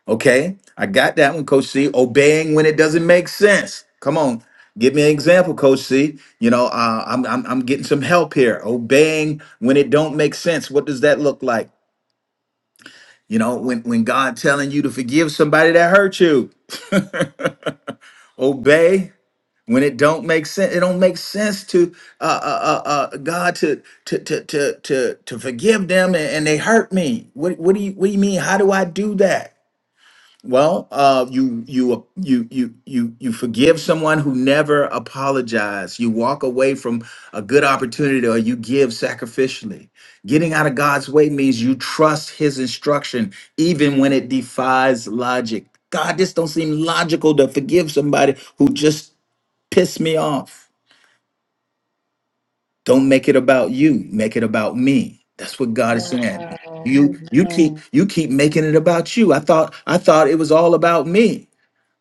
A: Okay, I got that one, Coach C. Obeying when it doesn't make sense. Come on, give me an example, Coach C. You know, uh, I'm, I'm I'm getting some help here. Obeying when it don't make sense. What does that look like? You know, when when God telling you to forgive somebody that hurt you, obey when it don't make sense. It don't make sense to uh, uh, uh, uh, God to to to to to to forgive them and, and they hurt me. What what do you what do you mean? How do I do that? Well, uh, you you you you you you forgive someone who never apologized. You walk away from a good opportunity, or you give sacrificially. Getting out of God's way means you trust His instruction, even when it defies logic. God, this don't seem logical to forgive somebody who just pissed me off. Don't make it about you. Make it about me. That's what God is saying. You you keep you keep making it about you. I thought I thought it was all about me.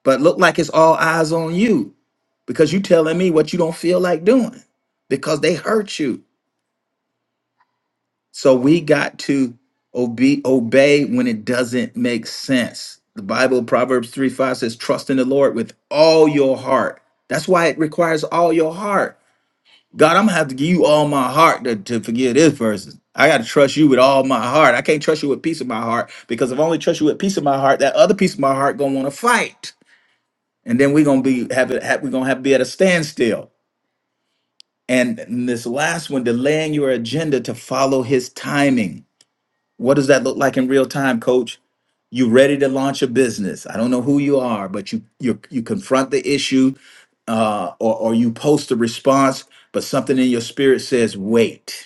A: But look like it's all eyes on you because you telling me what you don't feel like doing because they hurt you. So we got to obey obey when it doesn't make sense. The Bible, Proverbs 3 5 says, trust in the Lord with all your heart. That's why it requires all your heart. God, I'm gonna have to give you all my heart to, to forgive this person. I gotta trust you with all my heart. I can't trust you with piece of my heart because if I only trust you with piece of my heart, that other piece of my heart gonna wanna fight. and then we're gonna be have it have, we're gonna have be at a standstill and this last one delaying your agenda to follow his timing what does that look like in real time coach you ready to launch a business i don't know who you are but you you you confront the issue uh or, or you post a response but something in your spirit says wait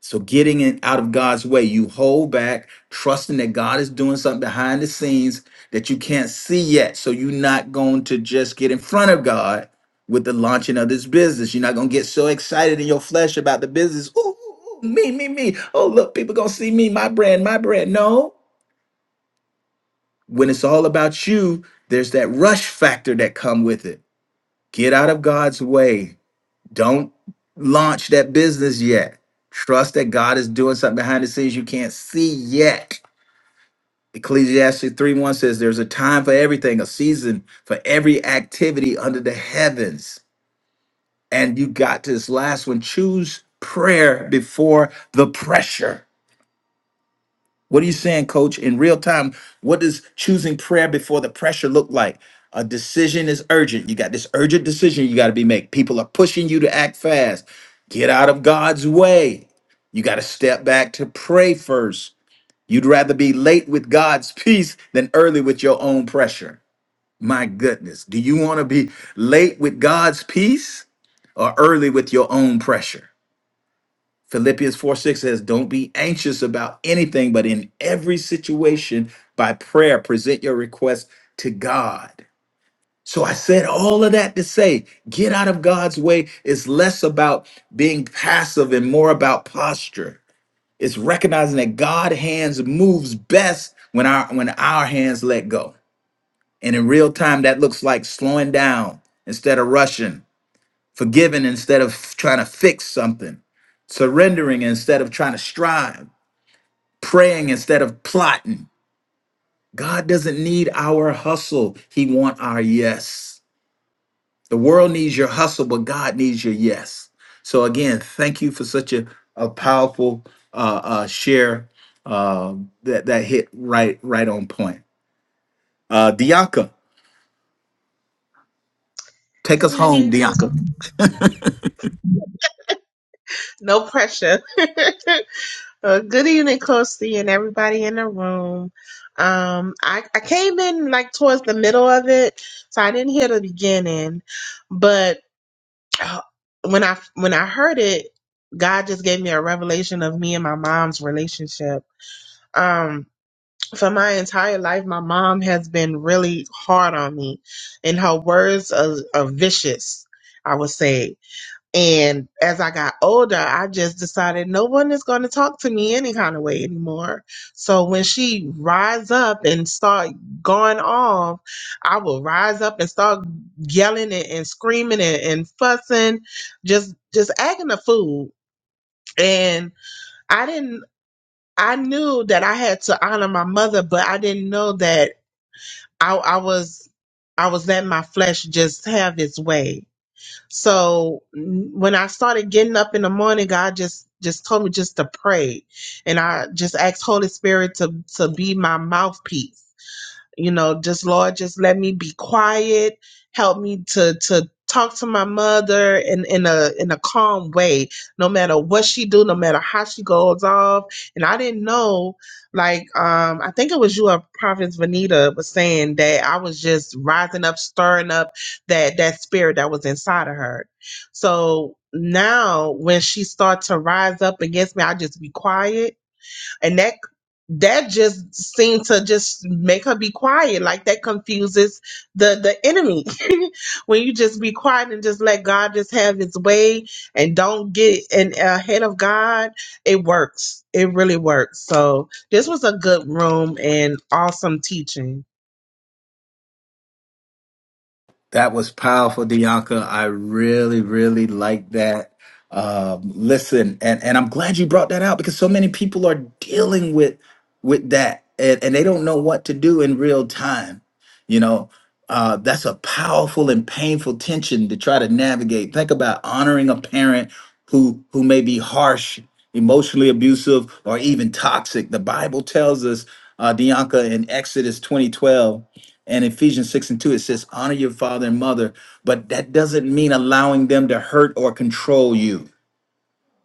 A: so getting it out of God's way, you hold back, trusting that God is doing something behind the scenes that you can't see yet. So you're not going to just get in front of God with the launching of this business. You're not going to get so excited in your flesh about the business. Ooh, ooh, ooh, me, me, me. Oh, look, people going to see me, my brand, my brand. No, when it's all about you, there's that rush factor that come with it. Get out of God's way don't launch that business yet. Trust that God is doing something behind the scenes you can't see yet. Ecclesiastes 3 1 says, There's a time for everything, a season for every activity under the heavens. And you got this last one choose prayer before the pressure. What are you saying, coach? In real time, what does choosing prayer before the pressure look like? A decision is urgent. You got this urgent decision you got to be make. People are pushing you to act fast. Get out of God's way. You got to step back to pray first. You'd rather be late with God's [LAUGHS] peace than early with your own pressure. My goodness. Do you want to be late with God's peace or early with your own pressure? Philippians 4 6 says, Don't be anxious about anything, but in every situation, by prayer, present your request to God. So I said all of that to say, get out of God's way. It's less about being passive and more about posture. It's recognizing that God' hands moves best when our when our hands let go. And in real time, that looks like slowing down instead of rushing forgiving instead of trying to fix something, surrendering instead of trying to strive, praying instead of plotting. God doesn't need our hustle, He wants our yes. The world needs your hustle, but God needs your yes. So, again, thank you for such a, a powerful uh, uh, share uh, that, that hit right, right on point. Uh, Dianca, take
L: Good
A: us
L: evening,
A: home,
L: Coach.
A: Dianca.
L: No pressure. [LAUGHS] Uh, good evening, Coach C, and everybody in the room. Um, I, I came in like towards the middle of it, so I didn't hear the beginning. But uh, when I when I heard it, God just gave me a revelation of me and my mom's relationship. Um, for my entire life, my mom has been really hard on me, and her words are, are vicious. I would say And as I got older, I just decided no one is going to talk to me any kind of way anymore. So when she rise up and start going off, I will rise up and start yelling and, and screaming and, and fussing, just just acting a fool. And I didn't. I knew that I had to honor my mother, but I didn't know that I, I was I was letting my flesh just have its way so n- when I started getting up in the morning, God just just told me just to pray, and I just asked Holy Spirit to to be my mouthpiece you know just lord just let me be quiet help me to to talk to my mother in in a in a calm way no matter what she do no matter how she goes off and i didn't know like um i think it was you or prophet vanita was saying that i was just rising up stirring up that that spirit that was inside of her so now when she starts to rise up against me i just be quiet and that that just seemed to just make her be quiet like that confuses the the enemy [LAUGHS] when you just be quiet and just let god just have his way and don't get in ahead of god it works it really works so this was a good room and awesome teaching
A: That was powerful, Dianca. I really, really like that. Um, listen, and, and I'm glad you brought that out because so many people are dealing with with that and, and they don't know what to do in real time. You know, uh, that's a powerful and painful tension to try to navigate. Think about honoring a parent who who may be harsh, emotionally abusive, or even toxic. The Bible tells us, uh, Dianca, in Exodus 2012 and Ephesians 6 and 2, it says, honor your father and mother, but that doesn't mean allowing them to hurt or control you.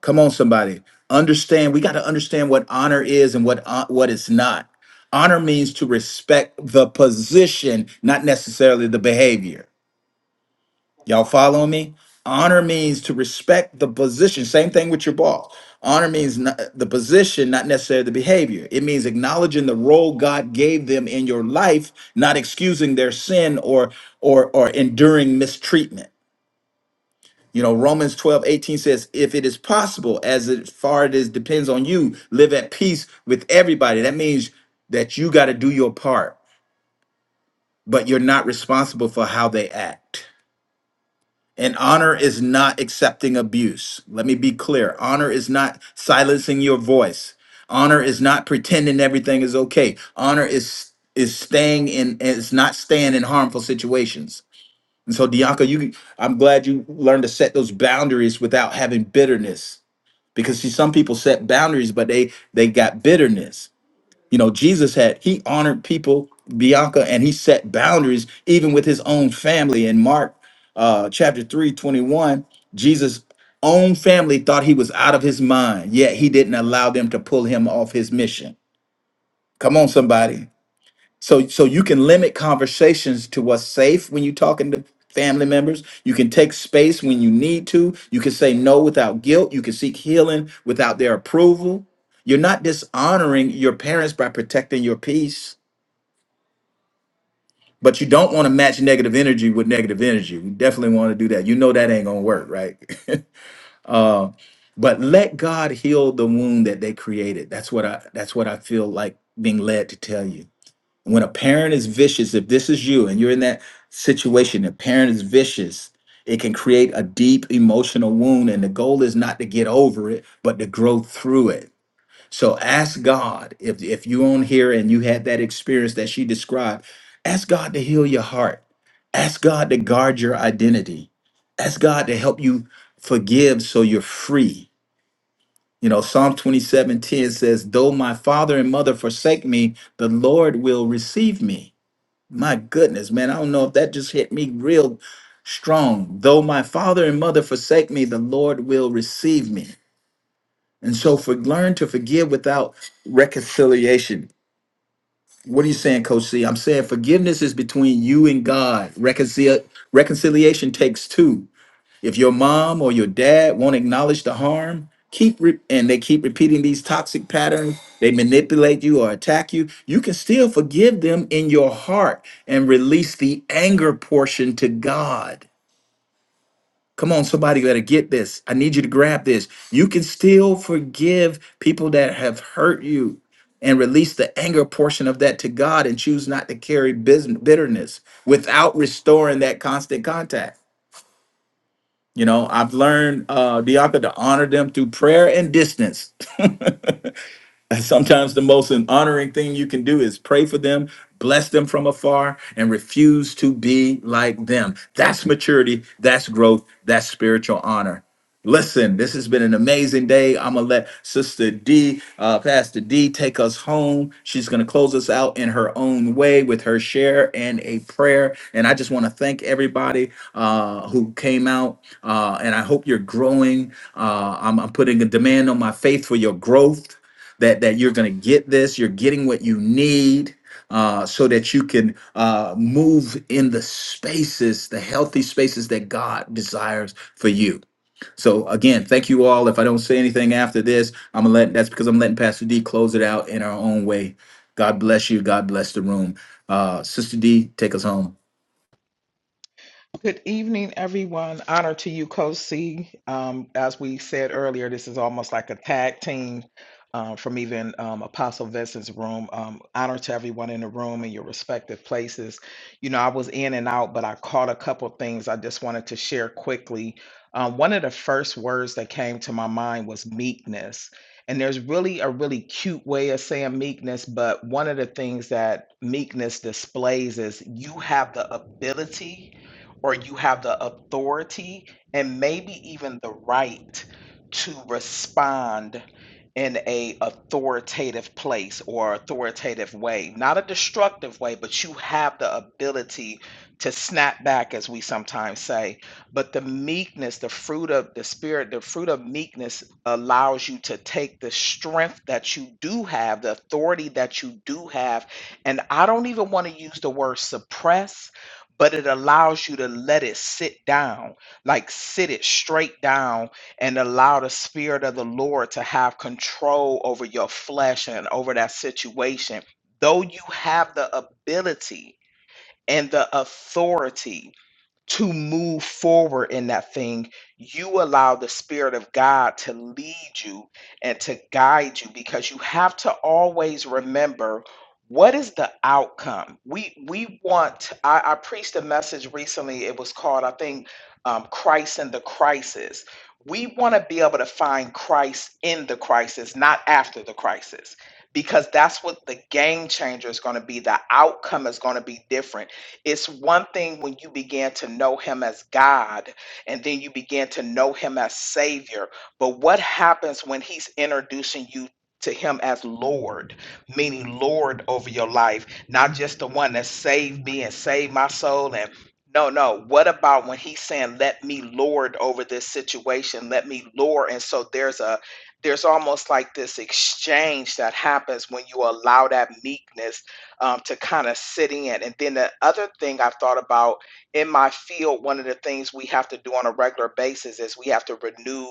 A: Come on, somebody. Understand, we got to understand what honor is and what, uh, what it's not. Honor means to respect the position, not necessarily the behavior. Y'all following me? Honor means to respect the position. Same thing with your boss. Honor means not, the position, not necessarily the behavior. It means acknowledging the role God gave them in your life, not excusing their sin or or or enduring mistreatment. You know, Romans 12 18 says, if it is possible, as it far as it is depends on you, live at peace with everybody. That means that you got to do your part, but you're not responsible for how they act. And honor is not accepting abuse. Let me be clear. Honor is not silencing your voice. Honor is not pretending everything is okay. Honor is is staying in is not staying in harmful situations. And so Dianca, you I'm glad you learned to set those boundaries without having bitterness. Because see, some people set boundaries, but they they got bitterness. You know, Jesus had, he honored people, Bianca, and he set boundaries even with his own family. In Mark uh, chapter 3 21, Jesus' own family thought he was out of his mind, yet he didn't allow them to pull him off his mission. Come on, somebody. So so you can limit conversations to what's safe when you're talking to family members. You can take space when you need to. You can say no without guilt. You can seek healing without their approval. You're not dishonoring your parents by protecting your peace, but you don't want to match negative energy with negative energy. We definitely want to do that. You know that ain't gonna work, right? [LAUGHS] uh, but let God heal the wound that they created. That's what I that's what I feel like being led to tell you when a parent is vicious, if this is you and you're in that situation, a parent is vicious, it can create a deep emotional wound. And the goal is not to get over it, but to grow through it. So ask God if, if you're on here and you had that experience that she described, ask God to heal your heart. Ask God to guard your identity. Ask God to help you forgive so you're free. You know, Psalm 27:10 says, Though my father and mother forsake me, the Lord will receive me. My goodness, man, I don't know if that just hit me real strong. Though my father and mother forsake me, the Lord will receive me. And so for learn to forgive without reconciliation. What are you saying, Coach C? I'm saying forgiveness is between you and God. Reconcil- reconciliation takes two. If your mom or your dad won't acknowledge the harm, keep re- and they keep repeating these toxic patterns, they manipulate you or attack you, you can still forgive them in your heart and release the anger portion to God. Come on, somebody better get this. I need you to grab this. You can still forgive people that have hurt you and release the anger portion of that to God and choose not to carry bus- bitterness without restoring that constant contact. You know, I've learned, uh, Deonta, to honor them through prayer and distance. [LAUGHS] And sometimes the most honoring thing you can do is pray for them, bless them from afar, and refuse to be like them. That's maturity, that's growth, that's spiritual honor. Listen, this has been an amazing day. I'm gonna let Sister D, uh, Pastor D, take us home. She's gonna close us out in her own way with her share and a prayer. And I just want to thank everybody uh, who came out, uh, and I hope you're growing. Uh, I'm, I'm putting a demand on my faith for your growth that that you're going to get this. You're getting what you need. Uh, so that you can uh, move in the spaces, the healthy spaces that God desires for you. So again, thank you all. If I don't say anything after this, I'm gonna let that's because I'm letting Pastor D close it out in our own way. God bless you. God bless the room. Uh, Sister D, take us home.
M: Good evening, everyone. Honor to you, Kosi. Um, as we said earlier, this is almost like a tag team um, from even um, Apostle Vincent's room. Um, honor to everyone in the room and your respective places. You know, I was in and out, but I caught a couple things I just wanted to share quickly. Um, one of the first words that came to my mind was meekness. And there's really a really cute way of saying meekness, but one of the things that meekness displays is you have the ability or you have the authority and maybe even the right to respond in a authoritative place or authoritative way not a destructive way but you have the ability to snap back as we sometimes say but the meekness the fruit of the spirit the fruit of meekness allows you to take the strength that you do have the authority that you do have and i don't even want to use the word suppress but it allows you to let it sit down, like sit it straight down and allow the Spirit of the Lord to have control over your flesh and over that situation. Though you have the ability and the authority to move forward in that thing, you allow the Spirit of God to lead you and to guide you because you have to always remember what is the outcome. We we want. I, I preached a message recently. It was called, I think, um, Christ in the Crisis. We want to be able to find Christ in the crisis, not after the crisis, because that's what the game changer is going to be. The outcome is going to be different it's one thing when you began to know him as God and then you began to know him as Savior. But what happens when he's introducing you to him as Lord, meaning Lord over your life, not just the one that saved me and saved my soul and no, no. What about when he's saying, "Let me lord over this situation. Let me lord." And so there's a, there's almost like this exchange that happens when you allow that meekness um, to kind of sit in. And then the other thing I've thought about in my field, one of the things we have to do on a regular basis is we have to renew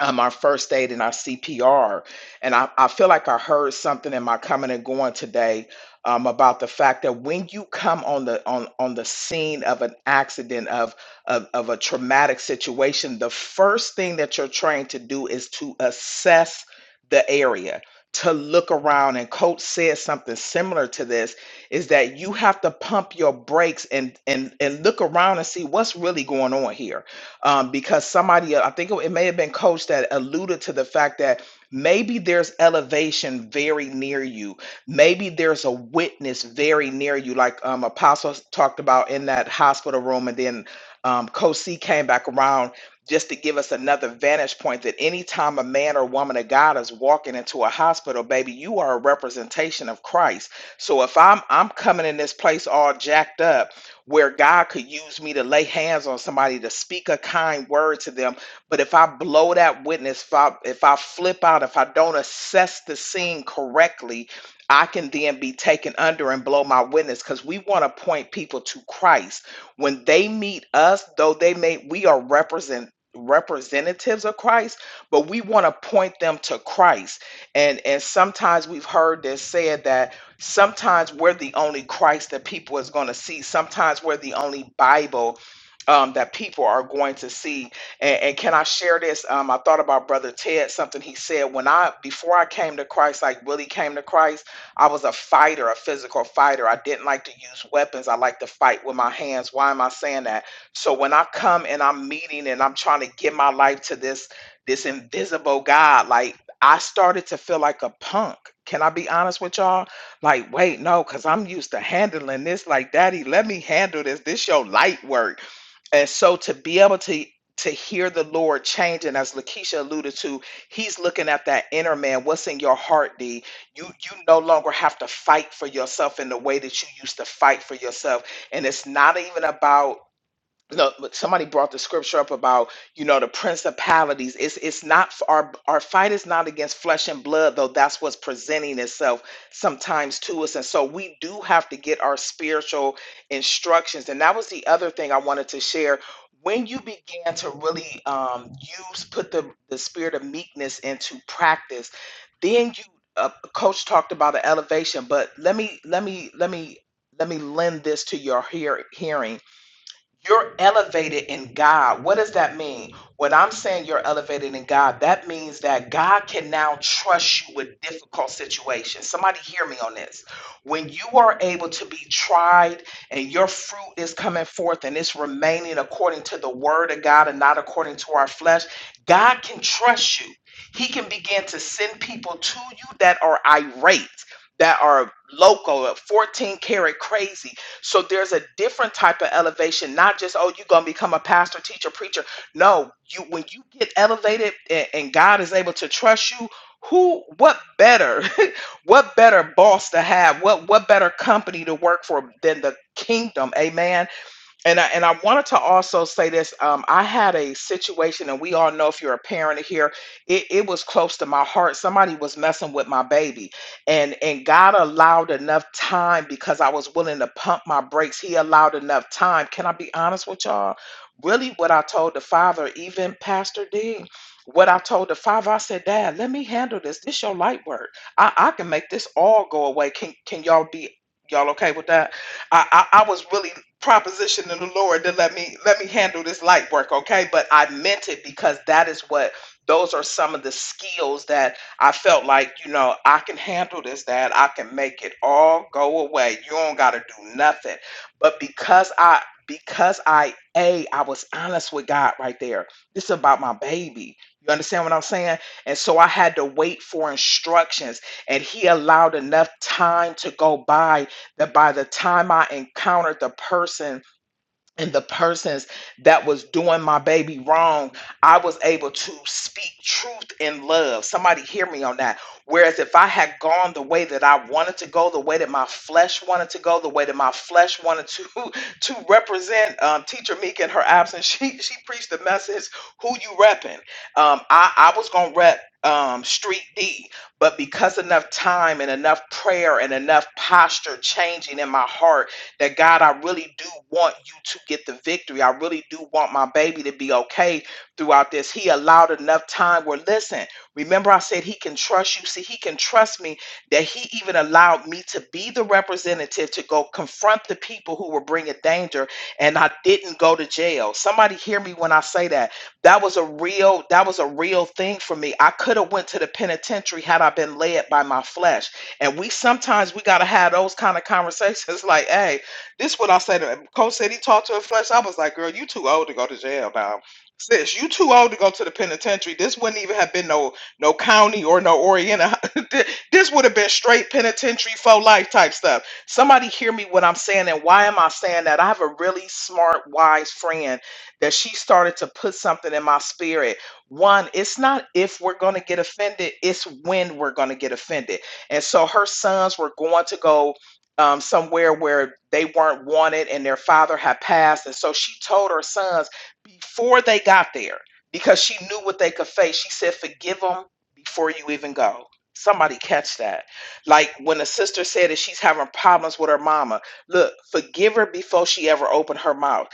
M: um, our first aid and our CPR. And I, I feel like I heard something in my coming and going today um, about the fact that when you come on the on on the scene of an accident of, of of a traumatic situation, the first thing that you're trained to do is to assess the area. To look around, and Coach said something similar to this is that you have to pump your brakes and and and look around and see what's really going on here um, because somebody, uh, I think it may have been Coach that alluded to the fact that maybe there's elevation very near you. Maybe there's a witness very near you, like um, Apostle talked about in that hospital room, and then um, Coach C came back around just to give us another vantage point that anytime a man or woman of God is walking into a hospital, baby, you are a representation of Christ. So if I'm I'm coming in this place all jacked up where God could use me to lay hands on somebody to speak a kind word to them. But if I blow that witness, if I, if I flip out, if I don't assess the scene correctly, I can then be taken under and blow my witness because we want to point people to Christ. When they meet us, though they may, we are represent representatives of Christ, but we want to point them to Christ. And and sometimes we've heard this said that sometimes we're the only Christ that people is going to see. Sometimes we're the only Bible um, that people are going to see. And, and can I share this? Um, I thought about Brother Ted, something he said when I, before I came to Christ, like really came to Christ, I was a fighter, a physical fighter. I didn't like to use weapons. I like to fight with my hands. Why am I saying that? So when I come and I'm meeting and I'm trying to give my life to this, this invisible God, like I started to feel like a punk. Can I be honest with y'all? Like, wait, no, because I'm used to handling this. Like, Daddy, let me handle this. This your light work. And so to be able to to hear the Lord changing, as Lakeisha alluded to, He's looking at that inner man. What's in your heart, D? You you no longer have to fight for yourself in the way that you used to fight for yourself. And it's not even about no, but somebody brought the scripture up about you know the principalities. It's it's not f- our our fight is not against flesh and blood, though. That's what's presenting itself sometimes to us, and so we do have to get our spiritual instructions. And that was the other thing I wanted to share. When you began to really um, use put the the spirit of meekness into practice, then you uh, coach talked about an elevation. But let me let me let me let me lend this to your hear, hearing you're elevated in God. What does that mean? When I'm saying you're elevated in God, that means that God can now trust you with difficult situations. Somebody hear me on this. When you are able to be tried and your fruit is coming forth and it's remaining according to the word of God and not according to our flesh, God can trust you. He can begin to send people to you that are irate, that are loco, 14 karat crazy so there's a different type of elevation, not just, oh, you're going to become a pastor, teacher, preacher. No, you when you get elevated and, and God is able to trust you, who what better [LAUGHS] what better boss to have what what better company to work for than the kingdom amen and I and I wanted to also say this. Um, I had a situation, and we all know if you're a parent here, it, it was close to my heart. Somebody was messing with my baby, and and God allowed enough time because I was willing to pump my brakes. He allowed enough time. Can I be honest with y'all? Really, what I told the father, even Pastor Dean, what I told the father, I said, Dad, let me handle this. This your light work. I, I can make this all go away. Can can y'all be y'all okay with that? I, I, I was really proposition to the Lord to let me let me handle this light work, okay? But I meant it because that is what those are some of the skills that I felt like, you know, I can handle this, That I can make it all go away. You don't gotta do nothing. But because I because I a I was honest with God right there. This is about my baby. You understand what I'm saying? And so I had to wait for instructions and he allowed enough time to go by that by the time I encountered the person and the persons that was doing my baby wrong, I was able to speak truth in love. Somebody hear me on that. Whereas if I had gone the way that I wanted to go, the way that my flesh wanted to go, the way that my flesh wanted to [LAUGHS] to represent um, Teacher Meek in her absence, she she preached the message, "Who you repping?" Um, I I was gonna rep um street d but because enough time and enough prayer and enough posture changing in my heart that God, I really do want you to get the victory. I really do want my baby to be okay throughout this. He allowed enough time where, listen, remember I said he can trust you. See, he can trust me that he even allowed me to be the representative to go confront the people who were bringing danger and I didn't go to jail. Somebody hear me when I say that. That was a real that was a real thing for me. I could have went to the penitentiary had I been led by my flesh. And we sometimes we got to have those kind of conversations [LAUGHS] like, "Hey, this what I said. to him. Coach said he talked to her flesh. I was like, girl, you too old to go to jail now. Sis, you too old to go to the penitentiary. This wouldn't even have been no no county or no Oriental. [LAUGHS] Th- this would have been straight penitentiary for life type stuff. Somebody hear me what I'm saying and why am I saying that? I have a really smart, wise friend that she started to put something in my spirit. One, it's not if we're gonna get offended, it's when we're gonna get offended. And so her sons were going to go um, somewhere where they weren't wanted and their father had passed. And so she told her sons before they got there, because she knew what they could face, she said, Forgive them before you even go. Somebody catch that. Like when the sister said that she's having problems with her mama, look, forgive her before she ever opened her mouth.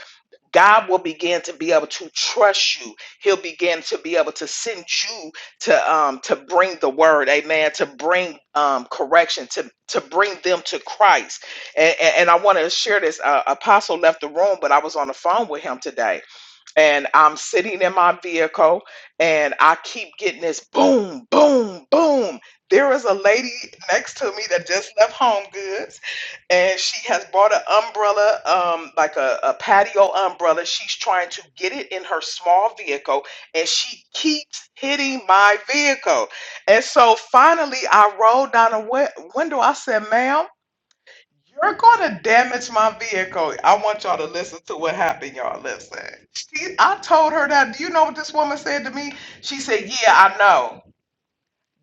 M: God will begin to be able to trust you. He'll begin to be able to send you to um to bring the word amen to bring um correction to to bring them to christ and and, and i want to share this uh, apostle left the room but i was on the phone with him today and I'm sitting in my vehicle and I keep getting this boom, boom, boom. There is a lady next to me that just left Home Goods and she has bought an umbrella, um, like a, a patio umbrella. She's trying to get it in her small vehicle and she keeps hitting my vehicle. And so finally I rolled down a wi- window. I said, ma'am. You're gonna damage my vehicle. I want y'all to listen to what happened, y'all. Listen. She, I told her that. Do you know what this woman said to me? She said, Yeah, I know.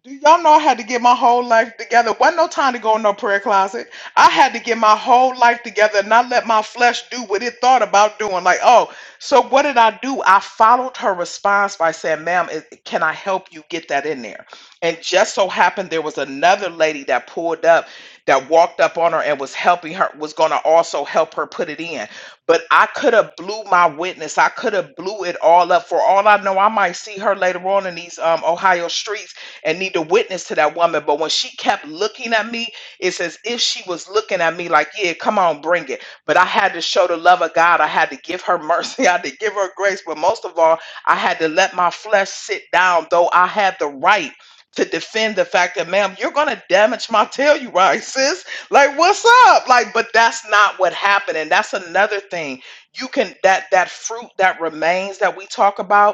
M: Do y'all know I had to get my whole life together? Wasn't no time to go in no prayer closet. I had to get my whole life together and not let my flesh do what it thought about doing. Like, oh, so what did I do? I followed her response by saying, ma'am, it- can I help you get that in there? And just so happened there was another lady that pulled up that walked up on her and was helping her, was gonna also help her put it in. But I could have blew my witness. I could have blew it all up. For all I know, I might see her later on in these um, Ohio streets and need to witness to that woman. But when she kept looking at me, it's as if she was looking at me like, yeah, come on, bring it. But I had to show the love of God. I had to give her mercy. [LAUGHS] I had to give her grace. But most of all, I had to let my flesh sit down, though I had the right to defend the fact that, ma'am, you're going to damage my telluride, [LAUGHS] sis. Like, what's up? Like, but that's not what happened. And that's another thing. You can, that, that fruit that remains that we talk about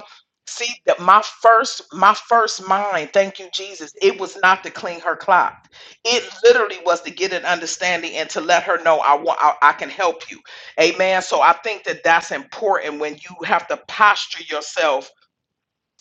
M: See that my first my first mind, thank you, Jesus, it was not to clean her clock. It literally was to get an understanding and to let her know I want I, I can help you. Amen. So I think that that's important when you have to posture yourself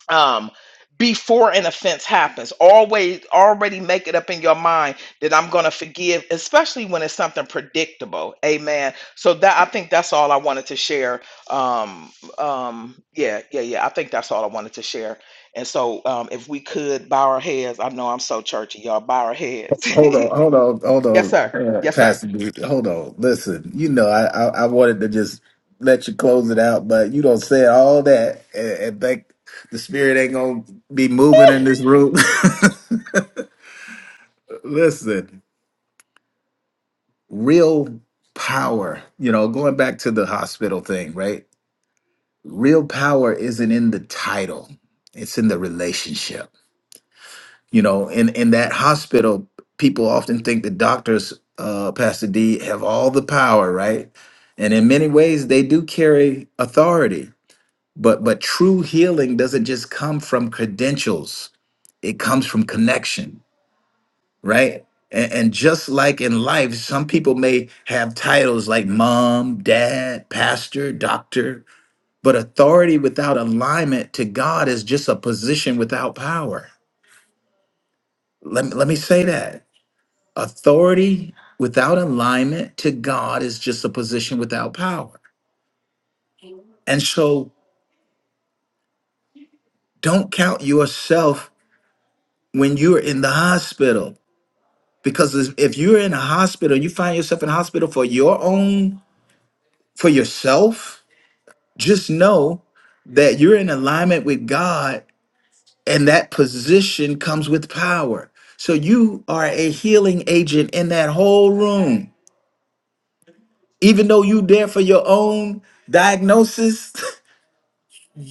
M: um before an offense happens always already make it up in your mind that i'm going to forgive especially when it's something predictable amen so that i think that's all i wanted to share um um yeah yeah yeah i think that's all i wanted to share and so um if we could bow our heads i know i'm so churchy y'all bow our heads [LAUGHS]
A: Hold on, hold on, hold
M: yes
A: on,
M: sir
A: uh,
M: yes sir
A: Pastor Dude. Hold on. Listen, you know, I, I I wanted to just let you close it out, but you don't say all that and, and think the spirit ain't gonna be moving in this room. [LAUGHS] Listen, real power. You know, going back to the hospital thing, right? Real power isn't in the title; it's in the relationship you know in in that hospital people often think the doctors uh pastor d have all the power right and in many ways they do carry authority but but true healing doesn't just come from credentials it comes from connection right and, and just like in life some people may have titles like mom dad pastor doctor but authority without alignment to god is just a position without power let me, let me say that Authority without alignment to God is just a position without power. And so don't count yourself when you're in the hospital. Because if if you're in a hospital, you find yourself in a hospital for your own, for yourself, just know that you're in alignment with God and that position comes with power. So you are a healing agent in that whole room. Even though you there for your own diagnosis, [LAUGHS]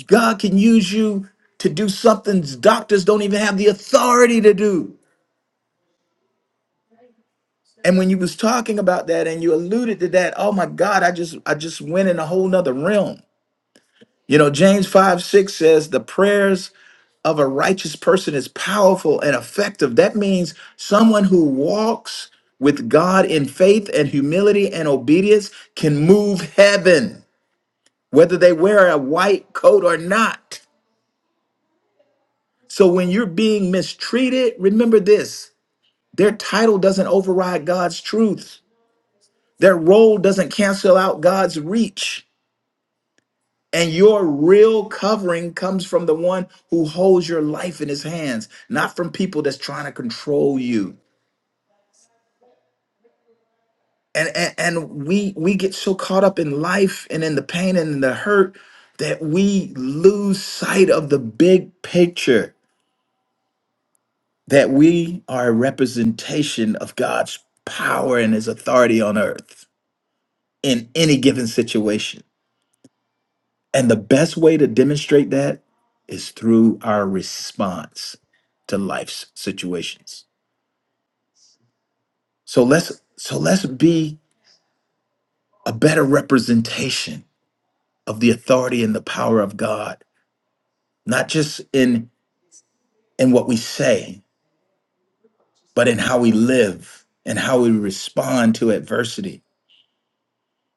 A: God can use you to do something doctors don't even have the authority to do. And when you was talking about that and you alluded to that, oh my God, I just I just went in a whole nother realm. You know, James 5, 6 says the prayers of a righteous person is powerful and effective. That means someone who walks with God in faith and humility and obedience can move heaven, whether they wear a white coat or not. So when you're being mistreated, remember this. Their title doesn't override God's truth. Their role doesn't cancel out God's reach. And your real covering comes from the one who holds your life in his hands, not from people that's trying to control you. And, and, and we we get so caught up in life and in the pain and in the hurt that we lose sight of the big picture that we are a representation of God's power and his authority on earth in any given situation And the best way to demonstrate that is through our response to life's situations. So let's so let's be a better representation of the authority and the power of God, not just in in what we say, but in how we live and how we respond to adversity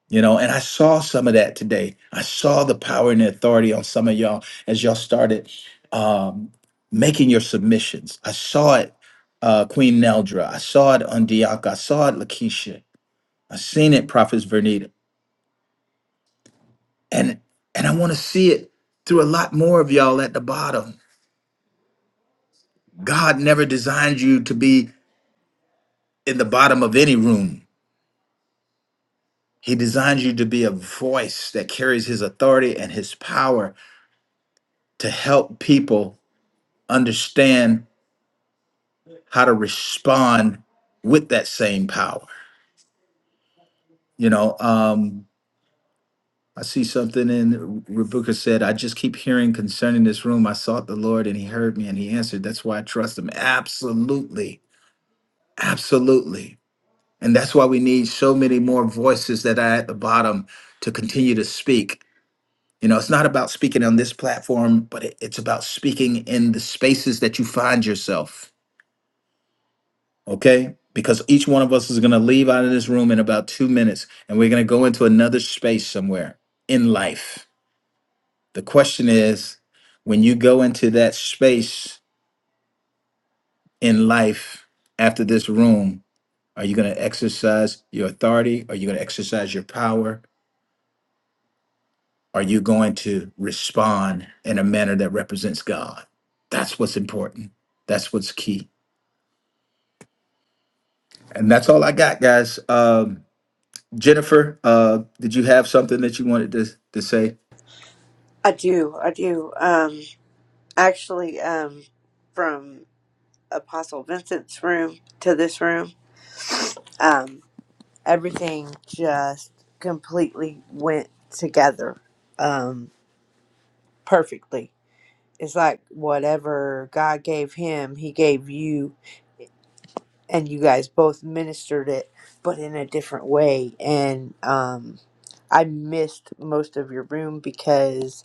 A: You know, and I saw some of that today. I saw the power and the authority on some of y'all as y'all started um, making your submissions. I saw it, uh, Queen Neldra. I saw it on Diaka. I saw it, Lakeisha. I seen it, Prophets Vernita. And and I want to see it through a lot more of y'all at the bottom. God never designed you to be in the bottom of any room. He designed you to be a voice that carries his authority and his power to help people understand how to respond with that same power. You know, um, I see something in Rebecca said, I just keep hearing concerning this room. I sought the Lord and he heard me and he answered. That's why I trust him. Absolutely. Absolutely. And that's why we need so many more voices that are at the bottom to continue to speak. You know, it's not about speaking on this platform, but it- it's about speaking in the spaces that you find yourself okay? Because each one of us is going to leave out of this room in about two minutes and we're going to go into another space somewhere in life. The question is when you go into that space in life after this room, are you going to exercise your authority? Are you going to exercise your power? Are you going to respond in a manner that represents God? That's what's important. That's what's key. And that's all I got, guys. Um, Jennifer, uh, did you have something that you wanted to, to say?
N: I do, I do. Um, actually, um, from Apostle Vincent's room to this room, um, everything just completely went together um, perfectly. It's like whatever God gave him, he gave you, and you guys both ministered it, but in a different way. And um, I missed most of your room because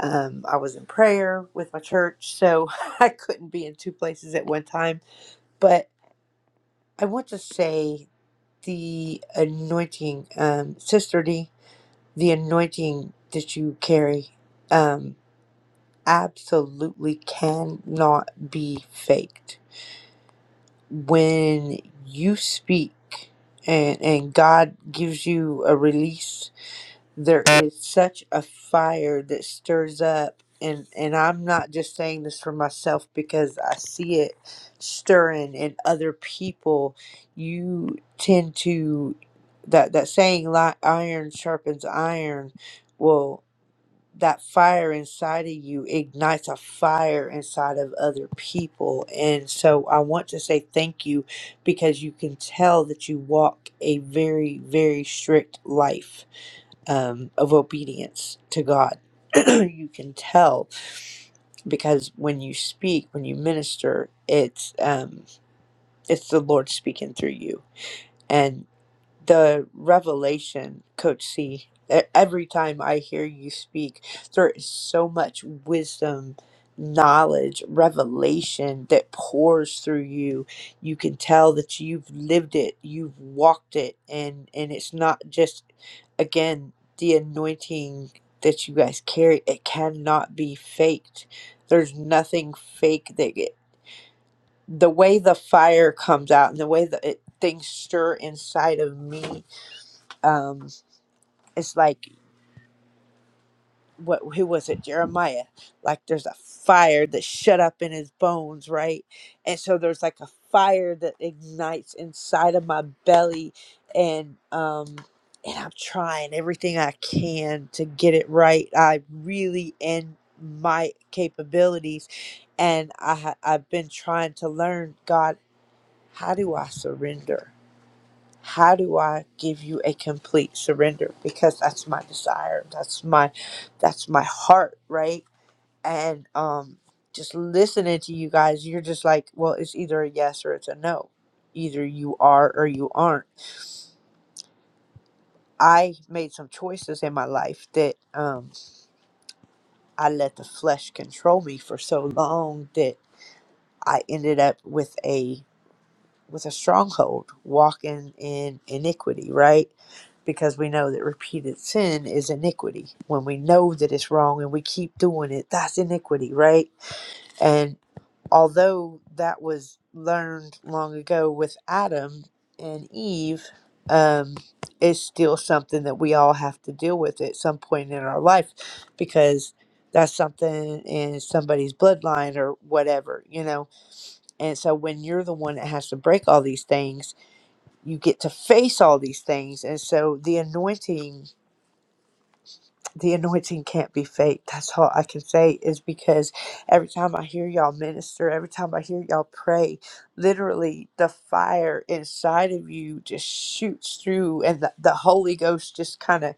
N: um, I was in prayer with my church, so [LAUGHS] I couldn't be in two places at one time. But I want to say the anointing, um, Sister D, the anointing that you carry um, absolutely cannot be faked. When you speak and, and God gives you a release there is such a fire that stirs up and and I'm not just saying this for myself because I see it stirring in other people you tend to that that saying like iron sharpens iron well that fire inside of you ignites a fire inside of other people and so I want to say thank you because you can tell that you walk a very very strict life um, of obedience to God. [CLEARS THROAT] you can tell because when you speak, when you minister, it's um, it's the Lord speaking through you, the revelation, Coach C. E- Every time I hear you speak, there is so much wisdom, knowledge, revelation that pours through you. You can tell that you've lived it, you've walked it, and and it's not just again the anointing that you guys carry. It cannot be faked. There's nothing fake that get, the way the fire comes out and the way that it, things stir inside of me um it's like what who was it jeremiah like there's a fire that's shut up in his bones right and so there's like a fire that ignites inside of my belly and um and i'm trying everything i can to get it right i really in my capabilities and i ha- i've been trying to learn god how do i surrender how do i give you a complete surrender because that's my desire that's my that's my heart right and um just listening to you guys you're just like well it's either a yes or it's a no either you are or you aren't i made some choices in my life that um i let the flesh control me for so long that i ended up with a with a stronghold, walking in iniquity, right? Because we know that repeated sin is iniquity. When we know that it's wrong and we keep doing it, that's iniquity, right? And although that was learned long ago with Adam and Eve, um, it's still something that we all have to deal with at some point in our life because that's something in somebody's bloodline or whatever, you know? And so when you're the one that has to break all these things, you get to face all these things and so the anointing the anointing can't be fake. That's all I can say is because every time I hear y'all minister, every time I hear y'all pray, literally the fire inside of you just shoots through, and the, the Holy Ghost just kind of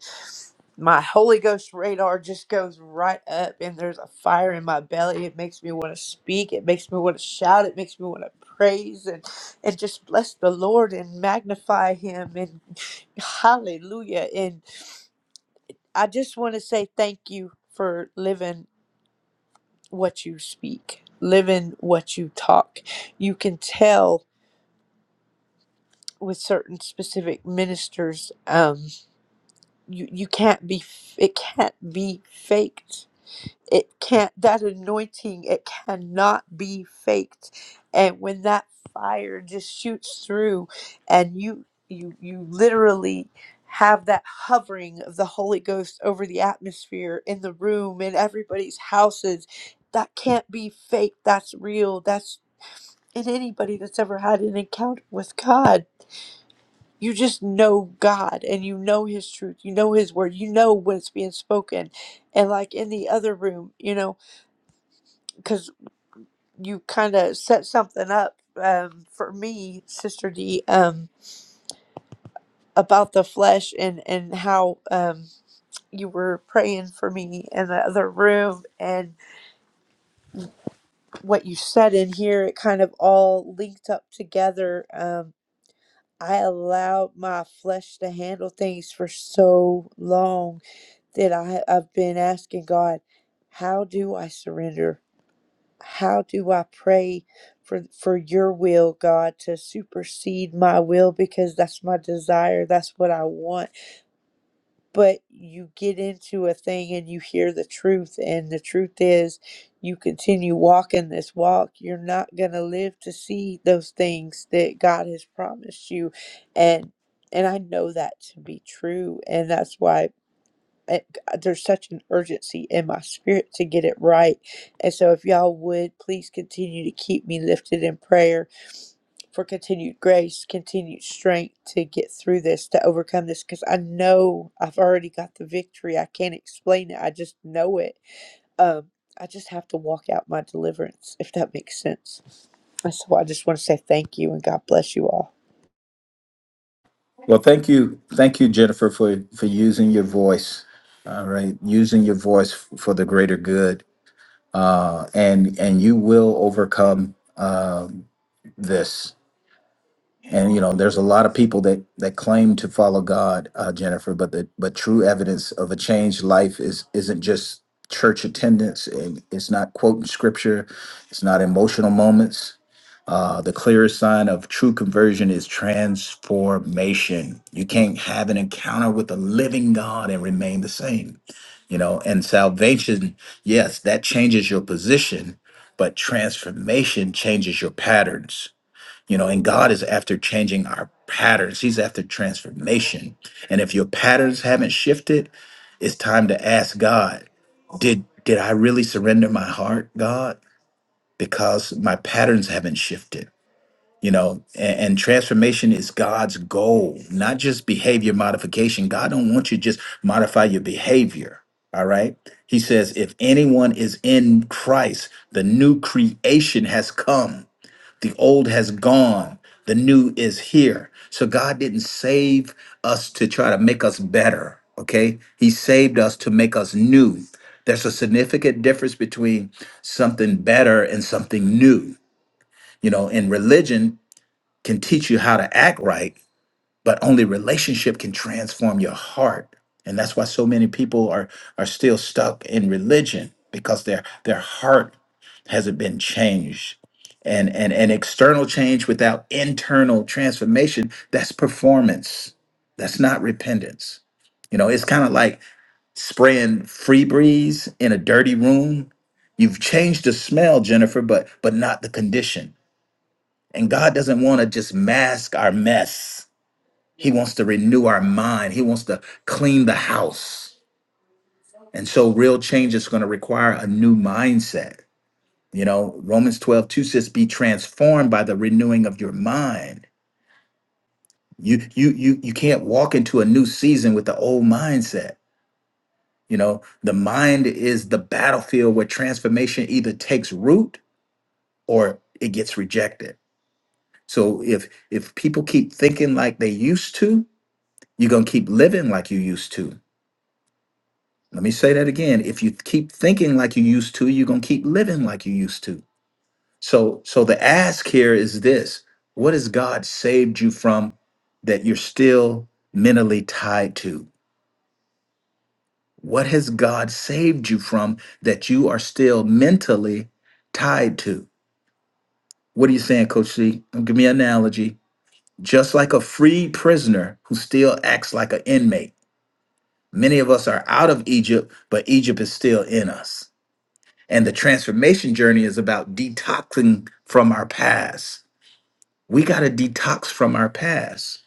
N: my Holy Ghost radar just goes right up, and there's a fire in my belly. It makes me want to speak, it makes me want to shout, it makes me want to praise and and just bless the Lord and magnify Him and [SIGHS] Hallelujah. I just want to say thank you for living what you speak, living what you talk. You can tell with certain specific ministers, um, you you can't be it can't be faked it can't that anointing it cannot be faked and when that fire just shoots through and you you you literally have that hovering of the holy ghost over the atmosphere in the room in everybody's houses that can't be fake that's real that's in anybody that's ever had an encounter with god you just know god and you know his truth you know his word you know when it's being spoken and like in the other room you know you kind of set something up um, for me, Sister D, um, about the flesh and and how um, you were praying for me in the other room, and what you said in here, it kind of all linked up together. Um, I allowed my flesh to handle things for so long that I I've been asking God, how do I surrender? how do I pray for for your will, God, to supersede my will because that's my desire, that's what I want. But you get into a thing and you hear the truth and the truth is you continue walking this walk, you're not going to live to see those things that God has promised you and and I know that to be true and that's why it, there's such an urgency in my spirit to get it right. And so, if y'all would please continue to keep me lifted in prayer for continued grace, continued strength to get through this, to overcome this, because I know I've already got the victory. I can't explain it, I just know it. Um, I just have to walk out my deliverance, if that makes sense. And so, I just want to say thank you and God bless you all.
A: Well, thank you, thank you, Jennifer, for for using your voice. All right, using your voice f- for the greater good, uh, and and you will overcome um this. And you know, there's a lot of people that that claim to follow God, uh, Jennifer, but the but true evidence of a changed life is isn't just church attendance, and it's not quoting scripture, it's not emotional moments, uh, the clearest sign of true conversion is transformation. You can't have an encounter with the living God and remain the same. You know, and salvation, yes, that changes your position, but transformation changes your patterns. You know, and God is after changing our patterns, He's after transformation. And if your patterns haven't shifted, it's time to ask God, did did I really surrender my heart, God? Because my patterns haven't shifted you know and, and transformation is god's goal not just behavior modification god don't want you to just modify your behavior all right he says if anyone is in christ the new creation has come the old has gone the new is here so god didn't save us to try to make us better okay he saved us to make us new there's a significant difference between something better and something new you know in religion can teach you how to act right, but only relationship can transform your heart. And that's why so many people are are still stuck in religion because their their heart hasn't been changed. And and and external change without internal transformation, that's performance. That's not repentance. You know, it's kind of like spraying free breeze in a dirty room. You've changed the smell, Jennifer, but but not the condition and God doesn't want to just mask our mess. He wants to renew our mind. He wants to clean the house. And so real change is going to require a new mindset. You know, Romans 12 2 says, be transformed by the renewing of your mind. You you you you can't walk into a new season with the old mindset. You know, the mind is the battlefield where transformation either takes root or it gets rejected. So if if people keep thinking like they used to, You're going to keep living like you used to. Let me say that again. If you keep thinking like you used to, you're going to keep living like you used to. So so the ask here is this. What has God saved you from that you're still mentally tied to? What has God saved you from that you are still mentally tied to? What are you saying, Coach C? Give me an analogy. Just like a free prisoner who still acts like an inmate. Many of us are out of Egypt, but Egypt is still in us. And the transformation journey is about detoxing from our past. We got to detox from our past,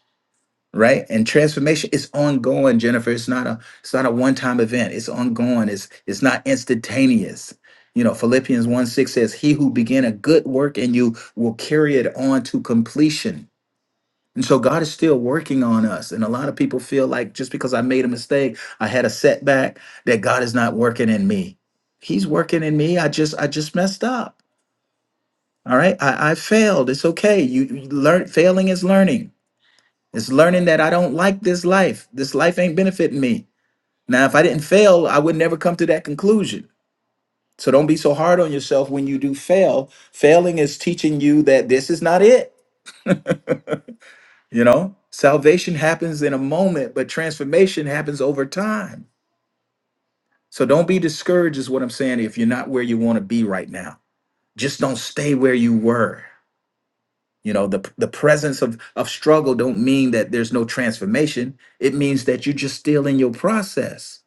A: right? And transformation is ongoing, Jennifer. It's not a it's not a one-time event. It's ongoing. It's it's not instantaneous. You know, Philippians 1 6 says, He who began a good work in you will carry it on to completion. And so God is still working on us. And a lot of people feel like just because I made a mistake, I had a setback, that God is not working in me. He's working in me. I just I just messed up all right. I, I failed. It's okay. You, you learn failing is learning. It's learning that I don't like this life. This life ain't benefiting me. Now, if I didn't fail, I would never come to that conclusion. So don't be so hard on yourself when you do fail. Failing is teaching you that this is not it. You know, salvation happens in a moment, but transformation happens over time. So don't be discouraged, is what I'm saying, if you're not where you want to be right now. Just don't stay where you were. you know the the presence of of struggle don't mean that there's no transformation it means that you're just still in your process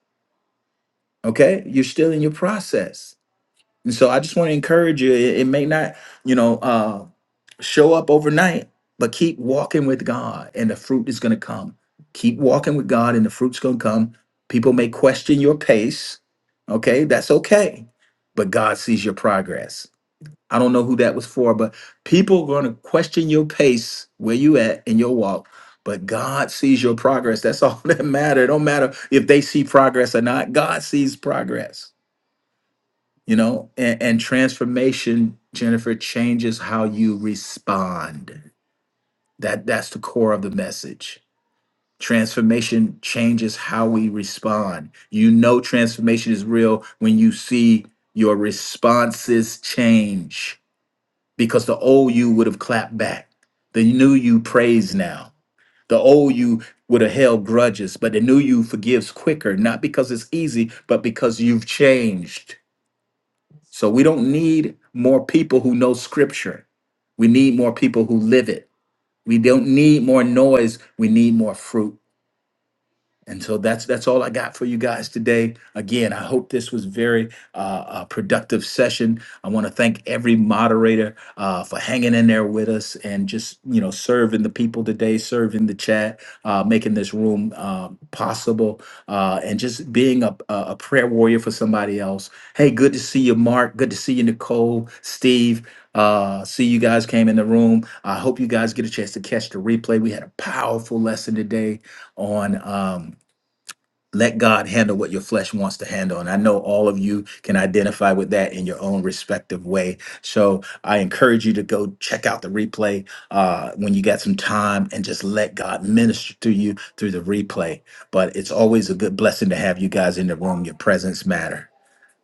A: okay you're still in your process and so i just want to encourage you it, it may not you know uh show up overnight but keep walking with god and the fruit is going to come keep walking with god and the fruit's going to come people may question your pace okay that's okay but god sees your progress I don't know who that was for, but people are going to question your pace, where you at in your walk. But God sees your progress. That's all [LAUGHS] that matter. It don't matter if they see progress or not. God sees progress, you know. And, and transformation, Jennifer, changes how you respond. That that's the core of the message. Transformation changes how we respond. You know, transformation is real when you see your responses change because the old you would have clapped back. The new you prays now. The old you would have held grudges, but the new you forgives quicker, not because it's easy, but because you've changed. So we don't need more people who know scripture. We need more people who live it. We don't need more noise. We need more fruit. And so that's that's all I got for you guys today. Again, I hope this was very uh, uh, productive session. I want to thank every moderator uh, for hanging in there with us and just you know serving the people today, serving the chat, uh, making this room uh, possible, uh, and just being a, a a prayer warrior for somebody else. Hey, good to see you, Mark. Good to see you, Nicole, Steve. Uh, see you guys came in the room. I hope you guys get a chance to catch the replay. We had a powerful lesson today on. Um, let God handle what your flesh wants to handle. And I know all of you can identify with that in your own respective way. So I encourage you to go check out the replay uh, when you got some time and just let God minister to you through the replay. But it's always a good blessing to have you guys in the room. Your presence matter.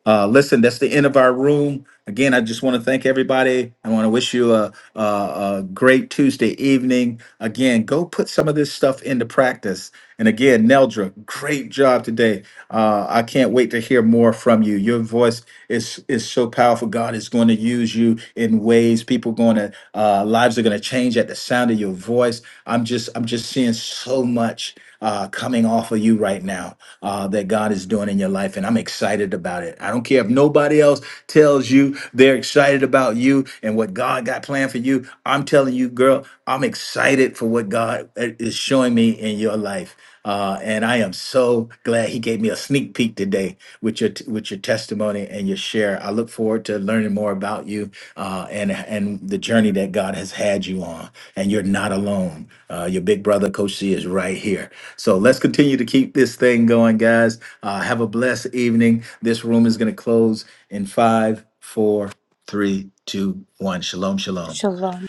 A: Uh, listen, that's the end of our room. Again, I just want to thank everybody. I want to wish you a, a, a great Tuesday evening. Again, go put some of this stuff into practice. And again, Neldra, great job today. Uh, I can't wait to hear more from you. Your voice is is so powerful. God is going to use you in ways people going to uh, lives are going to change at the sound of your voice. I'm just I'm just seeing so much uh, coming off of you right now uh, that God is doing in your life, and I'm excited about it. I don't care if nobody else tells you they're excited about you and what God got planned for you. I'm telling you, girl, I'm excited for what God is showing me in your life. Uh, and I am so glad He gave me a sneak peek today with your with your testimony and your share. I look forward to learning more about you uh, and and the journey that God has had you on. And you're not alone. Uh, your big brother, Coach C, is right here. So let's continue to keep this thing going, guys. Uh, have a blessed evening. This room is going to close in five, four, three, two, one. Shalom, shalom.
N: Shalom.